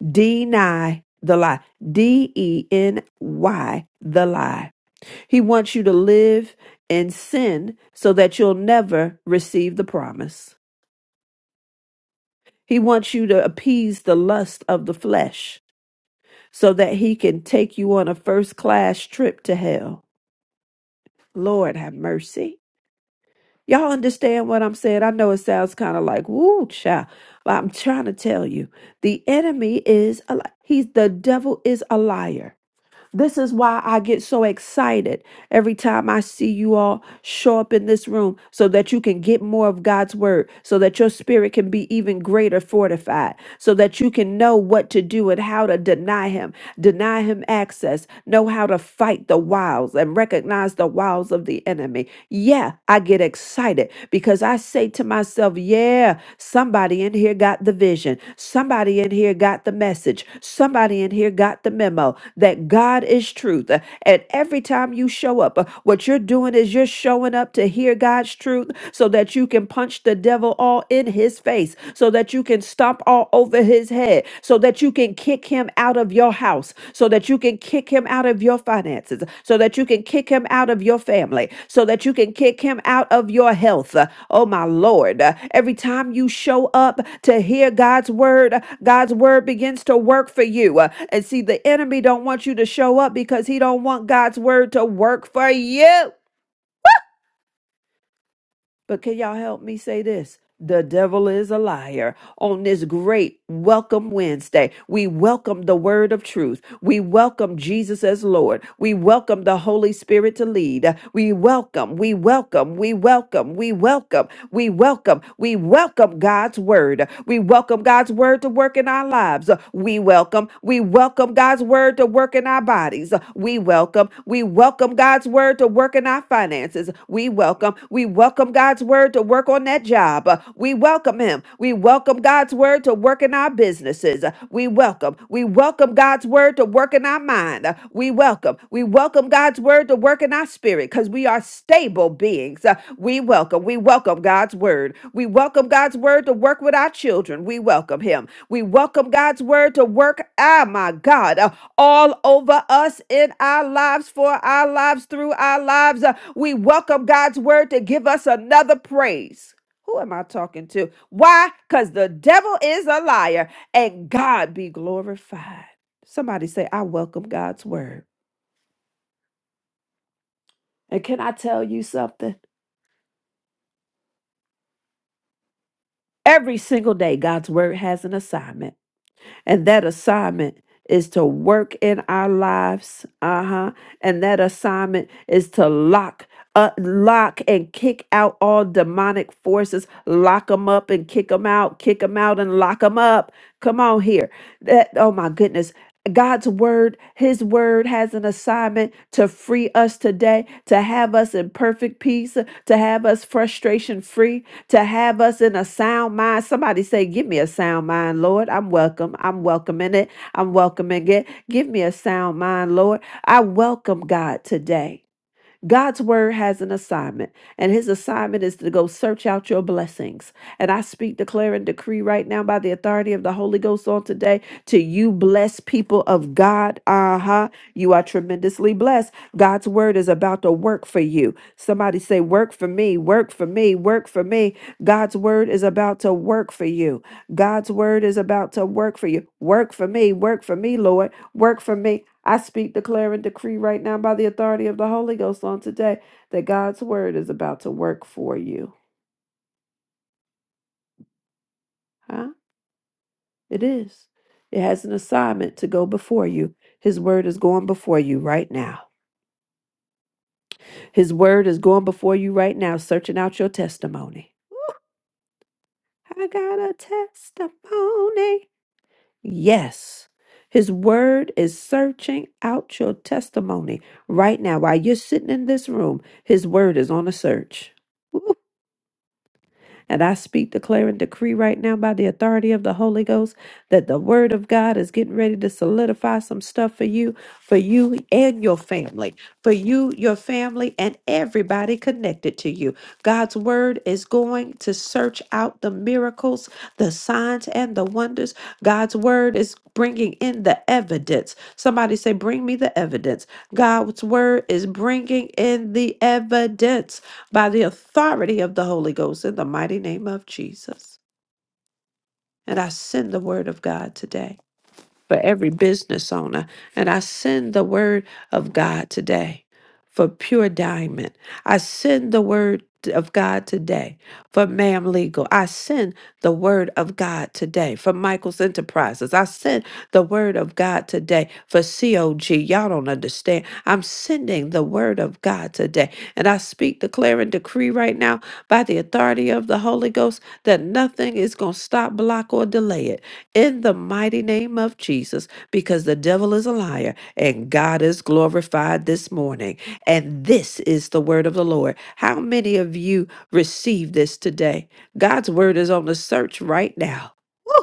C: deny the lie, D E N Y, the lie. He wants you to live in sin so that you'll never receive the promise. He wants you to appease the lust of the flesh so that he can take you on a first class trip to hell. Lord have mercy. Y'all understand what I'm saying? I know it sounds kind of like, woo, child, but I'm trying to tell you the enemy is a li- He's the devil is a liar. This is why I get so excited every time I see you all show up in this room so that you can get more of God's word, so that your spirit can be even greater fortified, so that you can know what to do and how to deny Him, deny Him access, know how to fight the wiles and recognize the wiles of the enemy. Yeah, I get excited because I say to myself, yeah, somebody in here got the vision. Somebody in here got the message. Somebody in here got the memo that God is truth. Uh, And every time you show up, uh, what you're doing is you're showing up to hear God's truth so that you can punch the devil all in his face, so that you can stomp all over his head, so that you can can kick him out of your house, so that you can kick him out of your finances, so that you can kick him out of your family, so that you can kick him out of your health. Uh, Oh, my Lord. Uh, Every time you show up to hear God's word, uh, God's word begins to work for you. Uh, And see, the enemy don't want you to show up because he don't want God's word to work for you. But can y'all help me say this? The devil is a liar. On this great welcome Wednesday, we welcome the word of truth. We welcome Jesus as Lord. We welcome the Holy Spirit to lead. We welcome, we welcome, we welcome, we welcome, we welcome, we welcome God's word. We welcome God's word to work in our our lives. Uh, We welcome, we welcome God's word to work in our bodies. Uh, We welcome, we welcome God's word to work in our finances. We welcome, we welcome God's word to work on that job. Uh, We welcome Him. We welcome God's word to work in our businesses. Uh, We welcome, we welcome God's word to work in our mind. Uh, We welcome, we welcome welcome God's word to work in our spirit because we are stable beings. Uh, we welcome, we welcome God's word. We welcome God's word to work with our children. We welcome Him. We welcome God's word to work, ah, my God, uh, all over us in our lives, for our lives, through our lives. Uh, we welcome God's word to give us another praise. Who am I talking to? Why? Because the devil is a liar and God be glorified. Somebody say, I welcome God's word. And can I tell you something? Every single day, God's word has an assignment, and that assignment is to work in our lives. Uh huh. And that assignment is to lock. Uh, lock and kick out all demonic forces. Lock them up and kick them out. Kick them out and lock them up. Come on here. That oh my goodness. God's word, his word has an assignment to free us today, to have us in perfect peace, to have us frustration free, to have us in a sound mind. Somebody say, Give me a sound mind, Lord. I'm welcome. I'm welcoming it. I'm welcoming it. Give me a sound mind, Lord. I welcome God today. God's word has an assignment, and his assignment is to go search out your blessings. And I speak, declare, and decree right now by the authority of the Holy Ghost on today to you, blessed people of God. Uh huh. You are tremendously blessed. God's word is about to work for you. Somebody say, Work for me, work for me, work for me. God's word is about to work for you. God's word is about to work for you. Work for me, work for me, Lord work for me. I speak, declare, and decree right now by the authority of the Holy Ghost on today that God's word is about to work for you. Huh? It is. It has an assignment to go before you. His word is going before you right now. His word is going before you right now, searching out your testimony. I got a testimony. Yes. His word is searching out your testimony right now. While you're sitting in this room, his word is on a search. And I speak, declare, and decree right now by the authority of the Holy Ghost that the Word of God is getting ready to solidify some stuff for you, for you and your family, for you, your family, and everybody connected to you. God's Word is going to search out the miracles, the signs, and the wonders. God's Word is bringing in the evidence. Somebody say, Bring me the evidence. God's Word is bringing in the evidence by the authority of the Holy Ghost in the mighty name of Jesus. And I send the word of God today for every business owner. And I send the word of God today for Pure Diamond. I send the word of God today for Ma'am Legal. I send the word of God today for Michael's Enterprises. I send the word of God today for COG. Y'all don't understand. I'm sending the word of God today. And I speak, declare, and decree right now by the authority of the Holy Ghost that nothing is going to stop, block, or delay it in the mighty name of Jesus because the devil is a liar and God is glorified this morning. And this is the word of the Lord. How many of you received this today? God's word is on the search right now. Woo.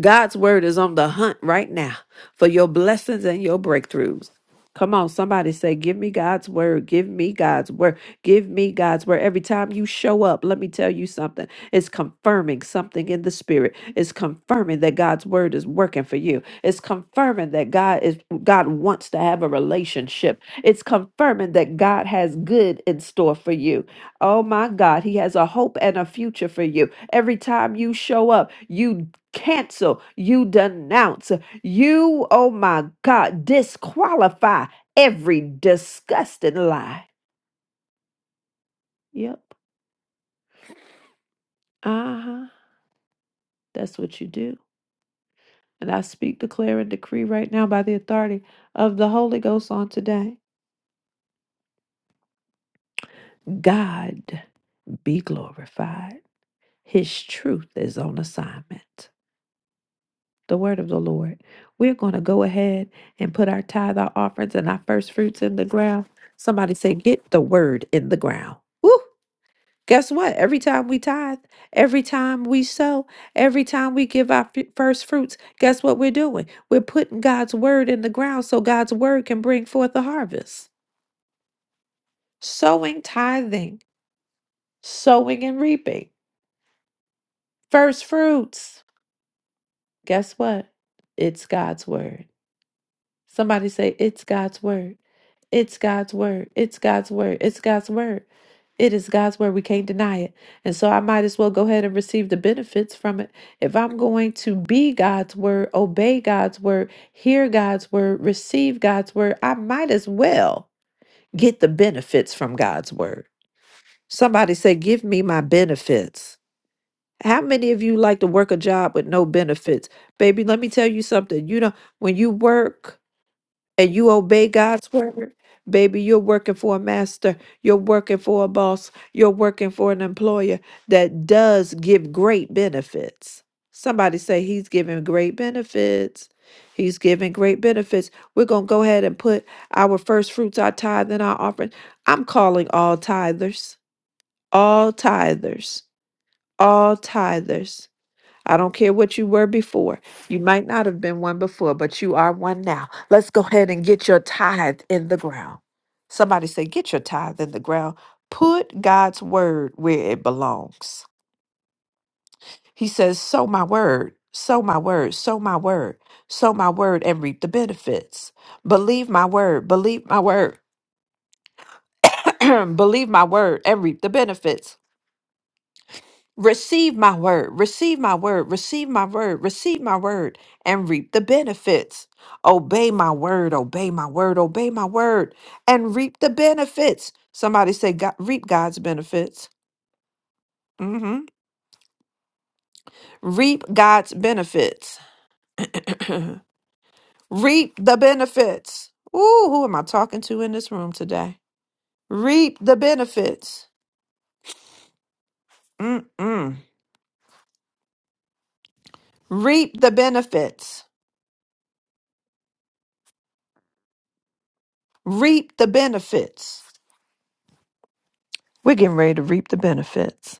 C: God's word is on the hunt right now for your blessings and your breakthroughs. Come on, somebody say, Give me God's word. Give me God's word. Give me God's word. Every time you show up, let me tell you something. It's confirming something in the spirit. It's confirming that God's word is working for you. It's confirming that God is God wants to have a relationship. It's confirming that God has good in store for you. Oh my God, He has a hope and a future for you. Every time you show up, you cancel, you denounce, you, oh my God, disqualify every disgusting lie. Yep. Uh huh. That's what you do. And I speak, declare, and decree right now by the authority of the Holy Ghost on today. God be glorified. His truth is on assignment. The word of the Lord. We're going to go ahead and put our tithe, our offerings, and our first fruits in the ground. Somebody say, Get the word in the ground. Woo! Guess what? Every time we tithe, every time we sow, every time we give our f- first fruits, guess what we're doing? We're putting God's word in the ground so God's word can bring forth a harvest. Sowing, tithing, sowing and reaping. First fruits. Guess what? It's God's word. Somebody say, It's God's word. It's God's word. It's God's word. It's God's word. It is God's word. We can't deny it. And so I might as well go ahead and receive the benefits from it. If I'm going to be God's word, obey God's word, hear God's word, receive God's word, I might as well get the benefits from God's word. Somebody say, Give me my benefits. How many of you like to work a job with no benefits? Baby, let me tell you something. You know, when you work, and you obey God's word, baby, you're working for a master, you're working for a boss, you're working for an employer that does give great benefits. Somebody say he's giving great benefits. He's giving great benefits. We're going to go ahead and put our first fruits, our tithe, and our offering. I'm calling all tithers, all tithers, all tithers. I don't care what you were before. You might not have been one before, but you are one now. Let's go ahead and get your tithe in the ground. Somebody say, Get your tithe in the ground. Put God's word where it belongs. He says, Sow my word, sow my word, sow my word, sow my word, and reap the benefits. Believe my word, believe my word, believe my word, and reap the benefits. Receive my word, receive my word, receive my word, receive my word, and reap the benefits. Obey my word, obey my word, obey my word, and reap the benefits. Somebody say, "Go- reap God's benefits. hmm Reap God's benefits. reap the benefits. Ooh, who am I talking to in this room today? Reap the benefits. Mm-mm. Reap the benefits. Reap the benefits. We're getting ready to reap the benefits.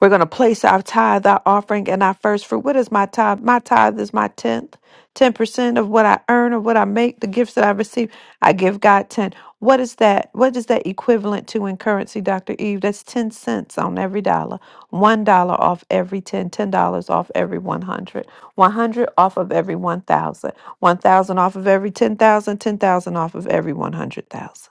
C: We're going to place our tithe, our offering, and our first fruit. What is my tithe? My tithe is my tenth, ten percent of what I earn or what I make, the gifts that I receive. I give God ten. What is that? What is that equivalent to in currency, Doctor Eve? That's ten cents on every dollar, one dollar off every ten, ten dollars off every one hundred, one hundred off of every one thousand, one thousand off of every ten thousand, ten thousand off of every one hundred thousand.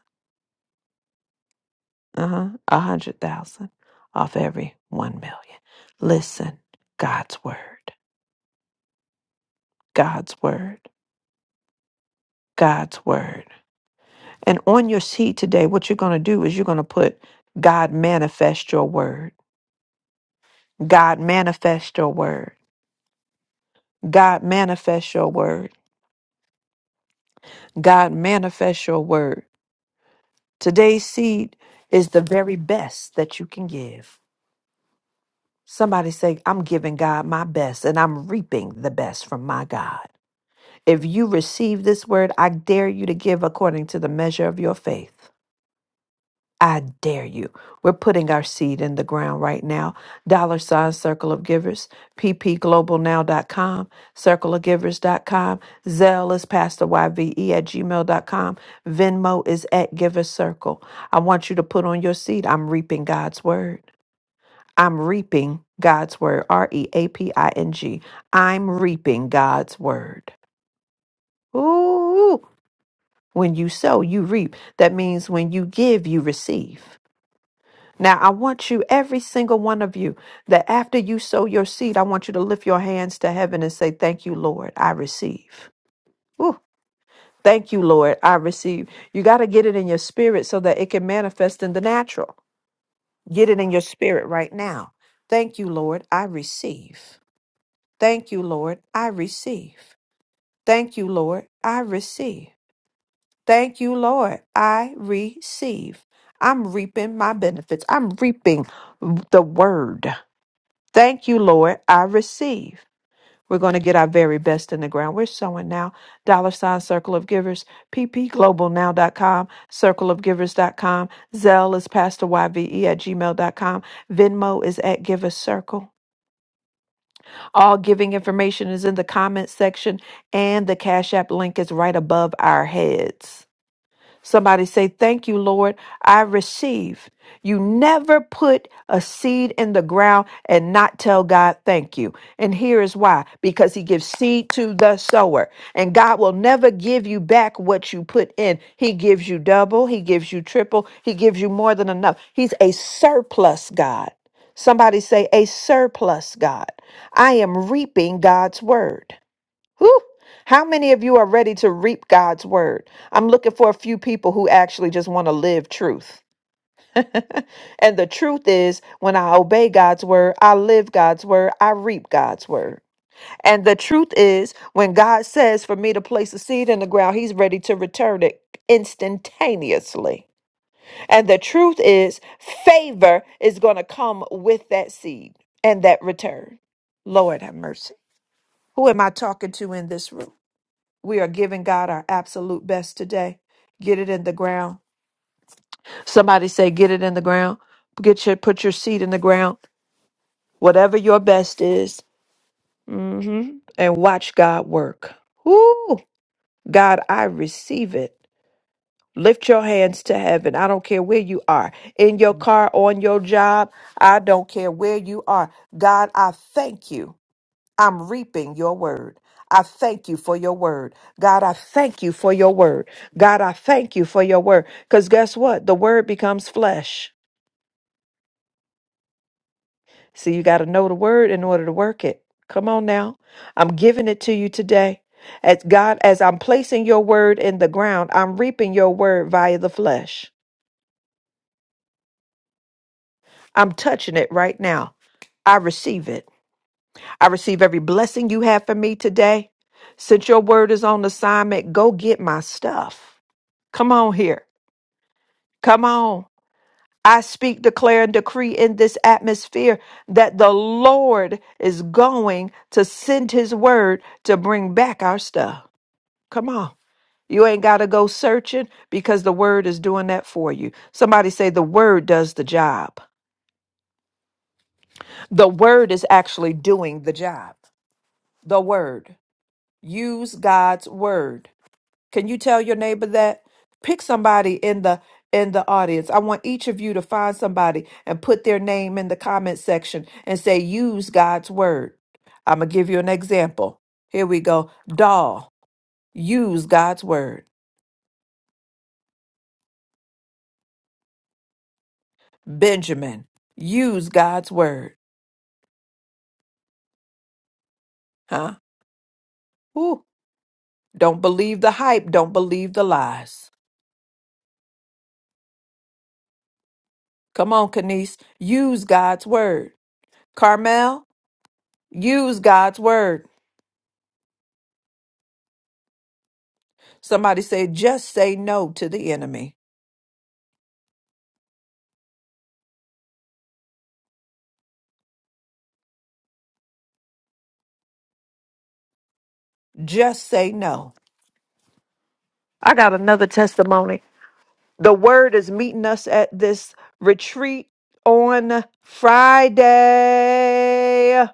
C: Uh-huh. A hundred thousand off every one million. Listen, God's word, God's word, God's word. And on your seed today, what you're going to do is you're going to put God manifest your word. God manifest your word. God manifest your word. God manifest your word. Today's seed is the very best that you can give. Somebody say, I'm giving God my best and I'm reaping the best from my God. If you receive this word, I dare you to give according to the measure of your faith. I dare you. We're putting our seed in the ground right now. Dollar sign circle of givers, p p global now dot com. circle of givers dot com. Zelle is pastor YVE at gmail dot com. Venmo is at giver circle. I want you to put on your seed. I'm reaping God's word. I'm reaping God's word. R E A P I N G. I'm reaping God's word. Ooh. When you sow, you reap. That means when you give, you receive. Now, I want you, every single one of you, that after you sow your seed, I want you to lift your hands to heaven and say, Thank you, Lord, I receive. Ooh, thank you, Lord, I receive. You got to get it in your spirit so that it can manifest in the natural. Get it in your spirit right now. Thank you, Lord, I receive. Thank you, Lord, I receive. Thank you, Lord, I receive. Thank you, Lord. I receive. I'm reaping my benefits. I'm reaping the word. Thank you, Lord. I receive. We're going to get our very best in the ground. We're sowing now. Dollar sign Circle of Givers, p p global now dot com. Circle of Givers dot com. Zelle is Pastor YVE at Gmail dot com. Venmo is at Give a Circle. All giving information is in the comment section, and the Cash App link is right above our heads. Somebody say, Thank you, Lord. I receive. You never put a seed in the ground and not tell God thank you. And here is why because He gives seed to the sower. And God will never give you back what you put in. He gives you double, He gives you triple, He gives you more than enough. He's a surplus God. Somebody say, A surplus God. I am reaping God's word. Whew. How many of you are ready to reap God's word? I'm looking for a few people who actually just want to live truth. and the truth is, when I obey God's word, I live God's word, I reap God's word. And the truth is, when God says for me to place a seed in the ground, He's ready to return it instantaneously. And the truth is, favor is going to come with that seed and that return. Lord have mercy. Who am I talking to in this room? We are giving God our absolute best today. Get it in the ground. Somebody say, get it in the ground. Get your put your seed in the ground. Whatever your best is. hmm And watch God work. Woo! God, I receive it. Lift your hands to heaven. I don't care where you are. In your car, on your job. I don't care where you are. God, I thank you. I'm reaping your word. I thank you for your word. God, I thank you for your word. God, I thank you for your word. Because guess what? The word becomes flesh. See, you got to know the word in order to work it. Come on now. I'm giving it to you today. As God, as I'm placing your word in the ground, I'm reaping your word via the flesh. I'm touching it right now. I receive it. I receive every blessing you have for me today. Since your word is on assignment, go get my stuff. Come on here. Come on. I speak, declare, and decree in this atmosphere that the Lord is going to send his word to bring back our stuff. Come on. You ain't got to go searching because the word is doing that for you. Somebody say the word does the job. The word is actually doing the job. The word. Use God's word. Can you tell your neighbor that? Pick somebody in the in the audience. I want each of you to find somebody and put their name in the comment section and say use God's word. I'm going to give you an example. Here we go. Doll, use God's word. Benjamin, use God's word. Huh? Ooh, don't believe the hype, don't believe the lies. Come on, Kanice, use God's word. Carmel, use God's word. Somebody say, just say no to the enemy. Just say no. I got another testimony. The word is meeting us at this retreat on Friday.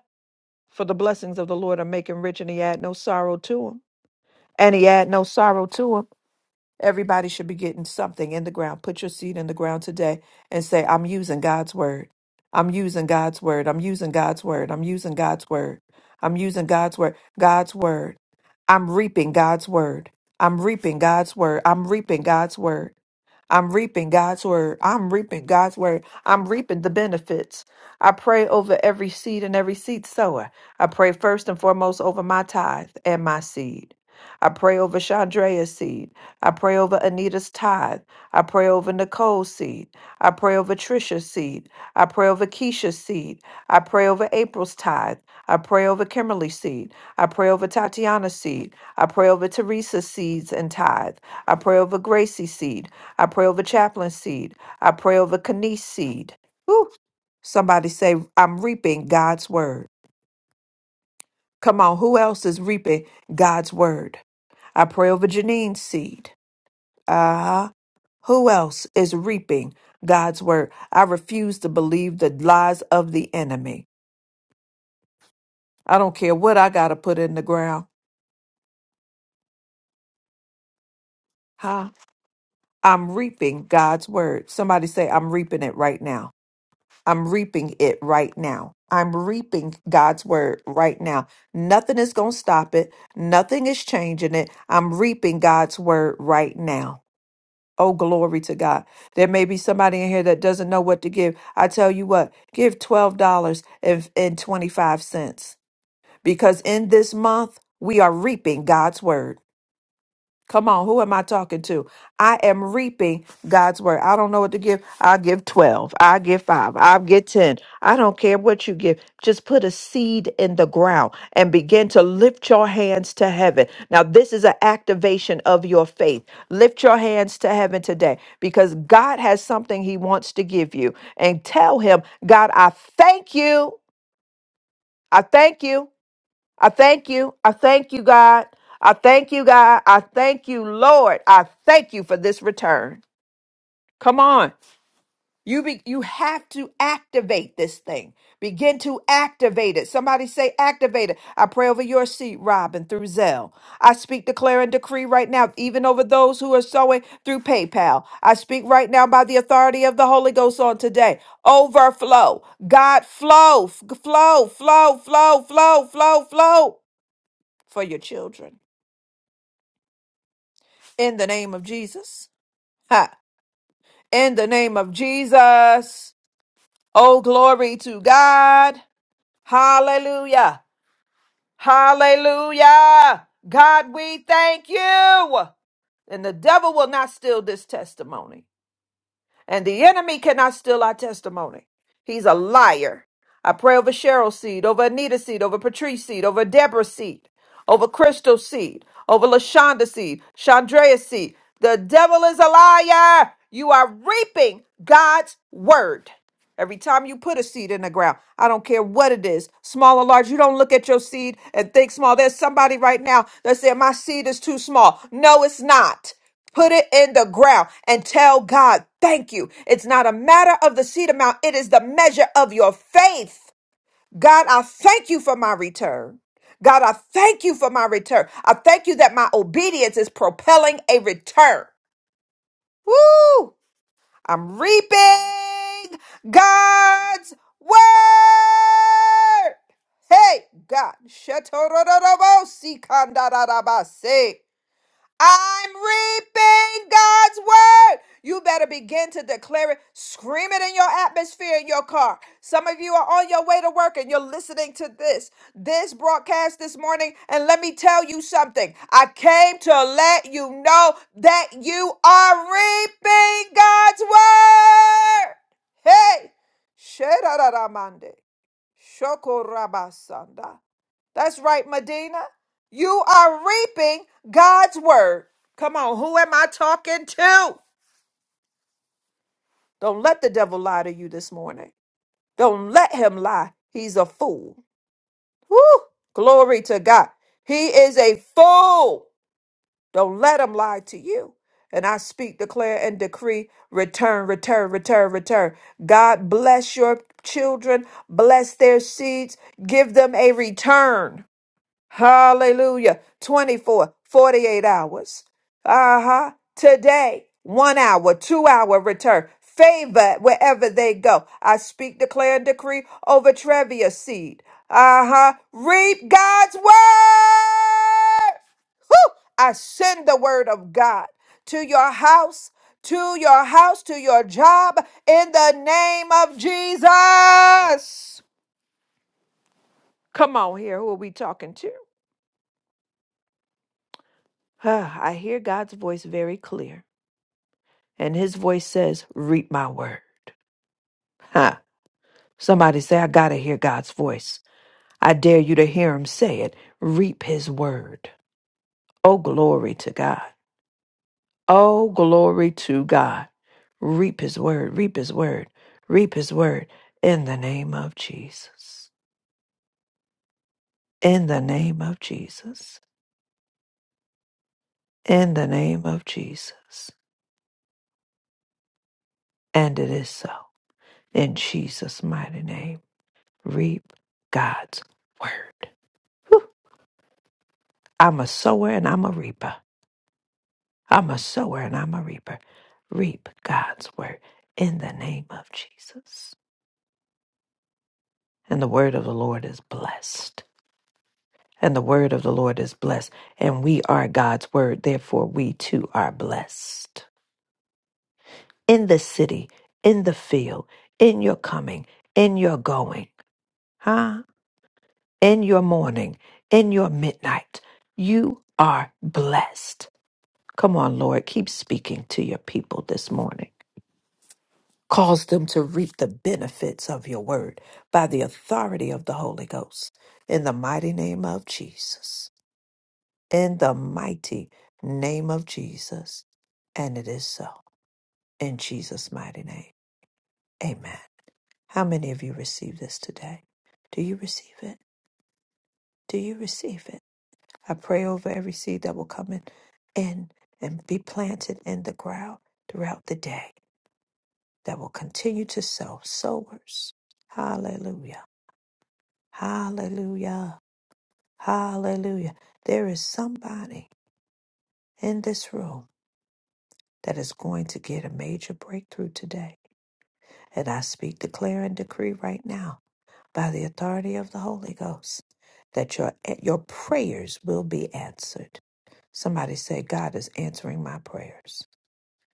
C: For the blessings of the Lord are making rich, and he add no sorrow to him. And he add no sorrow to him. Everybody should be getting something in the ground. Put your seed in the ground today and say, I'm using God's word. I'm using God's word. I'm using God's word. I'm using God's word. I'm using God's word. God's word. I'm reaping God's word. I'm reaping God's word. I'm reaping God's word. I'm reaping God's word. I'm reaping God's word. I'm reaping the benefits. I pray over every seed and every seed sower. I pray first and foremost over my tithe and my seed. I pray over Chandrea's seed. I pray over Anita's tithe. I pray over Nicole's seed. I pray over Trisha's seed. I pray over Keisha's seed. I pray over April's tithe. I pray over Kimberly's seed. I pray over Tatiana's seed. I pray over Teresa's seeds and tithe. I pray over Gracie's seed. I pray over chaplain seed. I pray over Kanice seed. Whew. Somebody say, I'm reaping God's word. Come on, who else is reaping God's word? I pray over Janine's seed. Uh-huh. Who else is reaping God's word? I refuse to believe the lies of the enemy. I don't care what I got to put in the ground. Huh? I'm reaping God's word. Somebody say, I'm reaping it right now. I'm reaping it right now. I'm reaping God's word right now. Nothing is going to stop it. Nothing is changing it. I'm reaping God's word right now. Oh, glory to God. There may be somebody in here that doesn't know what to give. I tell you what, give $12.25 because in this month, we are reaping God's word. Come on, who am I talking to? I am reaping God's word. I don't know what to give. I'll give 12. I'll give 5. I'll give 10. I don't care what you give. Just put a seed in the ground and begin to lift your hands to heaven. Now, this is an activation of your faith. Lift your hands to heaven today because God has something He wants to give you. And tell Him, God, I thank you. I thank you. I thank you. I thank you, God. I thank you, God. I thank you, Lord. I thank you for this return. Come on. You be, you have to activate this thing. Begin to activate it. Somebody say activate it. I pray over your seat, Robin, through Zell. I speak, declare, and decree right now, even over those who are sowing through PayPal. I speak right now by the authority of the Holy Ghost on today. Overflow. God, flow, f- flow, flow, flow, flow, flow, flow for your children. In the name of Jesus. Ha. In the name of Jesus. Oh, glory to God. Hallelujah. Hallelujah. God, we thank you. And the devil will not steal this testimony. and the enemy cannot steal our testimony. He's a liar. I pray over Cheryl's seed, over Anita's seed, over Patrice's seed, over Deborah's seed, over Crystal's seed, over LaShonda's seed, Chandrea's seed. The devil is a liar. You are reaping God's word. Every time you put a seed in the ground, I don't care what it is, small or large, you don't look at your seed and think small. There's somebody right now that said, My seed is too small. No, it's not. Put it in the ground and tell God, thank you. It's not a matter of the seed amount, it is the measure of your faith. God, I thank you for my return. God, I thank you for my return. I thank you that my obedience is propelling a return. Woo! I'm reaping God's word. Hey, God. Shetorororobo, sikandarabase. I'm reaping God's word. You better begin to declare it. Scream it in your atmosphere in your car. Some of you are on your way to work and you're listening to this, this broadcast this morning. And let me tell you something. I came to let you know that you are reaping God's word. Hey. Shedararamande. Shokorabasanda. That's right, Medina. You are reaping God's word. Come on, who am I talking to? Don't let the devil lie to you this morning. Don't let him lie. He's a fool. Woo! Glory to God. He is a fool. Don't let him lie to you. And I speak, declare, and decree return, return, return, return. God bless your children, bless their seeds, give them a return. Hallelujah. 24, 48 hours. Uh huh. Today, one hour, two hour return. Favor wherever they go. I speak, declare, and decree over Trevia seed. Uh huh. Reap God's word. Whew! I send the word of God to your house, to your house, to your job in the name of Jesus. Come on here. Who are we talking to? Ah, I hear God's voice very clear, and his voice says, Reap my word. Huh. Somebody say, I gotta hear God's voice. I dare you to hear him say it. Reap his word. Oh, glory to God. Oh, glory to God. Reap his word, reap his word, reap his word in the name of Jesus. In the name of Jesus. In the name of Jesus. And it is so. In Jesus' mighty name. reap God's word. Whew. I'm a sower and I'm a reaper. I'm a sower and I'm a reaper. Reap God's word in the name of Jesus. And the word of the Lord is blessed. And the word of the Lord is blessed. And we are God's word. Therefore, we too are blessed. In the city, in the field, in your coming, in your going, huh? In your morning, in your midnight, you are blessed Come on, Lord, keep speaking to your people this morning. Cause them to reap the benefits of your word by the authority of the Holy Ghost. In the mighty name of Jesus. In the mighty name of Jesus. And it is so. In Jesus' mighty name. Amen. How many of you receive this today? Do you receive it? Do you receive it? I pray over every seed that will come in, in and be planted in the ground throughout the day. that will continue to sow sowers. Hallelujah. Hallelujah. Hallelujah. There is somebody in this room that is going to get a major breakthrough today. And I speak, declare, and decree right now by the authority of the Holy Ghost that your, your prayers will be answered. Somebody say, God is answering my prayers.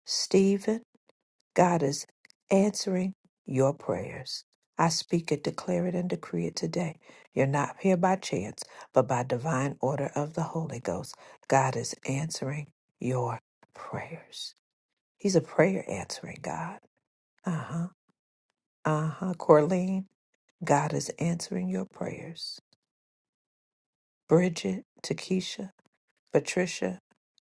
C: Stephen. God is answering your prayers. I speak it, declare it, and decree it today. You're not here by chance, but by divine order of the Holy Ghost. God is answering your prayers. He's a prayer answering God. Uh huh. Uh huh. Corleen, God is answering your prayers. Bridget, Takesha, Patricia,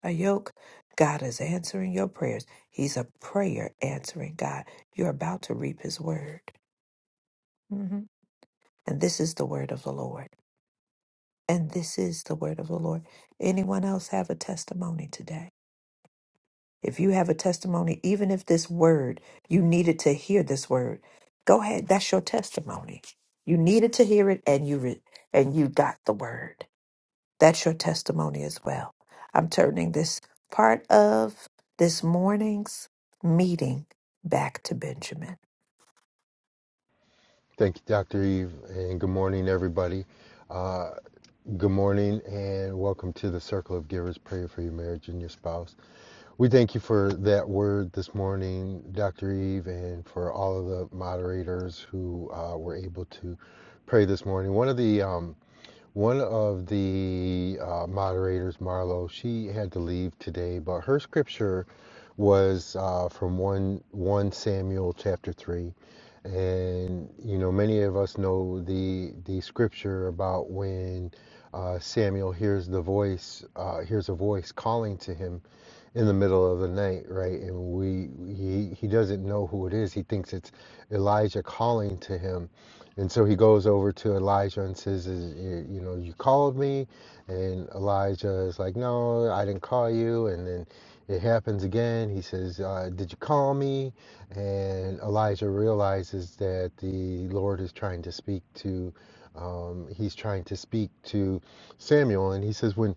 C: Ayoke, God is answering your prayers. He's a prayer answering God. You're about to reap his word. Mm-hmm. And this is the word of the Lord. And this is the word of the Lord. Anyone else have a testimony today? If you have a testimony, even if this word, you needed to hear this word, go ahead. That's your testimony. You needed to hear it and you re- and you got the word. That's your testimony as well. I'm turning this part of this morning's meeting back to Benjamin.
B: Thank you, Dr. Eve, and good morning, everybody. Uh, Good morning and welcome to the Circle of Givers Prayer for Your Marriage and Your Spouse. We thank you for that word this morning, Dr. Eve, and for all of the moderators who uh, were able to pray this morning. One of the um, One of the uh, moderators, Marlo, she had to leave today, but her scripture was uh, from one one Samuel chapter three, and you know many of us know the the scripture about when uh, Samuel hears the voice uh, hears a voice calling to him in the middle of the night, right? And we he he doesn't know who it is. He thinks it's Elijah calling to him and so he goes over to Elijah and says, You you know, you called me. And Elijah is like, No, I didn't call you. And then it happens again. He says, uh, Did you call me? And Elijah realizes that the Lord is trying to speak to. Um, he's trying to speak to Samuel, and he says, "When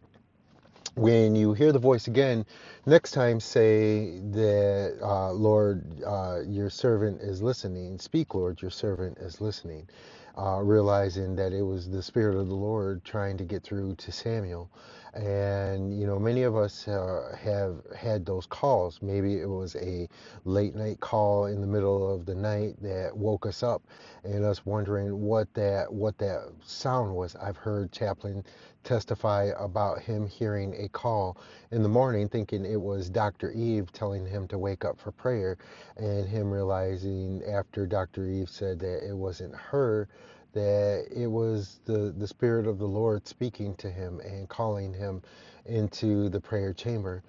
B: when you hear the voice again, next time say that, uh, Lord, uh, your servant is listening. Speak, Lord, your servant is listening. Uh, realizing that it was the Spirit of the Lord trying to get through to Samuel. And, you know, many of us uh, have had those calls. Maybe it was a late night call in the middle of the night that woke us up and us wondering what that, what that sound was. I've heard chaplains testify about him hearing a call in the morning, thinking it was Dr. Eve telling him to wake up for prayer, and him realizing after Dr. Eve said that it wasn't her, that it was the, the Spirit of the Lord speaking to him and calling him into the prayer chamber.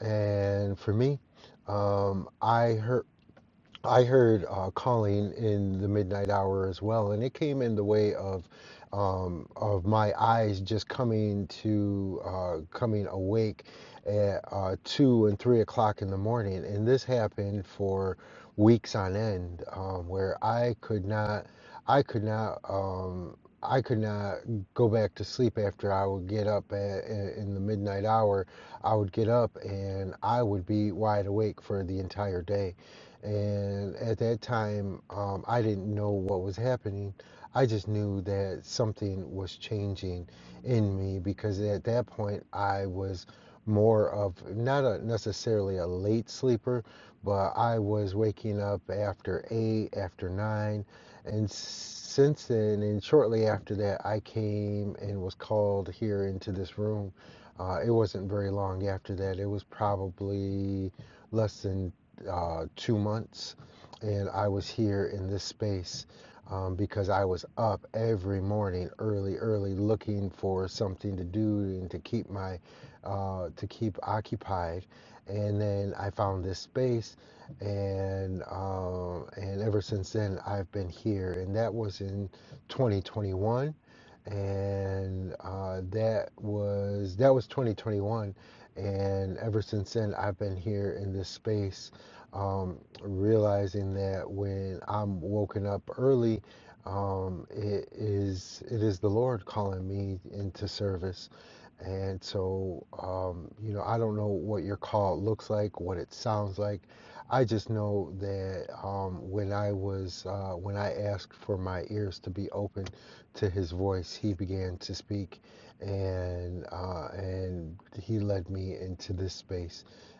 B: And for me, um, I heard. I heard uh, Colleen in the midnight hour as well, and it came in the way of um, of my eyes just coming to uh, coming awake at uh, two and three o'clock in the morning, and this happened for weeks on end, um, where I could not, I could not. Um, I could not go back to sleep after I would get up at, in the midnight hour. I would get up and I would be wide awake for the entire day and at that time, um, I didn't know what was happening. I just knew that something was changing in me because at that point I was more of not a, necessarily a late sleeper, but I was waking up after eight, after nine. And since then, and shortly after that, I came and was called here into this room. Uh, it wasn't very long after that. It was probably less than uh, two months, and I was here in this space um, because I was up every morning, early, early, looking for something to do and to keep my uh, to keep occupied. And then I found this space, and um, and ever since then I've been here, and that was in 2021 and uh, that was that was 2021 and ever since then i've been here in this space um, realizing that when I'm woken up early, um, it is it is the Lord calling me into service. And so, um, you know, I don't know what your call looks like, what it sounds like. I just know that um, when I was uh, when I asked for my ears to be open to His voice, He began to speak, and uh, and He led me into this space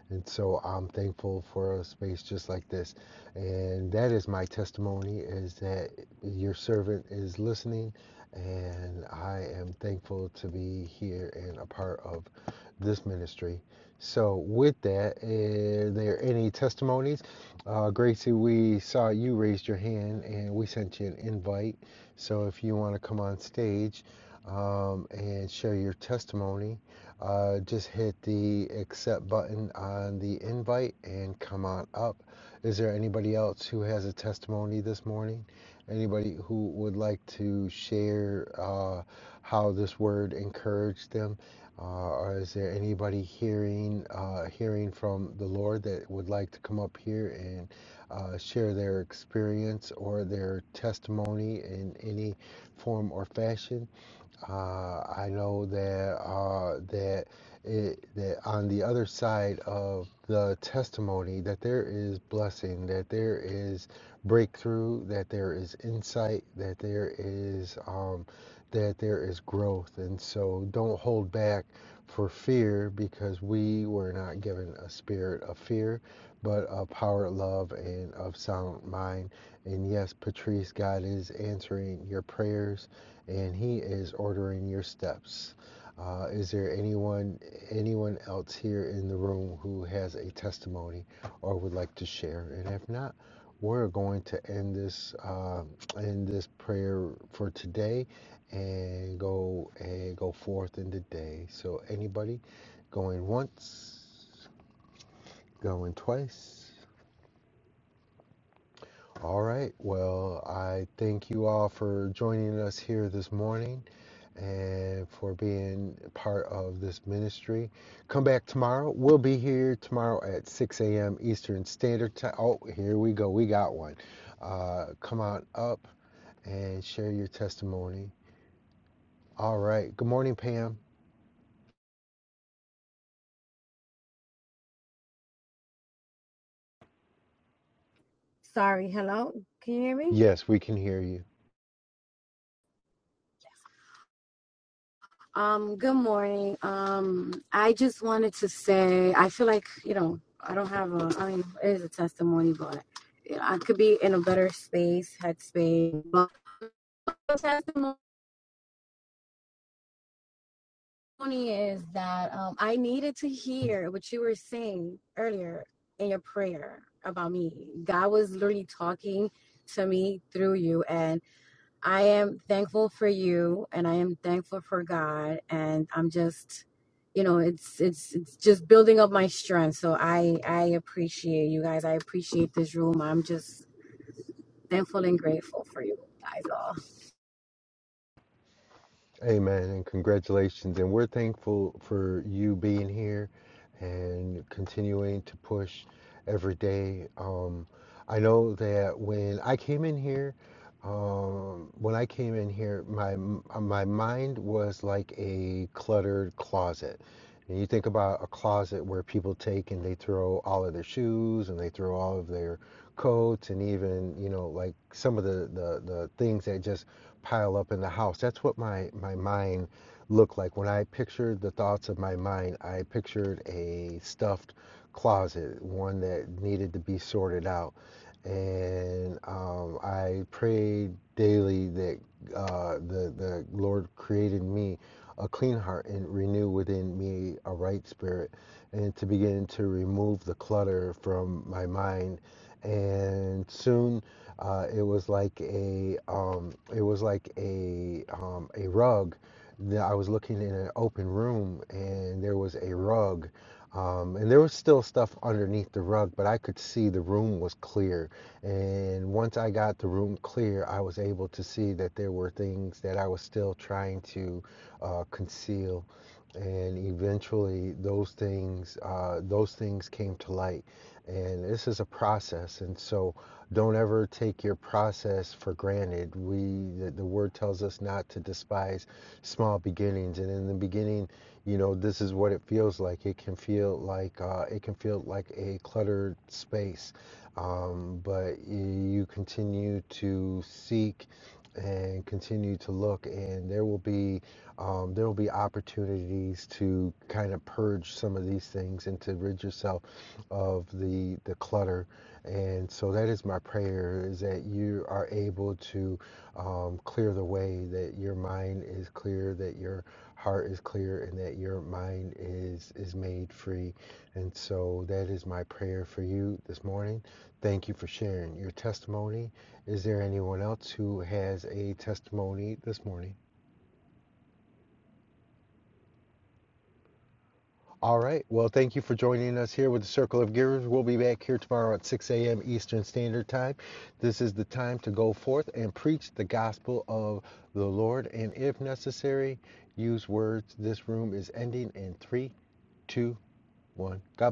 B: and so I'm thankful for a space just like this. And that is my testimony is that your servant is listening and I am thankful to be here and a part of this ministry. So with that, are there any testimonies? Uh, Gracie, we saw you raised your hand and we sent you an invite. So if you want to come on stage um, and share your testimony, uh, just hit the accept button on the invite and come on up. Is there anybody else who has a testimony this morning? Anybody who would like to share uh, how this word encouraged them? Uh, or is there anybody hearing uh, hearing from the Lord that would like to come up here and uh, share their experience or their testimony in any form or fashion? Uh, I know that uh, that it, that on the other side of the testimony that there is blessing, that there is breakthrough, that there is insight, that there is um, that there is growth, and so don't hold back for fear because we were not given a spirit of fear, but a power, love, and of sound mind. And yes, Patrice, God is answering your prayers and he is ordering your steps. Uh, is there anyone anyone else here in the room who has a testimony or would like to share? And if not, we're going to end this uh, end this prayer for today and go and go forth in the day. So anybody going once, going twice. All right. Well, I thank you all for joining us here this morning. and for being part of this ministry. Come back tomorrow. We'll be here tomorrow at 6 a.m. Eastern Standard Time. Oh, here we go. We got one. Uh, come on up and share your testimony. All right. Good morning, Pam.
F: Sorry, hello. Can you hear me?
B: Yes, we can hear you.
F: Um, good morning. Um, I just wanted to say I feel like, you know, I don't have a I mean, it is a testimony, but you know, I could be in a better space, headspace. But the testimony is that um I needed to hear what you were saying earlier in your prayer about me. God was literally talking to me through you and. I am thankful for you and I am thankful for God and I'm just you know it's it's it's just building up my strength so I I appreciate you guys I appreciate this room I'm just thankful and grateful for you guys all
B: Amen and congratulations. And we're thankful for you being here and continuing to push every day. Um, I know that when I came in here, um, when I came in here, my my mind was like a cluttered closet. And you think about a closet where people take and they throw all of their shoes and they throw all of their coats and even you know like some of the the, the things that just pile up in the house. That's what my my mind looked like when I pictured the thoughts of my mind. I pictured a stuffed closet, one that needed to be sorted out, and um, I prayed daily that uh, the the Lord created me a clean heart and renew within me a right spirit, and to begin to remove the clutter from my mind. And soon uh, it was like a um, it was like a um, a rug that I was looking in an open room and there was a rug. Um, and there was still stuff underneath the rug, but I could see the room was clear. And once I got the room clear, I was able to see that there were things that I was still trying to uh, conceal. And eventually, those things, uh, those things came to light. And this is a process. And so, don't ever take your process for granted. We, the, the word tells us not to despise small beginnings. And in the beginning, you know, this is what it feels like. It can feel like uh, it can feel like a cluttered space, um, but you continue to seek and continue to look, and there will be um, there will be opportunities to kind of purge some of these things and to rid yourself of the the clutter and so that is my prayer is that you are able to um, clear the way, that your mind is clear, that your heart is clear, and that your mind is, is made free. And so that is my prayer for you this morning. Thank you for sharing your testimony. Is there anyone else who has a testimony this morning? All right. Well, thank you for joining us here with the Circle of Givers. We'll be back here tomorrow at 6 a.m. Eastern Standard Time. This is the time to go forth and preach the gospel of the Lord. And if necessary, use words. This room is ending in three, two, one. God bless.